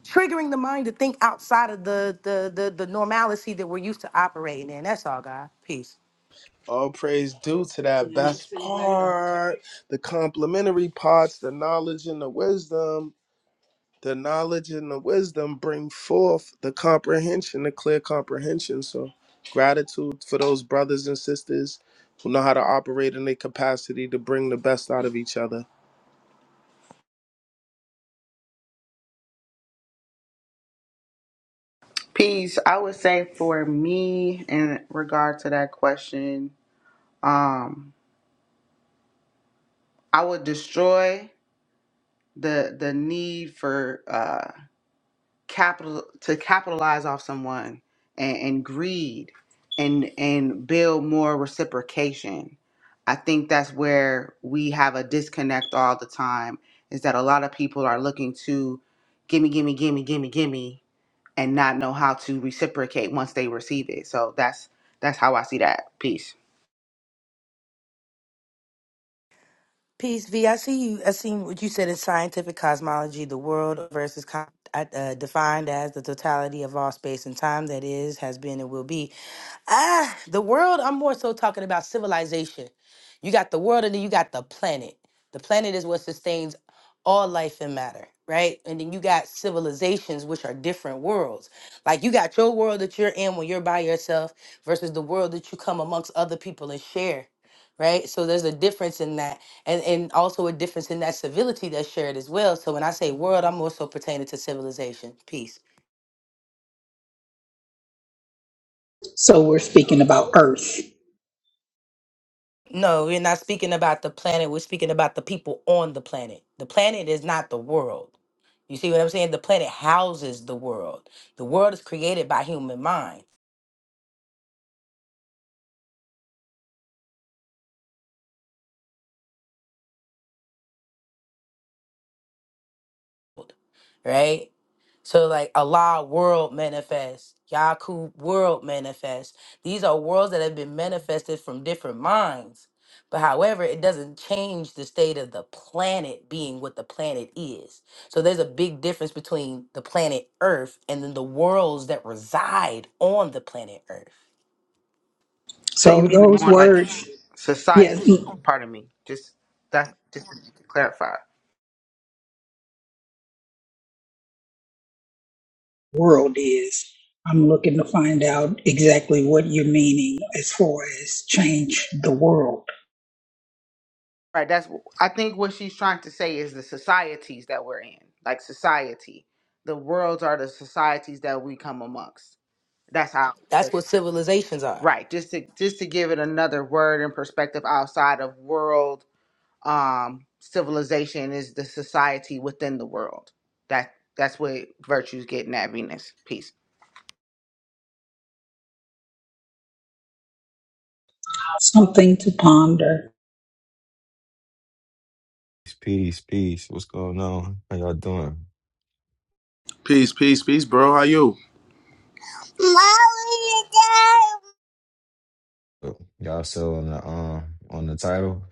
triggering the mind to think outside of the the the, the normalcy that we're used to operating in. That's all, God. Peace.
All praise due to that best part, the complimentary parts, the knowledge and the wisdom. The knowledge and the wisdom bring forth the comprehension, the clear comprehension. So, gratitude for those brothers and sisters who know how to operate in their capacity to bring the best out of each other.
Peace. I would say for me in regard to that question, um. I would destroy the the need for uh, capital to capitalize off someone and, and greed and and build more reciprocation. I think that's where we have a disconnect all the time is that a lot of people are looking to gimme, gimme, gimme, gimme, gimme, and not know how to reciprocate once they receive it. So that's that's how I see that piece.
Peace, V. I see you. I seen what you said in scientific cosmology, the world versus con- uh, defined as the totality of all space and time that is, has been, and will be. Ah, the world. I'm more so talking about civilization. You got the world, and then you got the planet. The planet is what sustains all life and matter, right? And then you got civilizations, which are different worlds. Like you got your world that you're in when you're by yourself versus the world that you come amongst other people and share right? So there's a difference in that, and and also a difference in that civility that's shared as well. So when I say world, I'm also pertaining to civilization, peace.
So we're speaking about earth.
No, we're not speaking about the planet. We're speaking about the people on the planet. The planet is not the world. You see what I'm saying? The planet houses the world. The world is created by human mind, right? So like Allah world manifest, Yakub world manifest. These are worlds that have been manifested from different minds. But however, it doesn't change the state of the planet being what the planet is. So there's a big difference between the planet Earth and then the worlds that reside on the planet Earth.
So you
So
mean
those
more like
words, yes.
society? Pardon me. Just that. just to clarify.
world is. I'm looking to find out exactly what you're meaning as far as change the world.
Right. That's. I think what she's trying to say is the societies that we're in, like society. The worlds are the societies that we come amongst. That's how.
That's what civilizations are.
Right. Just to just to give it another word and perspective outside of world um civilization is the society within the world. That that's what virtue's getting at Venus. Peace.
Something to ponder.
peace, peace, What's going on? How y'all doing?
Peace, peace, peace, bro. How you?
Y'all still on the um on the title.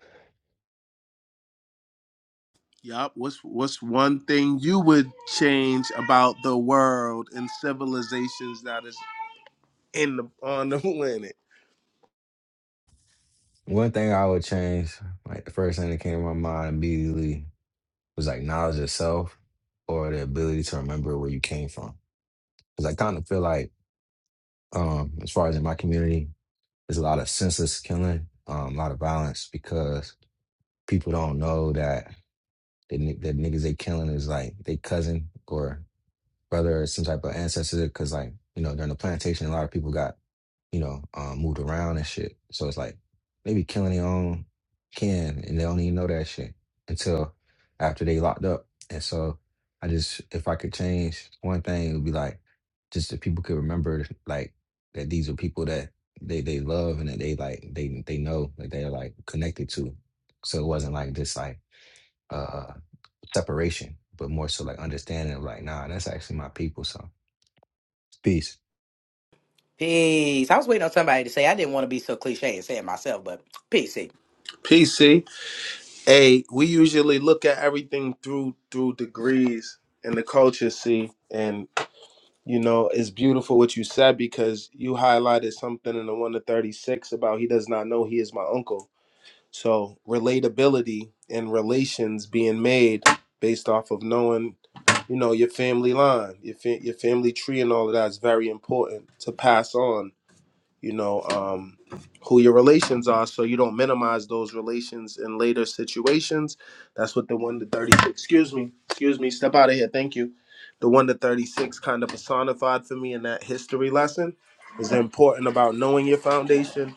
Yup. What's what's one thing you would change about the world and civilizations that is in the on the planet?
One thing I would change, like the first thing that came to my mind immediately was like knowledge of self or the ability to remember where you came from. Because I kind of feel like, um, as far as in my community, there's a lot of senseless killing, um, a lot of violence because people don't know that the, ni- the niggas they killing is like they cousin or whether it's some type of ancestor, because like you know during the plantation, a lot of people got you know um, moved around and shit. So it's like maybe killing their own kin, and they don't even know that shit until after they locked up. And so I just, if I could change one thing, it would be like just that people could remember like that these are people that they they love and that they like they they know that they're like connected to. So it wasn't like just like uh separation, but more so like understanding of like, nah, that's actually my people. So Peace.
Peace. I was waiting on somebody to say I didn't want to be so cliche and say it myself, but peace. see.
PC. Hey, we usually look at everything through through degrees and the culture, see, and you know it's beautiful what you said because you highlighted something in the one to thirty six about he does not know he is my uncle. So relatability and relations being made based off of knowing, you know, your family line, your fa- your family tree, and all of that is very important to pass on you know um, who your relations are so you don't minimize those relations in later situations that's what the 1 to 36 excuse me excuse me step out of here thank you the 1 to 36 kind of personified for me in that history lesson is important about knowing your foundation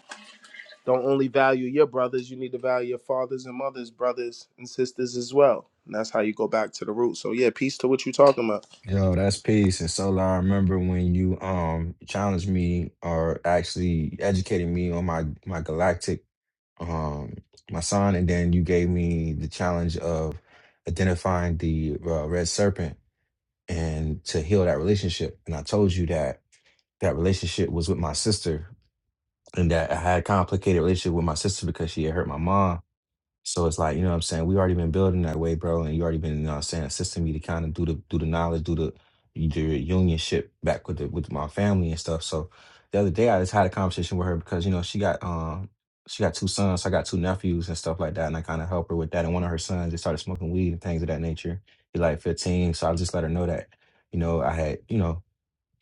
don't only value your brothers you need to value your fathers and mothers brothers and sisters as well and that's how you go back to the root so yeah peace to what you talking about
Yo, that's peace. And so I remember when you um challenged me or actually educated me on my my galactic um my son, and then you gave me the challenge of identifying the uh, red serpent and to heal that relationship. And I told you that that relationship was with my sister, and that I had a complicated relationship with my sister because she had hurt my mom So it's like, you know what I'm saying? We already been building that way, bro. And you already been, you know what I'm saying, assisting me to kind of do the do the knowledge, do the you do your unionship back with the with my family and stuff. So the other day I just had a conversation with her because, you know, she got um she got two sons, I got two nephews and stuff like that. And I kind of help her with that. And one of her sons just started smoking weed and things of that nature. He's like 15. So I just let her know that, you know, I had, you know,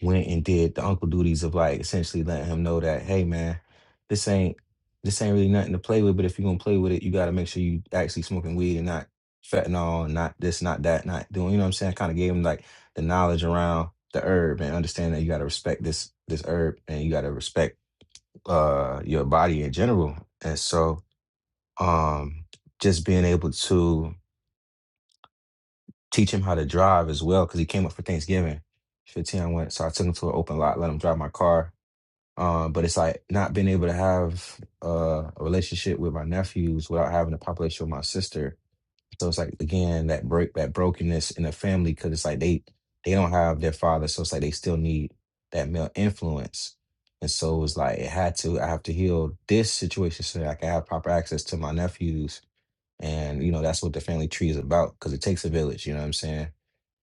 went and did the uncle duties of like essentially letting him know that, hey man, this ain't this ain't really nothing to play with, but if you're gonna play with it, you gotta make sure you actually smoking weed and not fentanyl and not this, not that, not doing you know what I'm saying? Kind of gave him like the knowledge around the herb and understand that you gotta respect this this herb and you gotta respect uh your body in general. And so um just being able to teach him how to drive as well, because he came up for Thanksgiving. 15, I went, so I took him to an open lot, let him drive my car Um, but it's like not being able to have uh, a relationship with my nephews without having a population with my sister. So it's like again that break that brokenness in the family because it's like they they don't have their father, so it's like they still need that male influence. And so it was like it had to I have to heal this situation so that I can have proper access to my nephews and, you know, that's what the family tree is about because it takes a village, you know what I'm saying?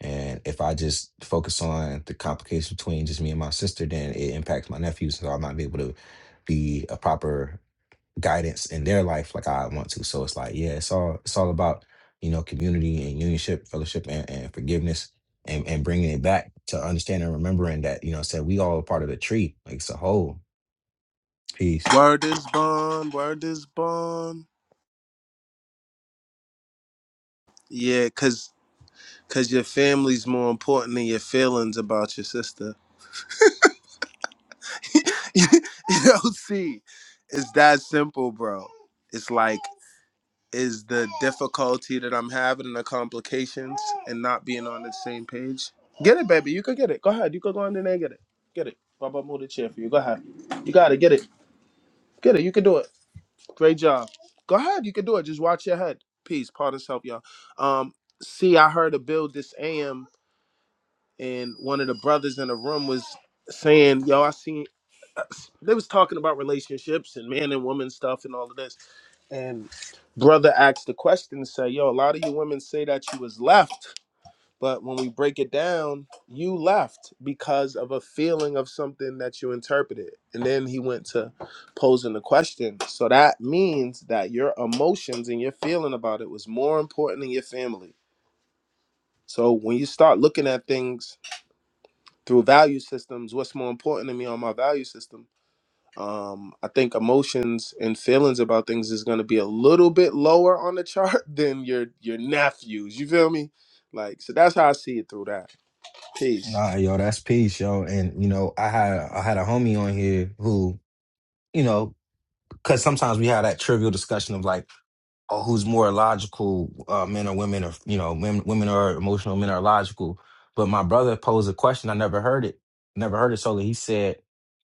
And if I just focus on the complications between just me and my sister, then it impacts my nephews. So I might be able to be a proper guidance in their life like I want to. So it's like, yeah, it's all it's all about, you know, community and unionship, fellowship and, and forgiveness and, and bringing it back to understanding and remembering that, you know, said we all a part of the tree. Like it's a whole piece.
word is born word is born Yeah, cause. Cause your family's more important than your feelings about your sister. you know, see, it's that simple, bro. It's like, is the difficulty that I'm having and the complications and not being on the same page? Get it, baby. You can get it. Go ahead. You can go in there and get it. Get it. Baba move the chair for you. Go ahead. You got it. Get it. Get it. You can do it. Great job. Go ahead. You can do it. Just watch your head. Peace. Partners help y'all. Um, see, I heard a build this AM and one of the brothers in the room was saying, "Yo, I seen." They was talking about relationships and man and woman stuff and all of this. And brother asked the question, say, "Yo, a lot of you women say that you was left, but when we break it down, you left because of a feeling of something that you interpreted." And then he went to posing the question. So that means that your emotions and your feeling about it was more important than your family. So when you start looking at things through value systems what's more important to me on my value system um i think emotions and feelings about things is going to be a little bit lower on the chart than your your nephews you feel me like so that's how i see it through that peace
Nah, yo, that's peace, yo. And you know, I had I had a homie on here who you know, because sometimes we have that trivial discussion of like, oh, who's more logical, uh, men or women, or you know, men, women are emotional, men are logical. But my brother posed a question. I never heard it. Never heard it. solely. he said,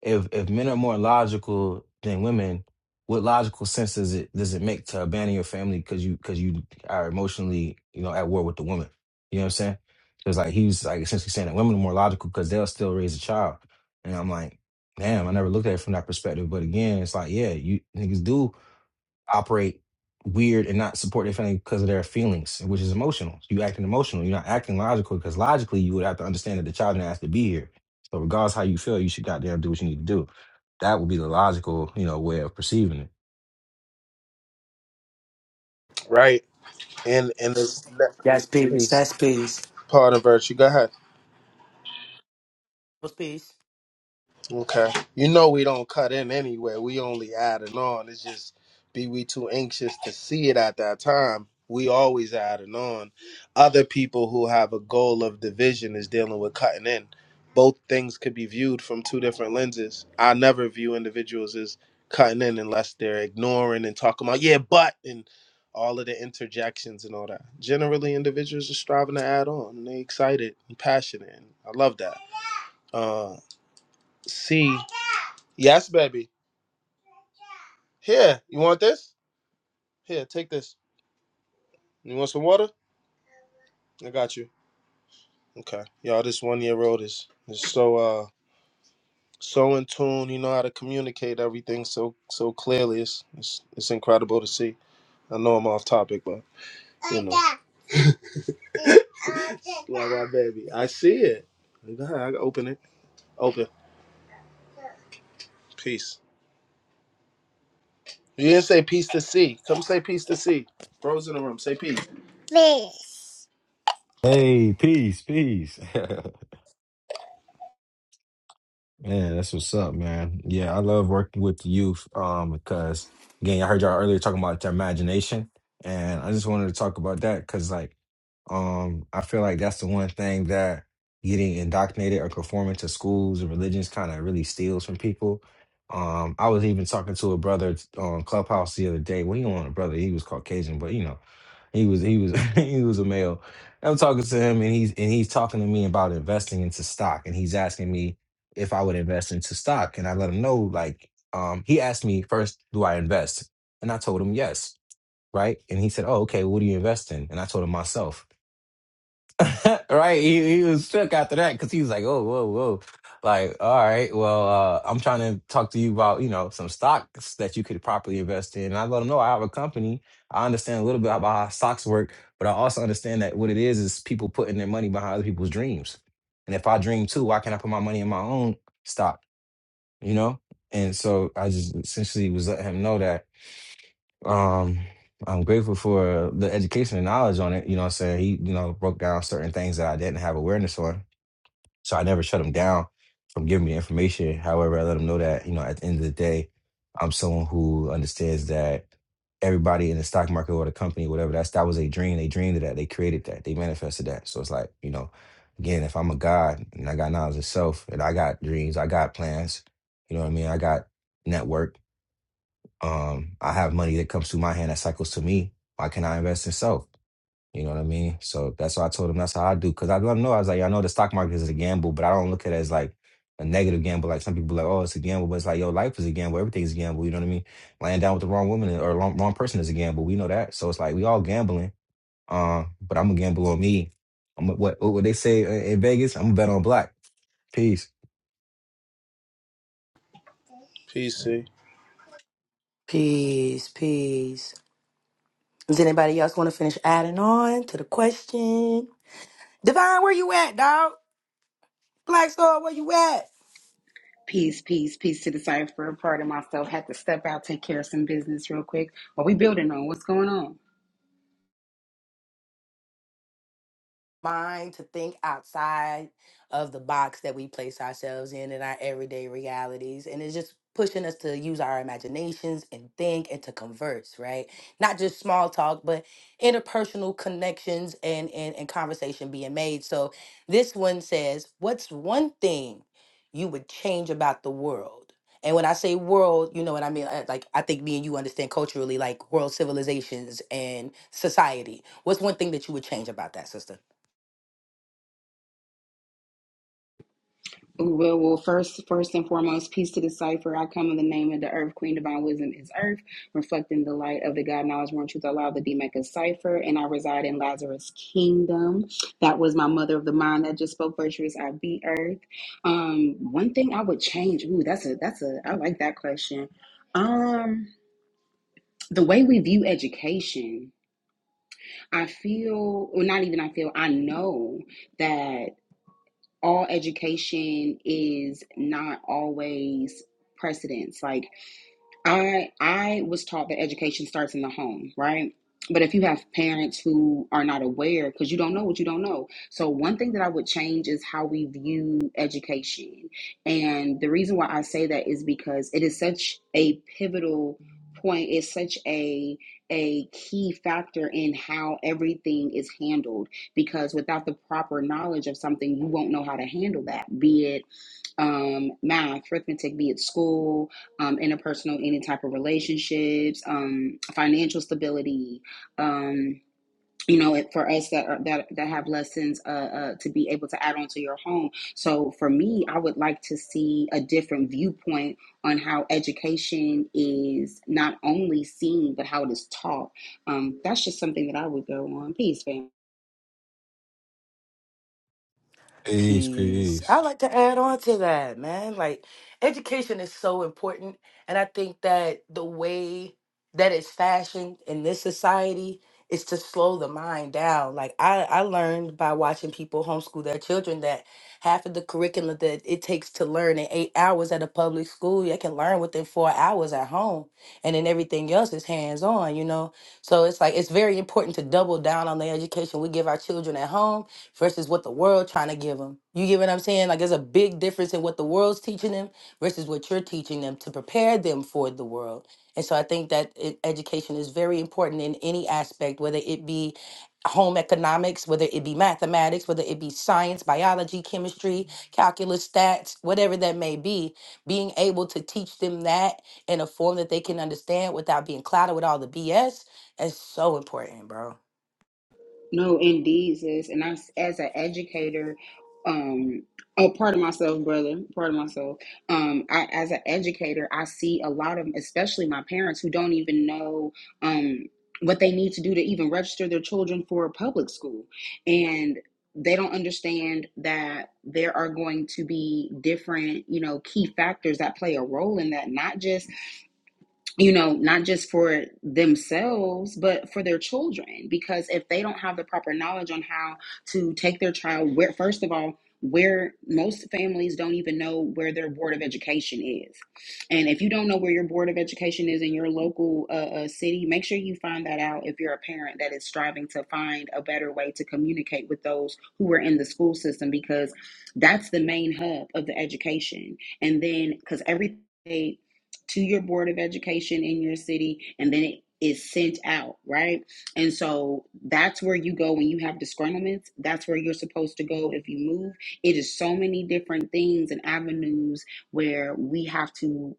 if if men are more logical than women, what logical sense does it does it make to abandon your family because you because you are emotionally you know at war with the woman? You know what I'm saying? Because like he was like essentially saying that women are more logical because they'll still raise a child, and I'm like, damn, I never looked at it from that perspective. But again, it's like yeah, you niggas do operate weird and not support their family because of their feelings, which is emotional. You acting emotional. You're not acting logical because logically you would have to understand that the child didn't ask to be here. So regardless how you feel, you should goddamn do what you need to do. That would be the logical, you know, way of perceiving it.
Right. And and this
That's peace.
peace.
That's peace.
pardon virtue go ahead
What's peace?
Okay. You know we don't cut in anywhere. We only add and on. It's just be we too anxious to see it at that time. We always add and on. Other people who have a goal of division is dealing with cutting in. Both things could be viewed from two different lenses. I never view individuals as cutting in unless they're ignoring and talking about yeah, but and all of the interjections and all that. Generally, individuals are striving to add on. And they excited and passionate. And I love that Uh, C. Yes, baby. Here, you want this? Here, take this. You want some water? I got you. Okay. Y'all, this one year old is, is so uh so in tune. He know how to communicate everything so so clearly. It's it's, it's incredible to see. I know I'm off topic, but you know. Like my baby. I see it. Go ahead, I can open it. Open. Peace. You didn't say peace to C. Come say peace to C. Bros in the room. Say peace. Peace.
Hey, peace, peace. Yeah, that's what's up, man. Yeah, I love working with the youth um, because, again, I heard y'all earlier talking about their imagination. And I just wanted to talk about that because, like, um, I feel like that's the one thing that getting indoctrinated or conforming to schools and religions kind of really steals from people. Um, I was even talking to a brother on Clubhouse the other day. Well, he wasn't a brother, he was Caucasian, but you know. He was he was he was a male. I'm talking to him and he's and he's talking to me about investing into stock and he's asking me if I would invest into stock and I let him know like um he asked me first do I invest and I told him yes right and he said oh okay what do you invest in and I told him myself right? He, he was shook after that because he was like, "Oh, whoa, whoa!" Like, all right, well, uh, I'm trying to talk to you about you know some stocks that you could properly invest in. And I let him know I have a company. I understand a little bit about how stocks work, but I also understand that what it is is people putting their money behind other people's dreams. And if I dream too, why can't I put my money in my own stock? You know. And so I just essentially was letting him know that um, I'm grateful for the education and knowledge on it. You know what I'm saying? He, you know, broke down certain things that I didn't have awareness on. So I never shut him down from giving me information. However, I let him know that, you know, at the end of the day, I'm someone who understands that everybody in the stock market or the company, whatever, that's that was a dream. They dreamed of that. They created that. They manifested that. So it's like, you know, again, if I'm a God and I got knowledge of self and I got dreams, I got plans, you know what I mean? I got network. Um, I have money that comes through my hand that cycles to me. Why can't I invest in self? You know what I mean? So that's why I told him that's how I do. Cause I let him know I was like, I know the stock market is a gamble, but I don't look at it as like a negative gamble. Like some people like, oh, it's a gamble, but it's like, yo, life is a gamble. Everything's a gamble. You know what I mean? Laying down with the wrong woman or wrong, wrong person is a gamble. We know that. So it's like we all gambling. Um, but I'm gonna gamble on me. I'm a- what what would they say in in Vegas? I'm gonna bet on black. Peace.
Peace, C.
Peace, peace. Does anybody else want to finish adding on to the question? Divine, where you at, dog? Black Star, where you at?
Peace, peace, peace to the cipher. Part of myself had to step out, take care. Well, we
mind to think outside of the box that we place ourselves in in our everyday realities and it's just pushing us to use our imaginations and think and to converse right not just small talk but interpersonal connections and and, and conversation being made so this one says what's one thing you would change about the world and when I say world, you know what I mean? uh, Like, I think me and you understand culturally, like world civilizations and society. What's one thing that you would change about that, sister?
Ooh, well, well, first, first and foremost, peace to the cipher. I come in the name of the earth, queen divine wisdom is earth, reflecting the light of the God knowledge, one truth, allow the DMECA cipher, and I reside in Lazarus kingdom. That was my mother of the mind that just spoke virtuous. I be earth. Um, one thing I would change. Ooh, that's a that's a I like that question. Um, the way we view education. I feel, well, not even I feel, I know that all education is not always precedence. Like I I was taught that education starts in the home, right? But if you have parents who are not aware, because you don't know what you don't know. So one thing that I would change is how we view education. And the reason why I say that is because it is such a pivotal point, it's such a a key factor in how everything is handled. Because without the proper knowledge of something, you won't know how to handle that, be it um, math, arithmetic, be it school um, interpersonal, any type of relationships, um, financial stability. Um, you know, it, for us that are, that that have lessons uh, uh, to be able to add on to your home. So for me, I would like to see a different viewpoint on how education is not only seen but how it is taught. Um, that's just something that I would go on. Peace, fam.
Peace,
Peace. I
peace.
like to add on to that, man. Like, education is so important. And I think that the way that it's fashioned in this society is to slow the mind down. Like, I, I learned by watching people homeschool their children that half of the curriculum that it takes to learn in eight hours at a public school, you can learn within four hours at home. And then everything else is hands on, you know? So it's like, it's very important to double down on the education we give our children at home versus what the world trying to give them. You get what I'm saying? Like there's a big difference in what the world's teaching them versus what you're teaching them to prepare them for the world. And so I think that it, education is very important in any aspect, whether it be home economics, whether it be mathematics, whether it be science, biology, chemistry, calculus, stats, whatever that may be, being able to teach them that in a form that they can understand without being clouded with all the BS is so important, bro.
No, indeed, sis. And I, s- as an educator, um, oh, pardon myself, brother, pardon myself. Um, I, as an educator, I see a lot of, especially my parents, who don't even know um, what they need to do to even register their children for public school, and they don't understand that there are going to be different, you know, key factors that play a role in that, not just you know, not just for themselves, but for their children. Because if they don't have the proper knowledge on how to take their child, where, first of all, where most families don't even know where their board of education is. And if you don't know where your board of education is in your local uh, uh, city, make sure you find that out if you're a parent that is striving to find a better way to communicate with those who are in the school system because that's the main hub of the education. And then, because everything to your board of education in your city and then it is sent out right and so that's where you go when you have disgruntlements that's where you're supposed to go if you move it is so many different things and avenues where we have to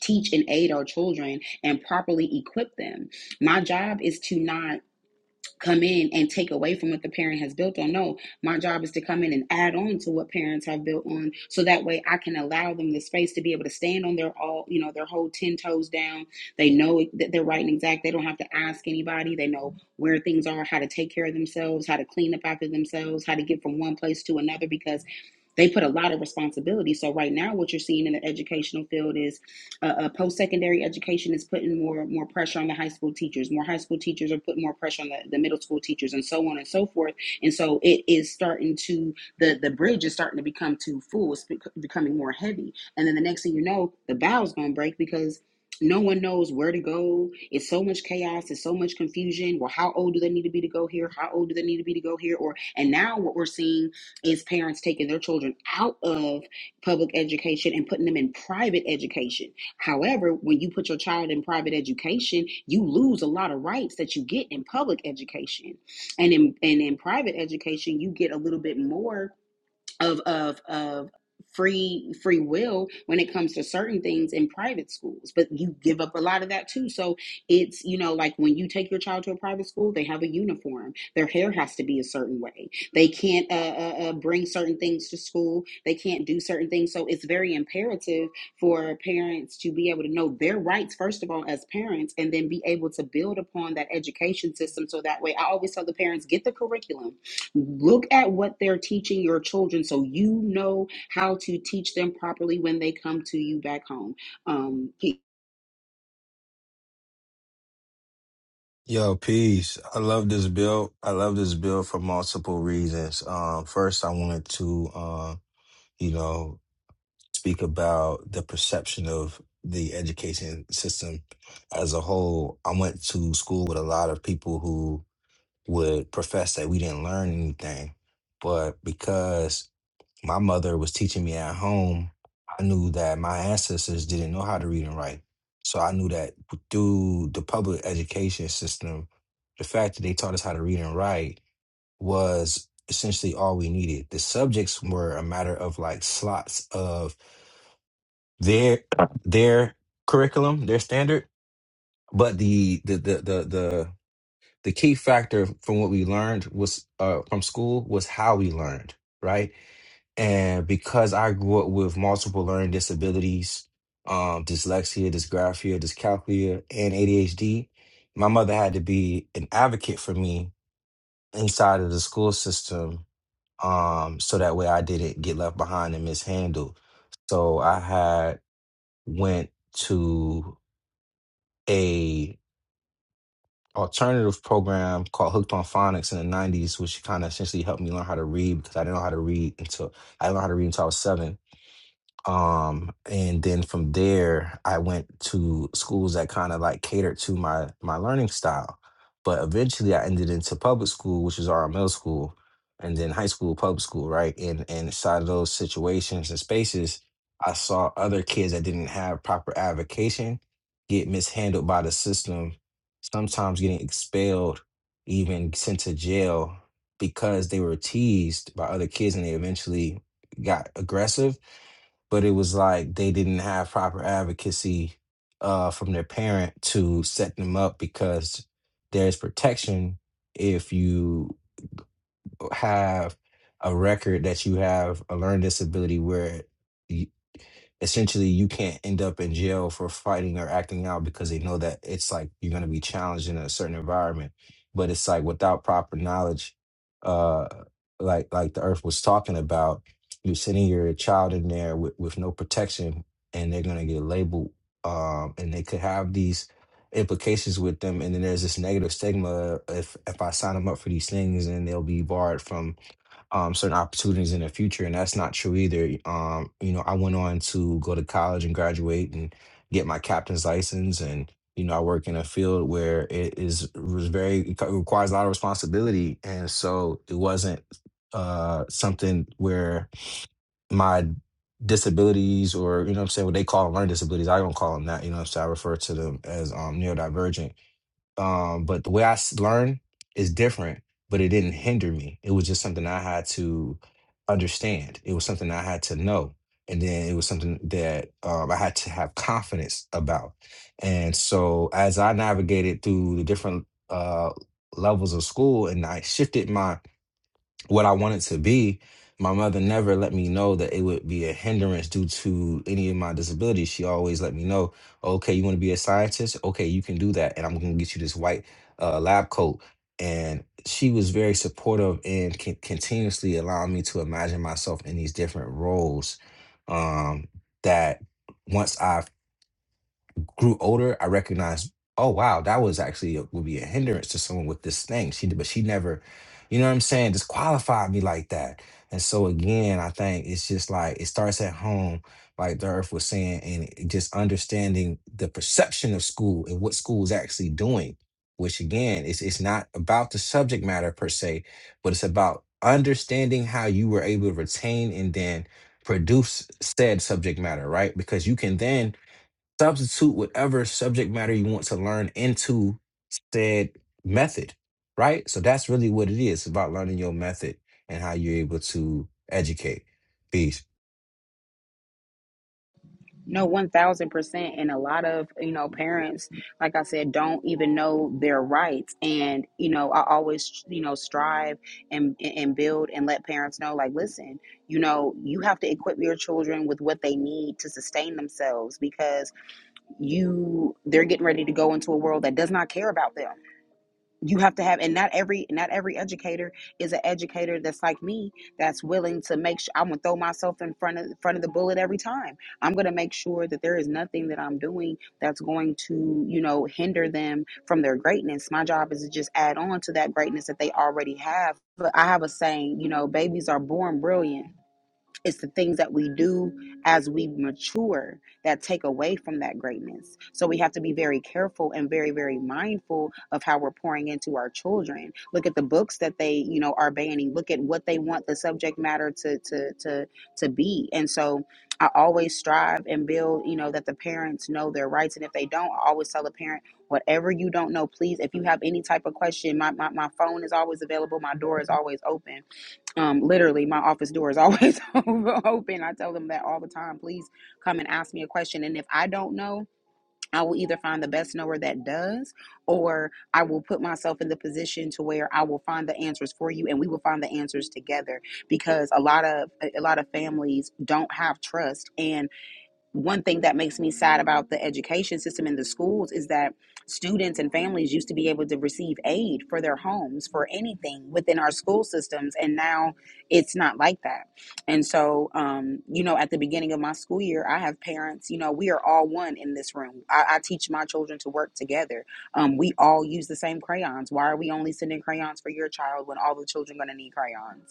teach and aid our children and properly equip them my job is to not come in and take away from what the parent has built on. No, my job is to come in and add on to what parents have built on, so that way I can allow them the space to be able to stand on their all, you know, their whole ten toes down. They know that they're right and exact. They don't have to ask anybody. They know where things are, how to take care of themselves, how to clean up after themselves, how to get from one place to another because. They put a lot of responsibility. So right now, what you're seeing in the educational field is uh, uh, post-secondary education is putting more more pressure on the high school teachers more high school teachers are putting more pressure on the, the middle school teachers and so on and so forth and so it is starting to the the bridge is starting to become too full it's bec- becoming more heavy and then the next thing you know the bow's going to break because no one knows where to go. It's so much chaos. It's so much confusion. Well, how old do they need to be to go here? How old do they need to be to go here? Or and now what we're seeing is parents taking their children out of public education and putting them in private education However, when you put your child in private education, you lose a lot of rights that you get in public education. And in and in private education, you get a little bit more of of of free free will when it comes to certain things in private schools but you give up a lot of that too so it's you know like when you take your child to a private school they have a uniform their hair has to be a certain way they can't uh, uh, uh, bring certain things to school they can't do certain things so it's very imperative for parents to be able to know their rights first of all as parents and then be able to build upon that education system so that way i always tell the parents get the curriculum Look at what they're teaching your children so you know how to teach them properly when they come to you back home. Um, he-
Yo, peace. I love this build. I love this build for multiple reasons. Um, first, I wanted to, uh, you know, speak about the perception of the education system as a whole. I went to school with a lot of people who would profess that we didn't learn anything, but because my mother was teaching me at home, I knew that my ancestors didn't know how to read and write. So I knew that through the public education system, the fact that they taught us how to read and write was essentially all we needed. The subjects were a matter of like slots of their their curriculum, their standard, but the the the the the, the key factor from what we learned was uh, from school was how we learned, right? And because I grew up with multiple learning disabilities, um, dyslexia, dysgraphia, dyscalculia, and ADHD, my mother had to be an advocate for me inside of the school system, um, so that way I didn't get left behind and mishandled. So I had went to a alternative program called Hooked on Phonics in the 90s, which kind of essentially helped me learn how to read because I didn't know how to read until I learned how to read until I was seven um and then from there i went to schools that kind of like catered to my my learning style but eventually i ended into public school which is our middle school and then high school public school right and and inside of those situations and spaces i saw other kids that didn't have proper avocation get mishandled by the system sometimes getting expelled even sent to jail because they were teased by other kids and they eventually got aggressive but it was like they didn't have proper advocacy uh, from their parent to set them up because there's protection if you have a record that you have a learning disability where essentially you can't end up in jail for fighting or acting out because they know that it's like you're going to be challenged in a certain environment but it's like without proper knowledge uh like like the earth was talking about you're sending your child in there with, with no protection and they're going to get labeled um and they could have these implications with them and then there's this negative stigma if if i sign them up for these things and they'll be barred from um, certain opportunities in the future, and that's not true either. Um, you know, I went on to go to college and graduate and get my captain's license, and you know, I work in a field where it is was very it co- requires a lot of responsibility, and so it wasn't uh, something where my disabilities or you know what I'm saying what they call them learning disabilities. I don't call them that. You know what I'm saying? I refer to them as um, neurodivergent um but the way i s- learned is different but it didn't hinder me it was just something i had to understand it was something i had to know and then it was something that um, i had to have confidence about and so as i navigated through the different uh levels of school and i shifted my what I wanted to be, my mother never let me know that it would be a hindrance due to any of my disabilities. She always let me know, okay, you want to be a scientist? Okay, you can do that. And I'm going to get you this white uh, lab coat. And she was very supportive and con- continuously allowing me to imagine myself in these different roles um, that once I've grew older, I recognized, oh wow, that was actually a, would be a hindrance to someone with this thing. She did, but she never, you know what I'm saying, disqualified me like that. And so again, I think it's just like it starts at home, like the earth was saying, and it- just understanding the perception of school and what school is actually doing. Which again, it's it's not about the subject matter per se, but it's about understanding how you were able to retain and then produce said subject matter, right? Because you can then substitute whatever subject matter you want to learn into said method, right? So that's really what it is It's about learning your method and how you're able to educate. Peace.
no, 1000%. And a lot of, you know, parents, like I said, don't even know their rights. And, you know, I always, you know, strive and, and build and let parents know, like, listen, you know, you have to equip your children with what they need to sustain themselves because you, they're getting ready to go into a world that does not care about them you have to have and not every not every educator is an educator that's like me that's willing to make sure i'm gonna throw myself in front of front of the bullet every time i'm gonna make sure that there is nothing that i'm doing that's going to you know hinder them from their greatness my job is to just add on to that greatness that they already have but i have a saying you know babies are born brilliant it's the things that we do as we mature that take away from that greatness. So we have to be very careful and very, very mindful of how we're pouring into our children. Look at the books that they, you know, are banning. Look at what they want the subject matter to to to to be. And so I always strive and build, you know, that the parents know their rights. And if they don't, I always tell the parent, whatever you don't know, please, if you have any type of question, my, my, my phone is always available, my door is always open um, literally, my office door is always open. I tell them that all the time. Please come and ask me a question. And if I don't know, I will either find the best knower that does, or I will put myself in the position to where I will find the answers for you, and we will find the answers together. Because a lot of a lot of families don't have trust, and one thing that makes me sad about the education system in the schools is that students and families used to be able to receive aid for their homes for anything within our school systems and now it's not like that and so um, you know at the beginning of my school year i have parents you know we are all one in this room i, I teach my children to work together um, we all use the same crayons why are we only sending crayons for your child when all the children are going to need crayons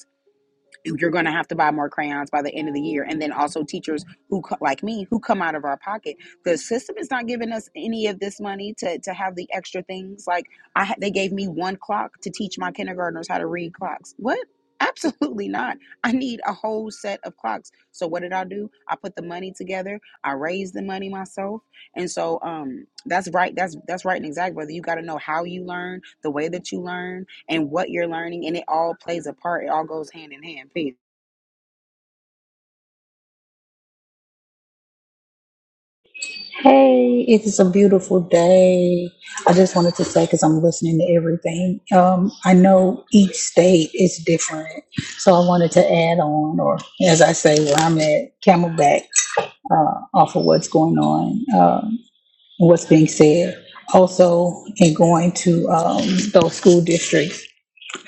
you're going to have to buy more crayons by the end of the year and then also teachers who like me who come out of our pocket the system is not giving us any of this money to, to have the extra things like i they gave me one clock to teach my kindergartners how to read clocks what absolutely not i need a whole set of clocks so what did i do i put the money together i raised the money myself and so um that's right that's that's right and exact brother you got to know how you learn the way that you learn and what you're learning, and it all plays a part. It all goes hand in hand. Peace.
Hey, it is a beautiful day. I just wanted to say because I'm listening to everything. Um, I know each state is different, so I wanted to add on, or as I say, where I'm at, Camelback, uh, off of what's going on, um, and what's being said. Also, in going to um, those school districts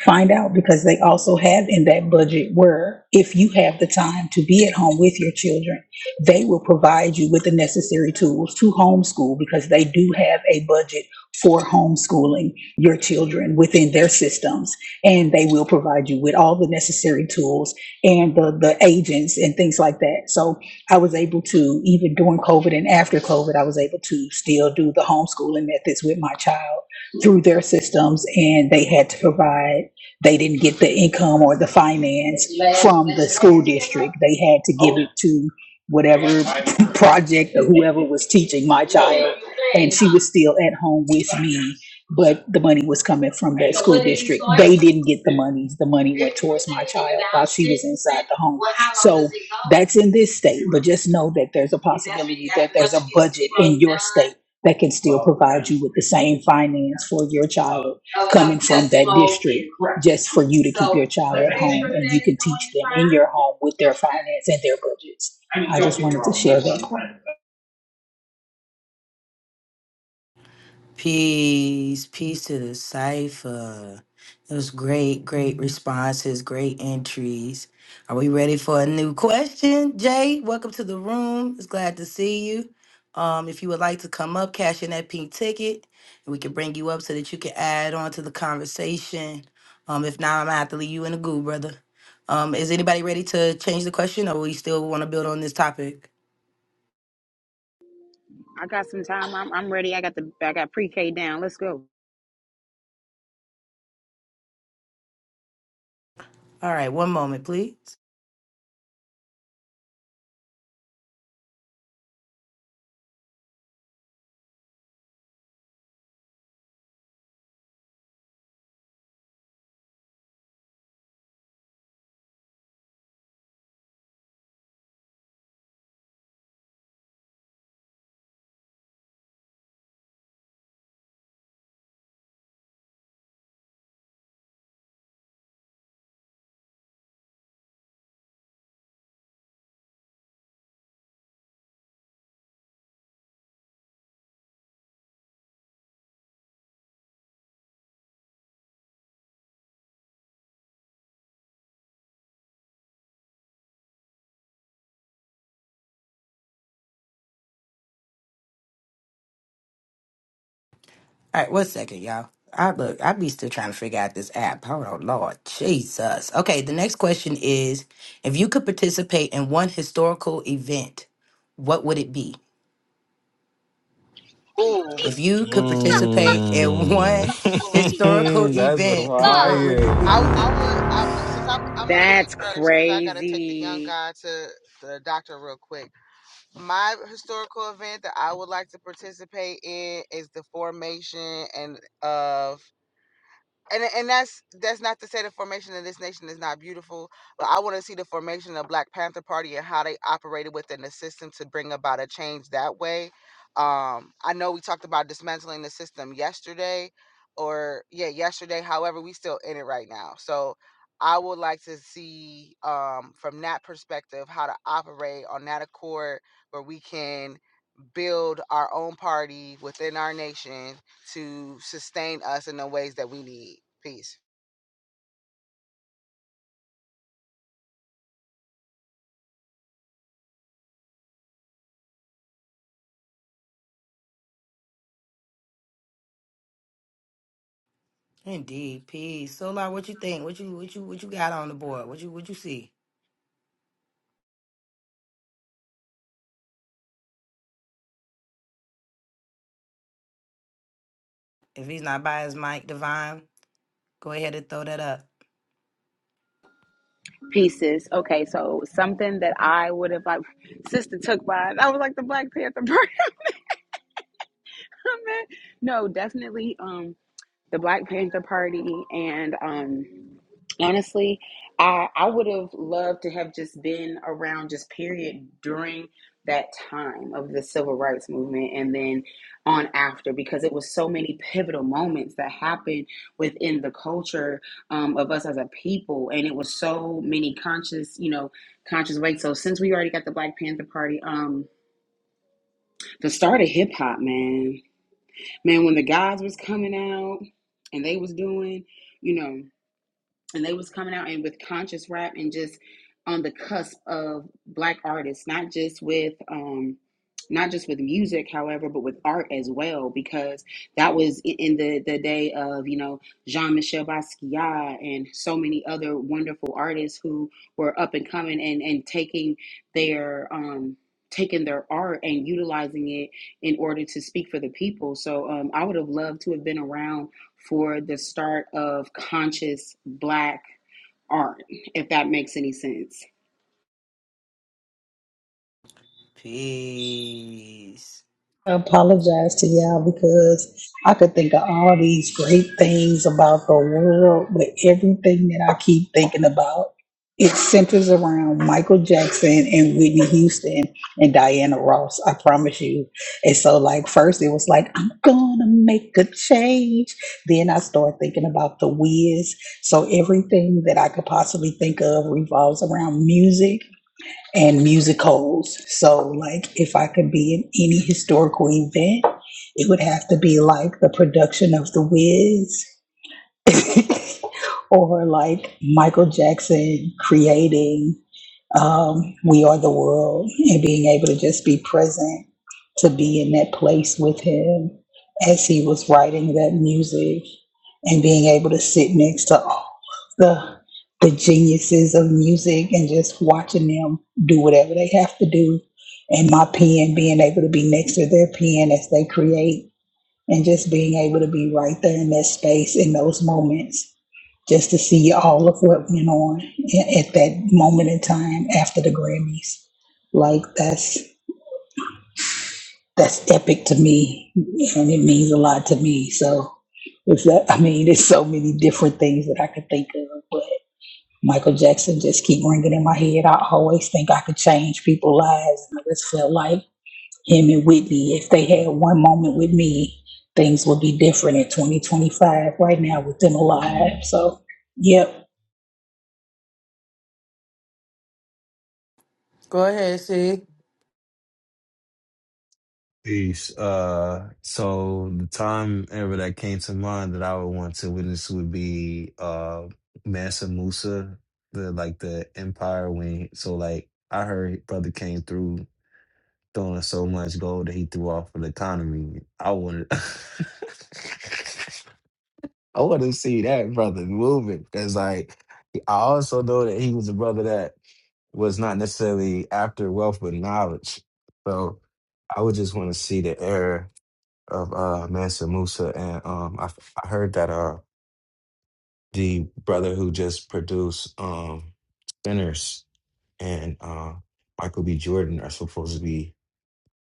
Find out because they also have in that budget where if you have the time to be at home with your children, they will provide you with the necessary tools to homeschool because they do have a budget for homeschooling your children within their systems. And they will provide you with all the necessary tools and the, the agents and things like that. So I was able to, even during COVID and after COVID, I was able to still do the homeschooling methods with my child through their systems and they had to provide they didn't get the income or the finance from the school district. They had to give it to whatever project or whoever was teaching my child. And she was still at home with me, but the money was coming from that school district. They didn't get the money. The money went towards my child while she was inside the home. So that's in this state, but just know that there's a possibility that there's a budget in your state that can still provide you with the same finance for your child coming from that district just for you to keep your child at home and you can teach them in your home with their finance and their budgets. I just wanted to share that.
Peace, peace to the cipher. It was great, great responses, great entries. Are we ready for a new question? Jay, welcome to the room. It's glad to see you. Um, if you would like to come up, cash in that pink ticket, and we can bring you up so that you can add on to the conversation. Um, if not, I'm gonna have to leave you in the goo, brother. Um, is anybody ready to change the question, or we still want to build on this topic?
I got some time. I'm, I'm ready. I got the I got pre-K down. Let's go.
All right, one moment, please. All right, one second, y'all. I look, I be still trying to figure out this app. Hold on, Lord Jesus. Okay, the next question is: If you could participate in one historical event, what would it be? If you could participate in one historical
Mm. that's
event,
Fuck.
what would
fire.
it
I I
be?
would I, I- since I'm I'm gonna leave
That's
first because I gotta take the young
crazy.
guy to the doctor real quick. My historical event that I would like to participate in is the formation and of and and that's that's not to say the formation of this nation is not beautiful, but I want to see the formation of Black Panther Party and how they operated within the system to bring about a change that way. Um, I know we talked about dismantling the system yesterday, or yeah, yesterday. However, we still in it right now, so I would like to see um, from that perspective how to operate on that accord where we can build our own party within our nation to sustain us in the ways that we need. Peace.
Indeed, peace. So, like, what you think? What you what you what you got on the board? What you what you see? If he's not by his mic, divine, go ahead and throw that up.
Pieces. Okay, so something that I would have like sister took by. I was like the Black Panther part. No, definitely. Um. the Black Panther Party, and um, honestly, I I would have loved to have just been around just period during that time of the civil rights movement and then on after because it was so many pivotal moments that happened within the culture um, of us as a people and it was so many conscious you know conscious ways so since we already got the black panther party um the start of hip-hop man Man, when the guys was coming out and they was doing, you know, and they was coming out and with conscious rap and just on the cusp of black artists not just with um not just with music however but with art as well because that was i- in the the day of you know jean-michel basquiat and so many other wonderful artists who were up and coming and and taking their um taking their art and utilizing it in order to speak for the people so um i would have loved to have been around for the start of conscious black art, if that makes any sense.
Peace.
I apologize to y'all because I could think of all these great things about the world, but everything that I keep thinking about, it centers around Michael Jackson and Whitney Houston and Diana Ross. I promise you. And so, like, first it was like, I'm gonna make a change. Then I started thinking about the Wiz. So everything that I could possibly think of revolves around music and musicals. So, like, if I could be in any historical event, it would have to be like the production of The Wiz or like Michael Jackson creating um, we are the world and being able to just be present to be in that place with him as he was writing that music and being able to sit next to all the the geniuses of music and just watching them do whatever they have to do and my pen being able to be next to their pen as they create and just being able to be right there in that space in those moments just to see all of what went on a- at that moment in time after the Grammys. Like that's that's epic to me, and it means a lot to me. So it's that I mean, there's so many different things that I could think of, but Michael Jackson just keep ringing in my head. I always think I could change people's lives, and I just felt like him and Whitney, if they had one moment with me, things would be different in 2025 right now with them alive, So, yep.
Go ahead, see.
Peace. Uh, so the time ever that came to mind that I would want to witness would be uh Mansa Musa, the like the empire when so like I heard his brother came through throwing so much gold that he threw off of the economy. I wanted I want to see that brother moving because like I also know that he was a brother that was not necessarily after wealth but knowledge. So I would just want to see the era of uh Mansa Musa and um I I heard that uh the brother who just produced um Sinners and uh Michael B. Jordan are supposed to be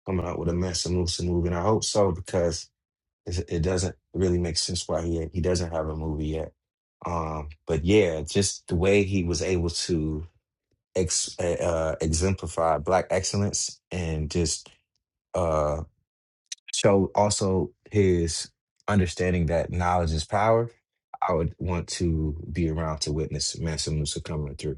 coming out with a Mansa Musa movie and I hope so because it, it doesn't really make sense why he he doesn't have a movie yet. Um but yeah, just the way he was able to ex uh, uh, exemplify black excellence and just uh show also his understanding that knowledge is power I would want to be around to witness Mansa Musa coming through.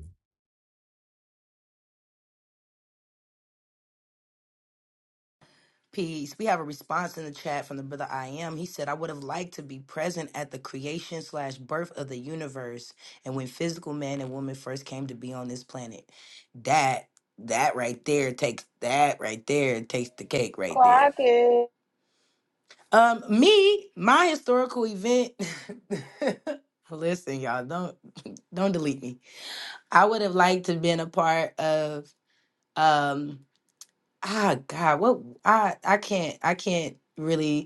Peace. We have a response in the chat from the brother I am. He said, I would have liked to be present at the creation slash birth of the universe and when physical man and woman first came to be on this planet. That that right there takes that right there takes the cake right there.
Clock it.
Um, me, my historical event. Listen, y'all, don't don't delete me. I would have liked to been a part of um ah God, what I I can't I can't really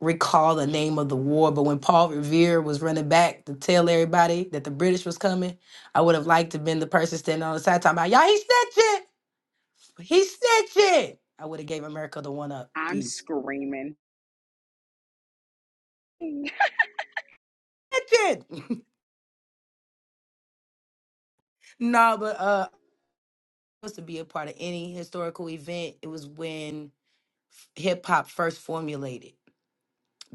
recall the name of the war, but when Paul Revere was running back to tell everybody that the British was coming, I would have liked to have been the person standing on the side talking about, y'all, he snitching! He snitching! I would have gave America the one up.
I'm
Peace.
screaming. You
Snitching! no, but uh, I was to be a part of any historical event. It was when hip hop first formulated.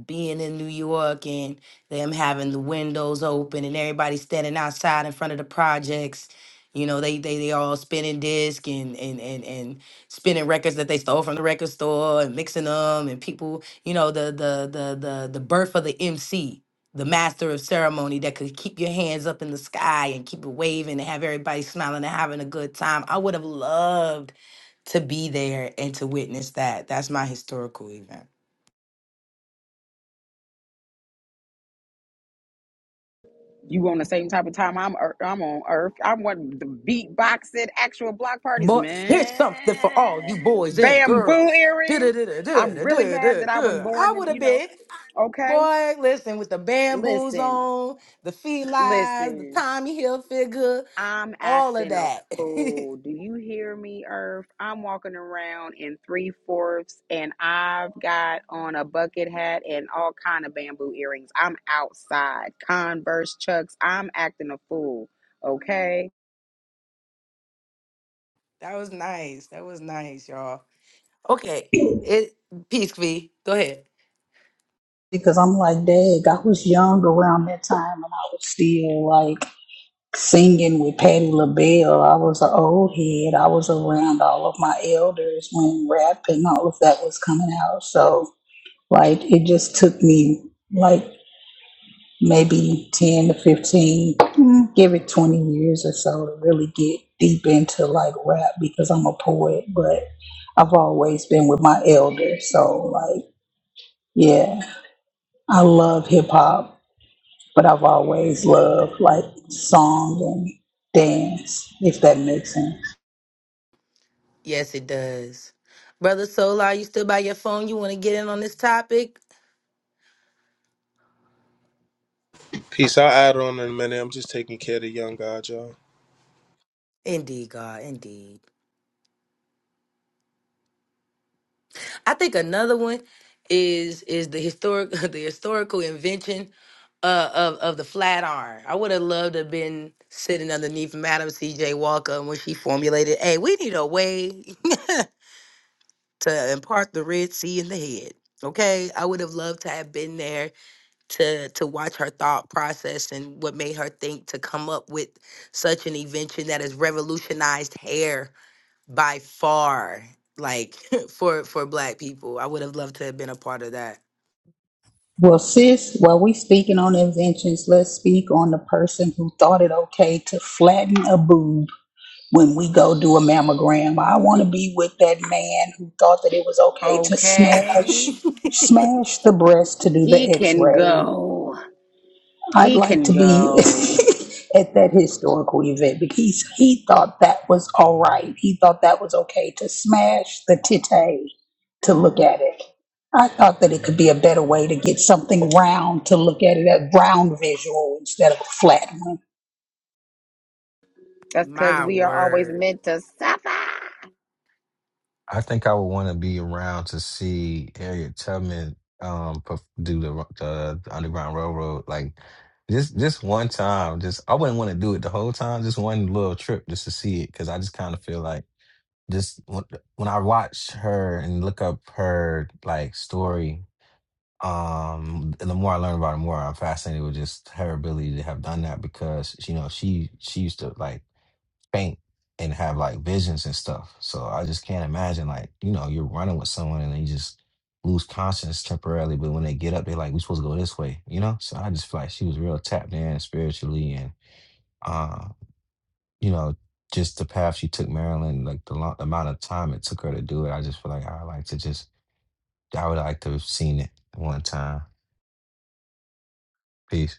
being in New York and them having the windows open and everybody standing outside in front of the projects. You know, they they, they all spinning disc and, and and and spinning records that they stole from the record store and mixing them and people, you know, the the the the the birth of the MC, the master of ceremony that could keep your hands up in the sky and keep it waving and have everybody smiling and having a good time. I would have loved to be there and to witness that. That's my historical event.
on the same type of time I'm ear- I'm on earth. I want the beatboxing, actual block parties,
But here's something for all you
man.
boys and
Bamboo
girls.
earrings. I'm really mad that I was
Du-du-du-du-du-du-du-du. I
born
would
in, you
have
know,
been,
okay?
boy, listen, with the bamboos
Listen,
on, the felines, the
listen.
Tommy Hilfiger,
I'm
all of
acting a
that.
fool.
that
Do you hear me, Earth? I'm walking around in three fourths and I've got on a bucket hat and all kind of bamboo earrings. I'm outside. Converse chucks. I'm acting a fool. Okay?
was nice. That was nice, y'all. Okay. It peace V. Go ahead.
because I'm like, dang, I was young around that time and I was still like singing with Patti LaBelle. I was an old head. I was around all of my elders when rap and all of that was coming out. So, like, it just took me like maybe 10 to 15, mm, give it 20 years or so to really get deep into like rap because I'm a poet, but I've always been with my elders. So, like, yeah, I love hip hop. But I've always loved like song and dance, if that makes sense.
Yes, it does. Brother Solar, you still by your phone? You want to get in on this topic?
Peace. I'll add on in a minute. I'm just taking care of the young God, y'all.
Indeed, God, indeed. I think another one is is the historic the historical invention uh, of of the flat iron. I would have loved to have been sitting underneath Madam C. J. Walker when she formulated, "Hey, we need a way to impart the Red Sea in the head." Okay, I would have loved to have been there to to watch her thought process and what made her think to come up with such an invention that has revolutionized hair by far like for for black people i would have loved to have been a part of that
Well, sis, while we speaking on inventions, let's speak on the person who thought it okay to flatten a boob when we go do a mammogram. I want to be with that man who thought that it was okay to
Okay.
smash smash the breast to do
He
the
can
x-ray
go.
I'd
He
like
can
to be
go.
at that historical event because he thought that was all right. He thought that was okay to smash the tite to look at it. I thought that it could be a better way to get something round to look at it, a round visual instead of a flat one.
That's because
my
we are always
word
meant to suffer.
I think I would want to be around to see Harriet Tubman um perf- do the, the the Underground Railroad. Like just just one time, just I wouldn't want to do it the whole time. Just one little trip just to see it because I just kind of feel like just when, when I watch her and look up her like story. Um, and the more I learn about her, the more I'm fascinated with just her ability to have done that because you know she she used to like faint and have like visions and stuff. So I just can't imagine like, you know, you're running with someone and they just lose conscience temporarily, but when they get up, they're like, we supposed to go this way, you know? So I just feel like she was real tapped in spiritually and uh, you know, just the path she took Marilyn, like the, lo- the amount of time it took her to do it, I just feel like I like to just I would like to have seen it one time. Peace.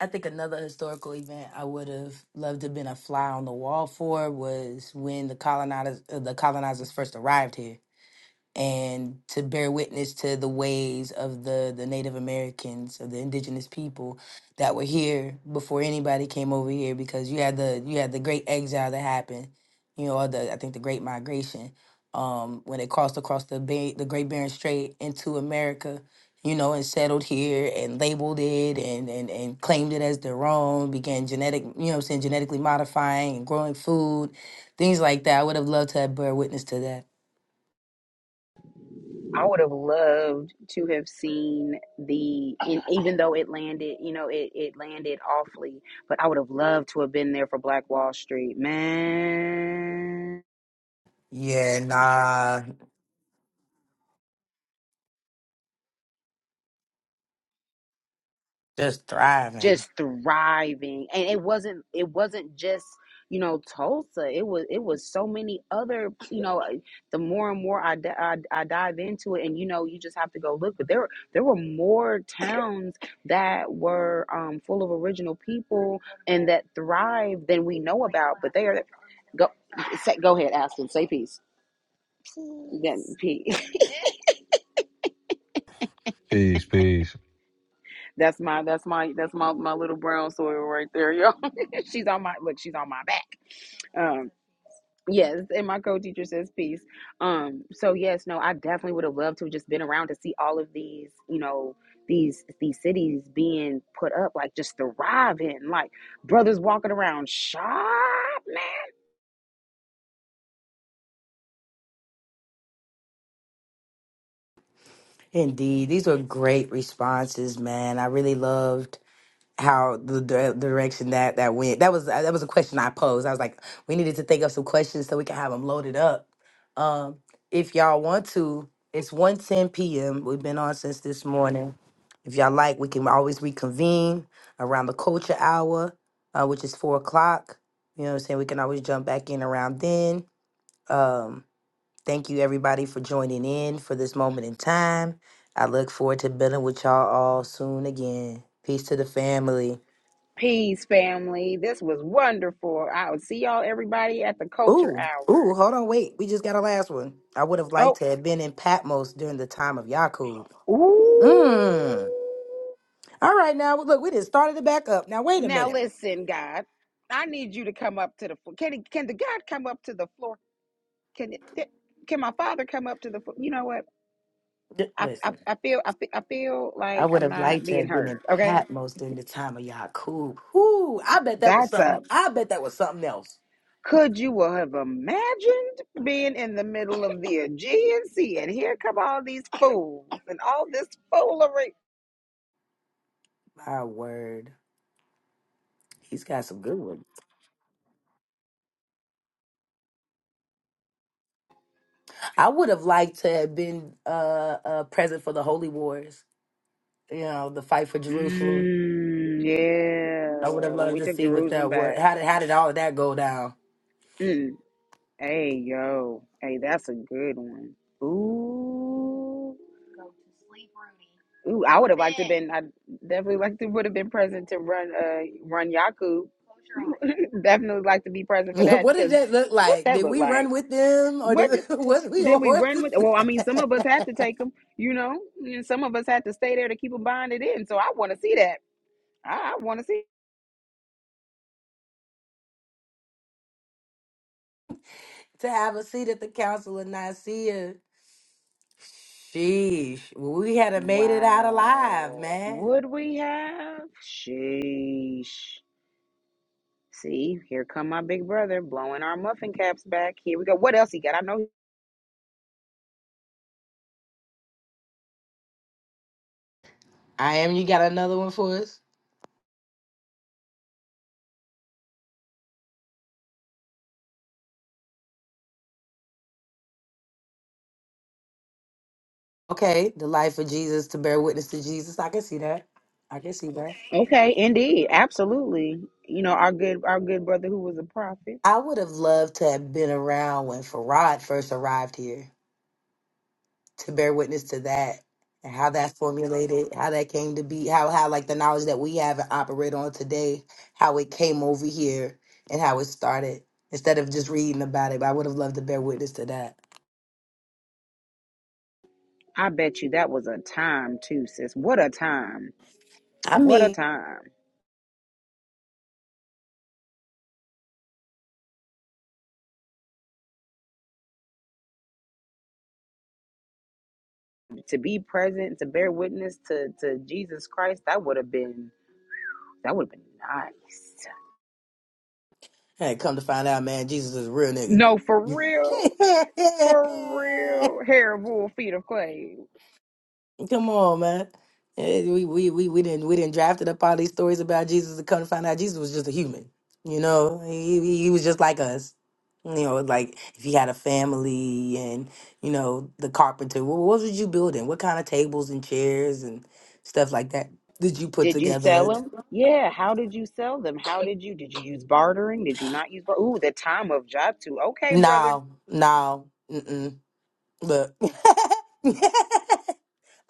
i think another historical event i would have loved to have been a fly on the wall for was when the colonizers uh, the colonizers first arrived here and to bear witness to the ways of the the Native Americans of the indigenous people that were here before anybody came over here because you had the you had the great exile that happened you know or the I think the great migration um when they crossed across the Bay, the Great Barren Strait into America you know and settled here and labeled it and and and claimed it as their own began genetic you know what I'm saying genetically modifying and growing food things like that I would have loved to have bear witness to that
I would have loved to have seen the, and even though it landed, you know, it, it landed awfully, but I would have loved to have been there for Black Wall Street, man.
Yeah, nah, just thriving.
just thriving and it wasn't it wasn't just you know tulsa it was it was so many other you know uh, the more and more I, di- I, I dive into it and you know you just have to go look but there were- there were more towns that were um, full of original people and that thrive than we know about but they are go say, go ahead aston say peace then pee.
Peace, peace.
that's my that's my that's my my little brown soil right there yo she's on my look she's on my back Um, Yes, and my co-teacher says peace. Um, so yes, no, I definitely would have loved to have just been around to see all of these, you know, these these cities being put up, like just thriving, like brothers walking around shop, man.
Indeed, these were great responses, man. I really loved how the di- direction that that went. That was that was a question I posed. I was like, we needed to think of some questions so we can have them loaded up. Um, if y'all want to, it's one ten p.m. We've been on since this morning. If y'all like, we can always reconvene around the culture hour, uh, which is four o'clock. You know what I'm saying? We can always jump back in around then. Um, Thank you, everybody, for joining in for this moment in time. I look forward to building with y'all all soon again. Peace to the family.
Peace, family. This was wonderful. I will see y'all everybody at the culture
Ooh, ooh,
hour.
hold on, wait. We just got a last one. I would have liked to have been in Patmos during the time of Yakub.
Oh, ooh.
Mmm. All right, now look, we just started it back up. Now wait a
Now
minute.
listen, God, I need you to come up to the floor. Can can the God come up to the floor? Can it, can my father come up to the floor? You know what?
D-
I, I,
listen,
I feel I feel I feel
I
like
would
I'm
have
not
liked to
being
have been
heard.
in
Okay,
Patmos during the time of Yakub. Ooh, I bet that was
that's
something.
up.
I bet that was something else.
Could you have imagined being in the middle of the Aegean Sea and here come all these fools and all this foolery?
My word, he's got some good ones. I would have liked to have been uh, uh present for the Holy Wars. You know, the fight for Jerusalem.
Mm, yeah,
I would have
when
loved
we
to
took
see what
Jerusalem
that was.
back.
How did how did all of that go down?
Mm, hey yo, hey, that's a good one. Ooh. Ooh, I would have liked to been. I definitely like to would have been present to run uh run Yaku. definitely like to be present for that
what did
because
that look
what
like?
that
Did
looked
we
like.
run with them, or did
What did,
was we
did
on
we run with?
horses
Well, I mean, some of us had to take them, you know, and some of us had to stay there to keep them bonded in. So I want to see that. I, I want to see.
to have a seat at the Council of Nicaea? Sheesh, we had have made it out alive,
Wow.
man.
Would we have? Sheesh. See, here come my big brother blowing our muffin caps back. Here we go. What else he got? I know
I am. You got another one for us? Okay, the life of Jesus to bear witness to Jesus. I can see that. I can see that.
Okay, indeed, absolutely. You know, our good our good brother who was a prophet.
I would have loved to have been around when Farad first arrived here to bear witness to that and how that formulated, how that came to be, how how like the knowledge that we have and operate on today, how it came over here and how it started. Instead of just reading about it, I would have loved to bear witness to that.
I bet you that was a time too, sis. What a time.
I
What a
mean,
time. To be present, to bear witness to, to Jesus Christ, that would have been that would have been nice.
hey, come to find out, man, Jesus is a real nigga.
No, for real. For real. Hair of wool, feet of clay.
Come on, man. Eh, We we we we didn't we didn't drafted up all these stories about Jesus to come to find out Jesus was just a human. You know, he he he was just like us. You know, like if he had a family and you know the carpenter, What what was you building? What kind of tables and chairs and stuff like that did you put
Did you sell
together?
them? Yeah. How did you sell them? How did you did you use bartering? Did you not use bar- Ooh, the time of job too. Okay, brother.
No, no, mm-mm. Look,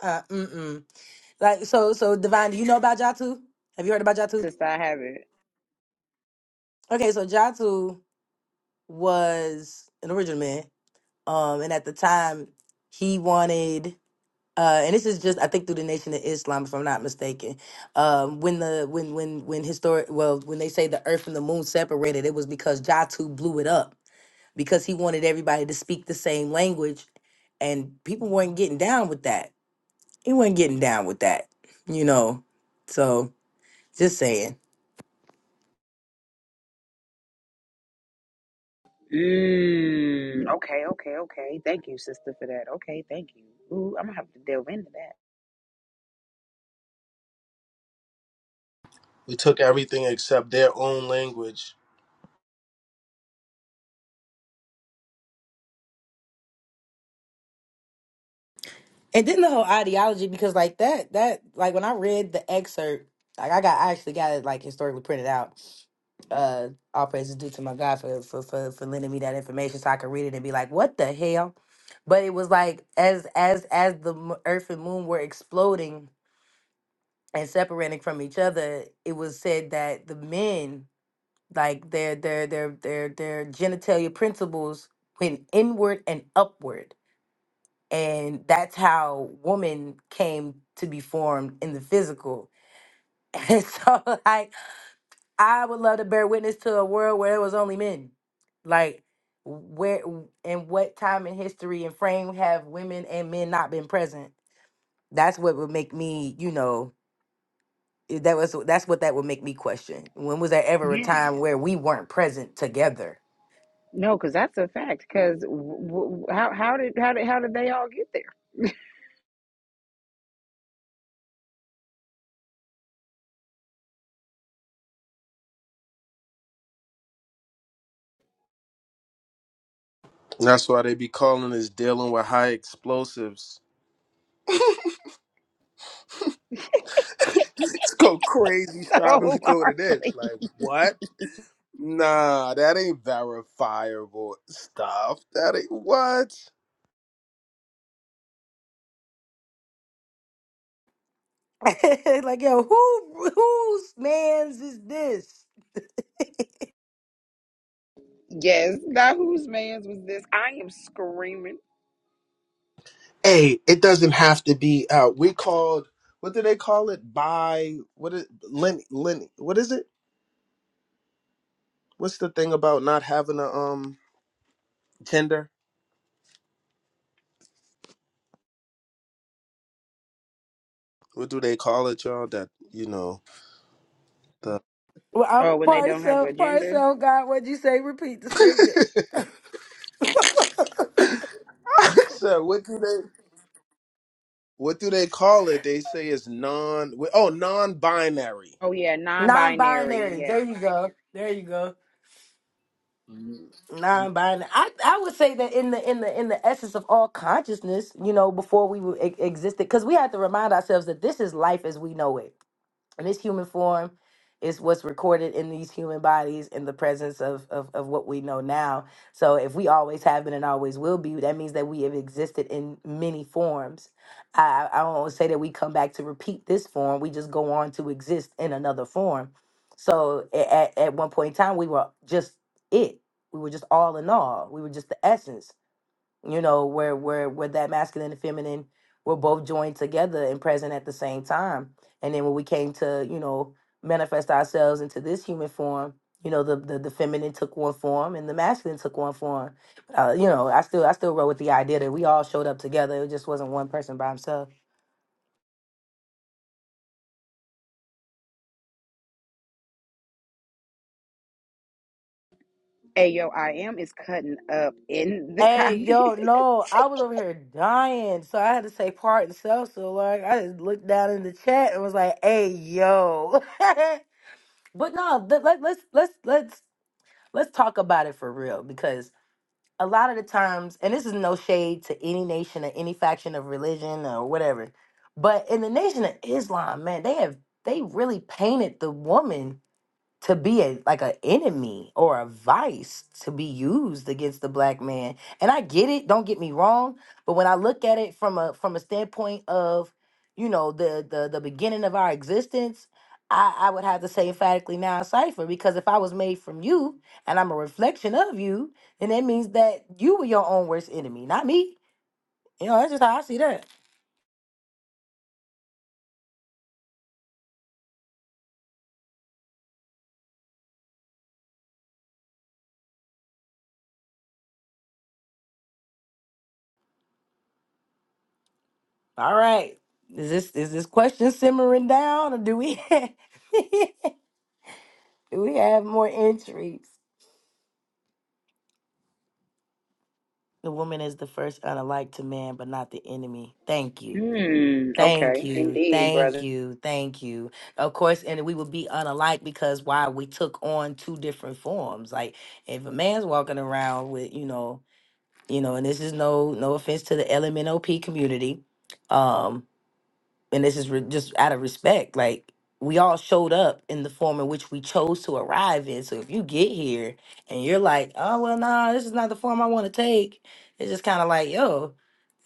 uh, mm-mm. Like so, so Divine, do you know about Jatu? Have you heard about Jatu?
Since I have it.
Okay, so Jatu. was an original man. Um, and at the time, he wanted, uh, and this is just I think through the Nation of Islam, if I'm not mistaken. Um, when the when when when historic well when they say the Earth and the Moon separated, it was because Jatu blew it up because he wanted everybody to speak the same language, and people weren't getting down with that. He wasn't getting down with that, you know. So just saying.
Mm, okay, okay, okay. Thank you, sister, for that. Okay, thank you. Ooh, I'm gonna have to delve into that.
We took everything except their own language.
And then the whole ideology, because like that, that like when I read the excerpt, like I got I actually got it like historically printed out. Uh, all praises due to my God for for for, for lending me that information so I could read it and be like, what the hell? But it was like as as as the m- Earth and Moon were exploding and separating from each other, it was said that the men like their their their their their genitalia principles went inward and upward and that's how woman came to be formed in the physical. And so, like, I would love to bear witness to a world where it was only men. Like, where and what time in history and frame have women and men not been present? That's what would make me, you know, i- that was that's what that would make me question. When was there ever a
Yeah,
time where we weren't present together?
no, because that's a fact. Because w- w- how how did how did how did they all get
That's why they be calling us dealing with high explosives. Let's go crazy
there
striving
so
to go to this.
largely?
Like, what? Nah, that ain't verifiable stuff. That ain't what?
like, yo, who whose man's is this?
Yes. Now whose man's was this? I am screaming.
Hey, it doesn't have to be out. We called, what do they call it? By, what is, Lenny, Lenny, what is it? What's the thing about not having a um gender? what do they call it, y'all? That you know the
Well, I'm
Oh, when they don't have
partial,
a gender.
partial. God, what'd you say? Repeat the statement.
So what do they what do they call it? They say it's non oh non binary.
Oh yeah, non-binary.
Non-binary.
Yeah.
There you go. There you go. Non-binary. I, I would say that in the in the in the essence of all consciousness, you know, before we were, e- existed, because we have to remind ourselves that this is life as we know it. and this human form is what's recorded in these human bodies in the presence of, of of what we know now so if we always have been and always will be that means that we have existed in many forms i i I don't wanna say that we come back to repeat this form we just go on to exist in another form so a- at, at one point in time we were just it we were just all in all we were just the essence you know, where where where that masculine and feminine were both joined together and present at the same time. And then when we came to, you know, manifest ourselves into this human form, you know, the the, the feminine took one form and the masculine took one form. Uh, you know, I still I still wrote with the idea that we all showed up together. It just wasn't one person by himself.
Ayo, I am is cutting up in the
Hey,
comment.
yo, no, I was over here dying, so I had to say part and self. So like, I just looked down in the chat and was like, "Hey, yo." But no, let, let, let's let's let's let's talk about it for real because a lot of the times and this is no shade to any nation or any faction of religion or whatever but in the nation of islam man they have they really painted the woman to be a like an enemy or a vice to be used against the black man. And I get it, don't get me wrong, but when I look at it from a from a standpoint of, you know, the the the beginning of our existence, I, I would have to say emphatically now cipher because if I was made from you and I'm a reflection of you, then that means that you were your own worst enemy, not me. You know, that's just how I see that. All right. Is this is this question simmering down or do we do we have more entries? The woman is the first unalike to man, but not the enemy. Thank you.
hmm.
Thank
Okay.
you.
Indeed,
Thank
brother.
you. Thank you. Of course, and we would be unalike because why we took on two different forms. Like if a man's walking around with, you know, you know, and this is no no offense to the LMNOP community. um, and this is re- just out of respect like we all showed up in the form in which we chose to arrive in so if you get here and you're like oh well nah this is not the form i want to take it's just kind of like yo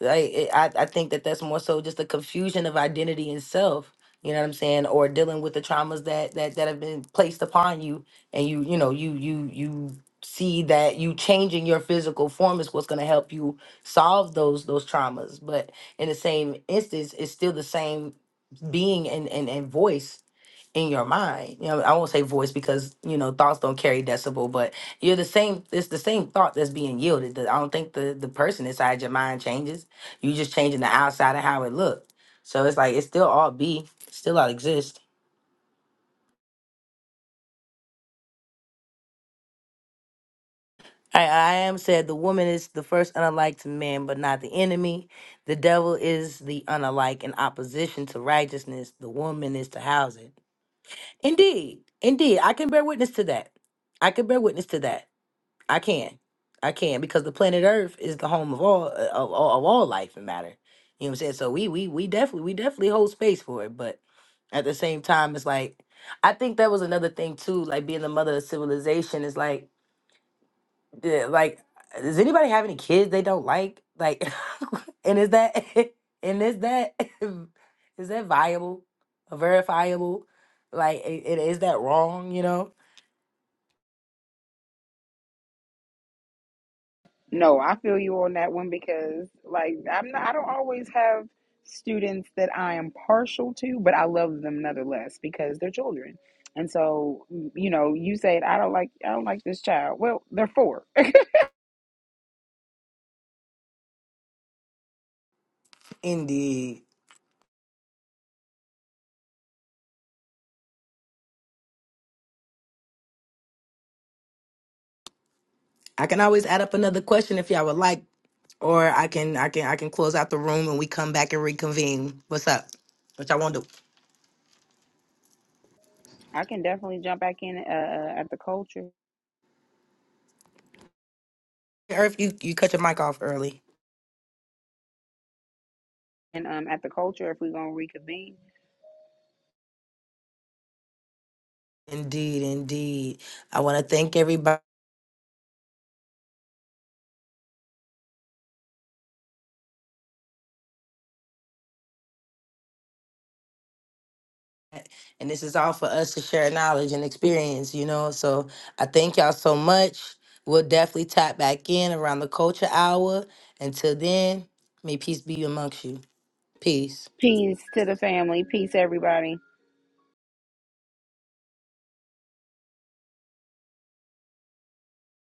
like it, I, I think that that's more so just a confusion of identity and self you know what i'm saying or dealing with the traumas that that that have been placed upon you and you you know you you you see that you changing your physical form is what's going to help you solve those those traumas but in the same instance it's still the same being and, and, and voice in your mind you know i won't say voice because you know thoughts don't carry decibel but you're the same it's the same thought that's being yielded The- i don't think the the person inside your mind changes you just changing the outside of how it looked so it's like it still all be still all exist I, I am said the woman is the first unalike to man, but not the enemy. The devil is the unalike in opposition to righteousness. The woman is to house it. Indeed, indeed, I can bear witness to that. I can bear witness to that. I can, I can, because the planet Earth is the home of all uh, of, of all life and matter. You know what I'm saying? So we we we definitely we definitely hold space for it, but at the same time, it's like I think that was another thing too. Like being the mother of civilization is like. Yeah, like, does anybody have any kids they don't like? Like, and is that and is that is that viable, verifiable? Like, i- i- is that wrong? You know.
No, I feel you on that one because like I'm not I don't always have students that I am partial to, but I love them nonetheless because they're children. And so, you know, you said I don't like I don't like this child. Well, they're four.
Indeed. I can always add up another question if y'all would like, or I can I can I can close out the room and we come back and reconvene. What's up? Which I won't do.
I can definitely jump back in uh, uh, at the culture
Earth, you you cut your mic off early.
and um at the culture if we're gonna reconvene.
Indeed, indeed. I want to thank everybody. And this is all for us to share knowledge and experience, you know? So I thank y'all so much. We'll definitely tap back in around the culture hour. Until then, may peace be amongst you. Peace.
Peace to the family. Peace everybody.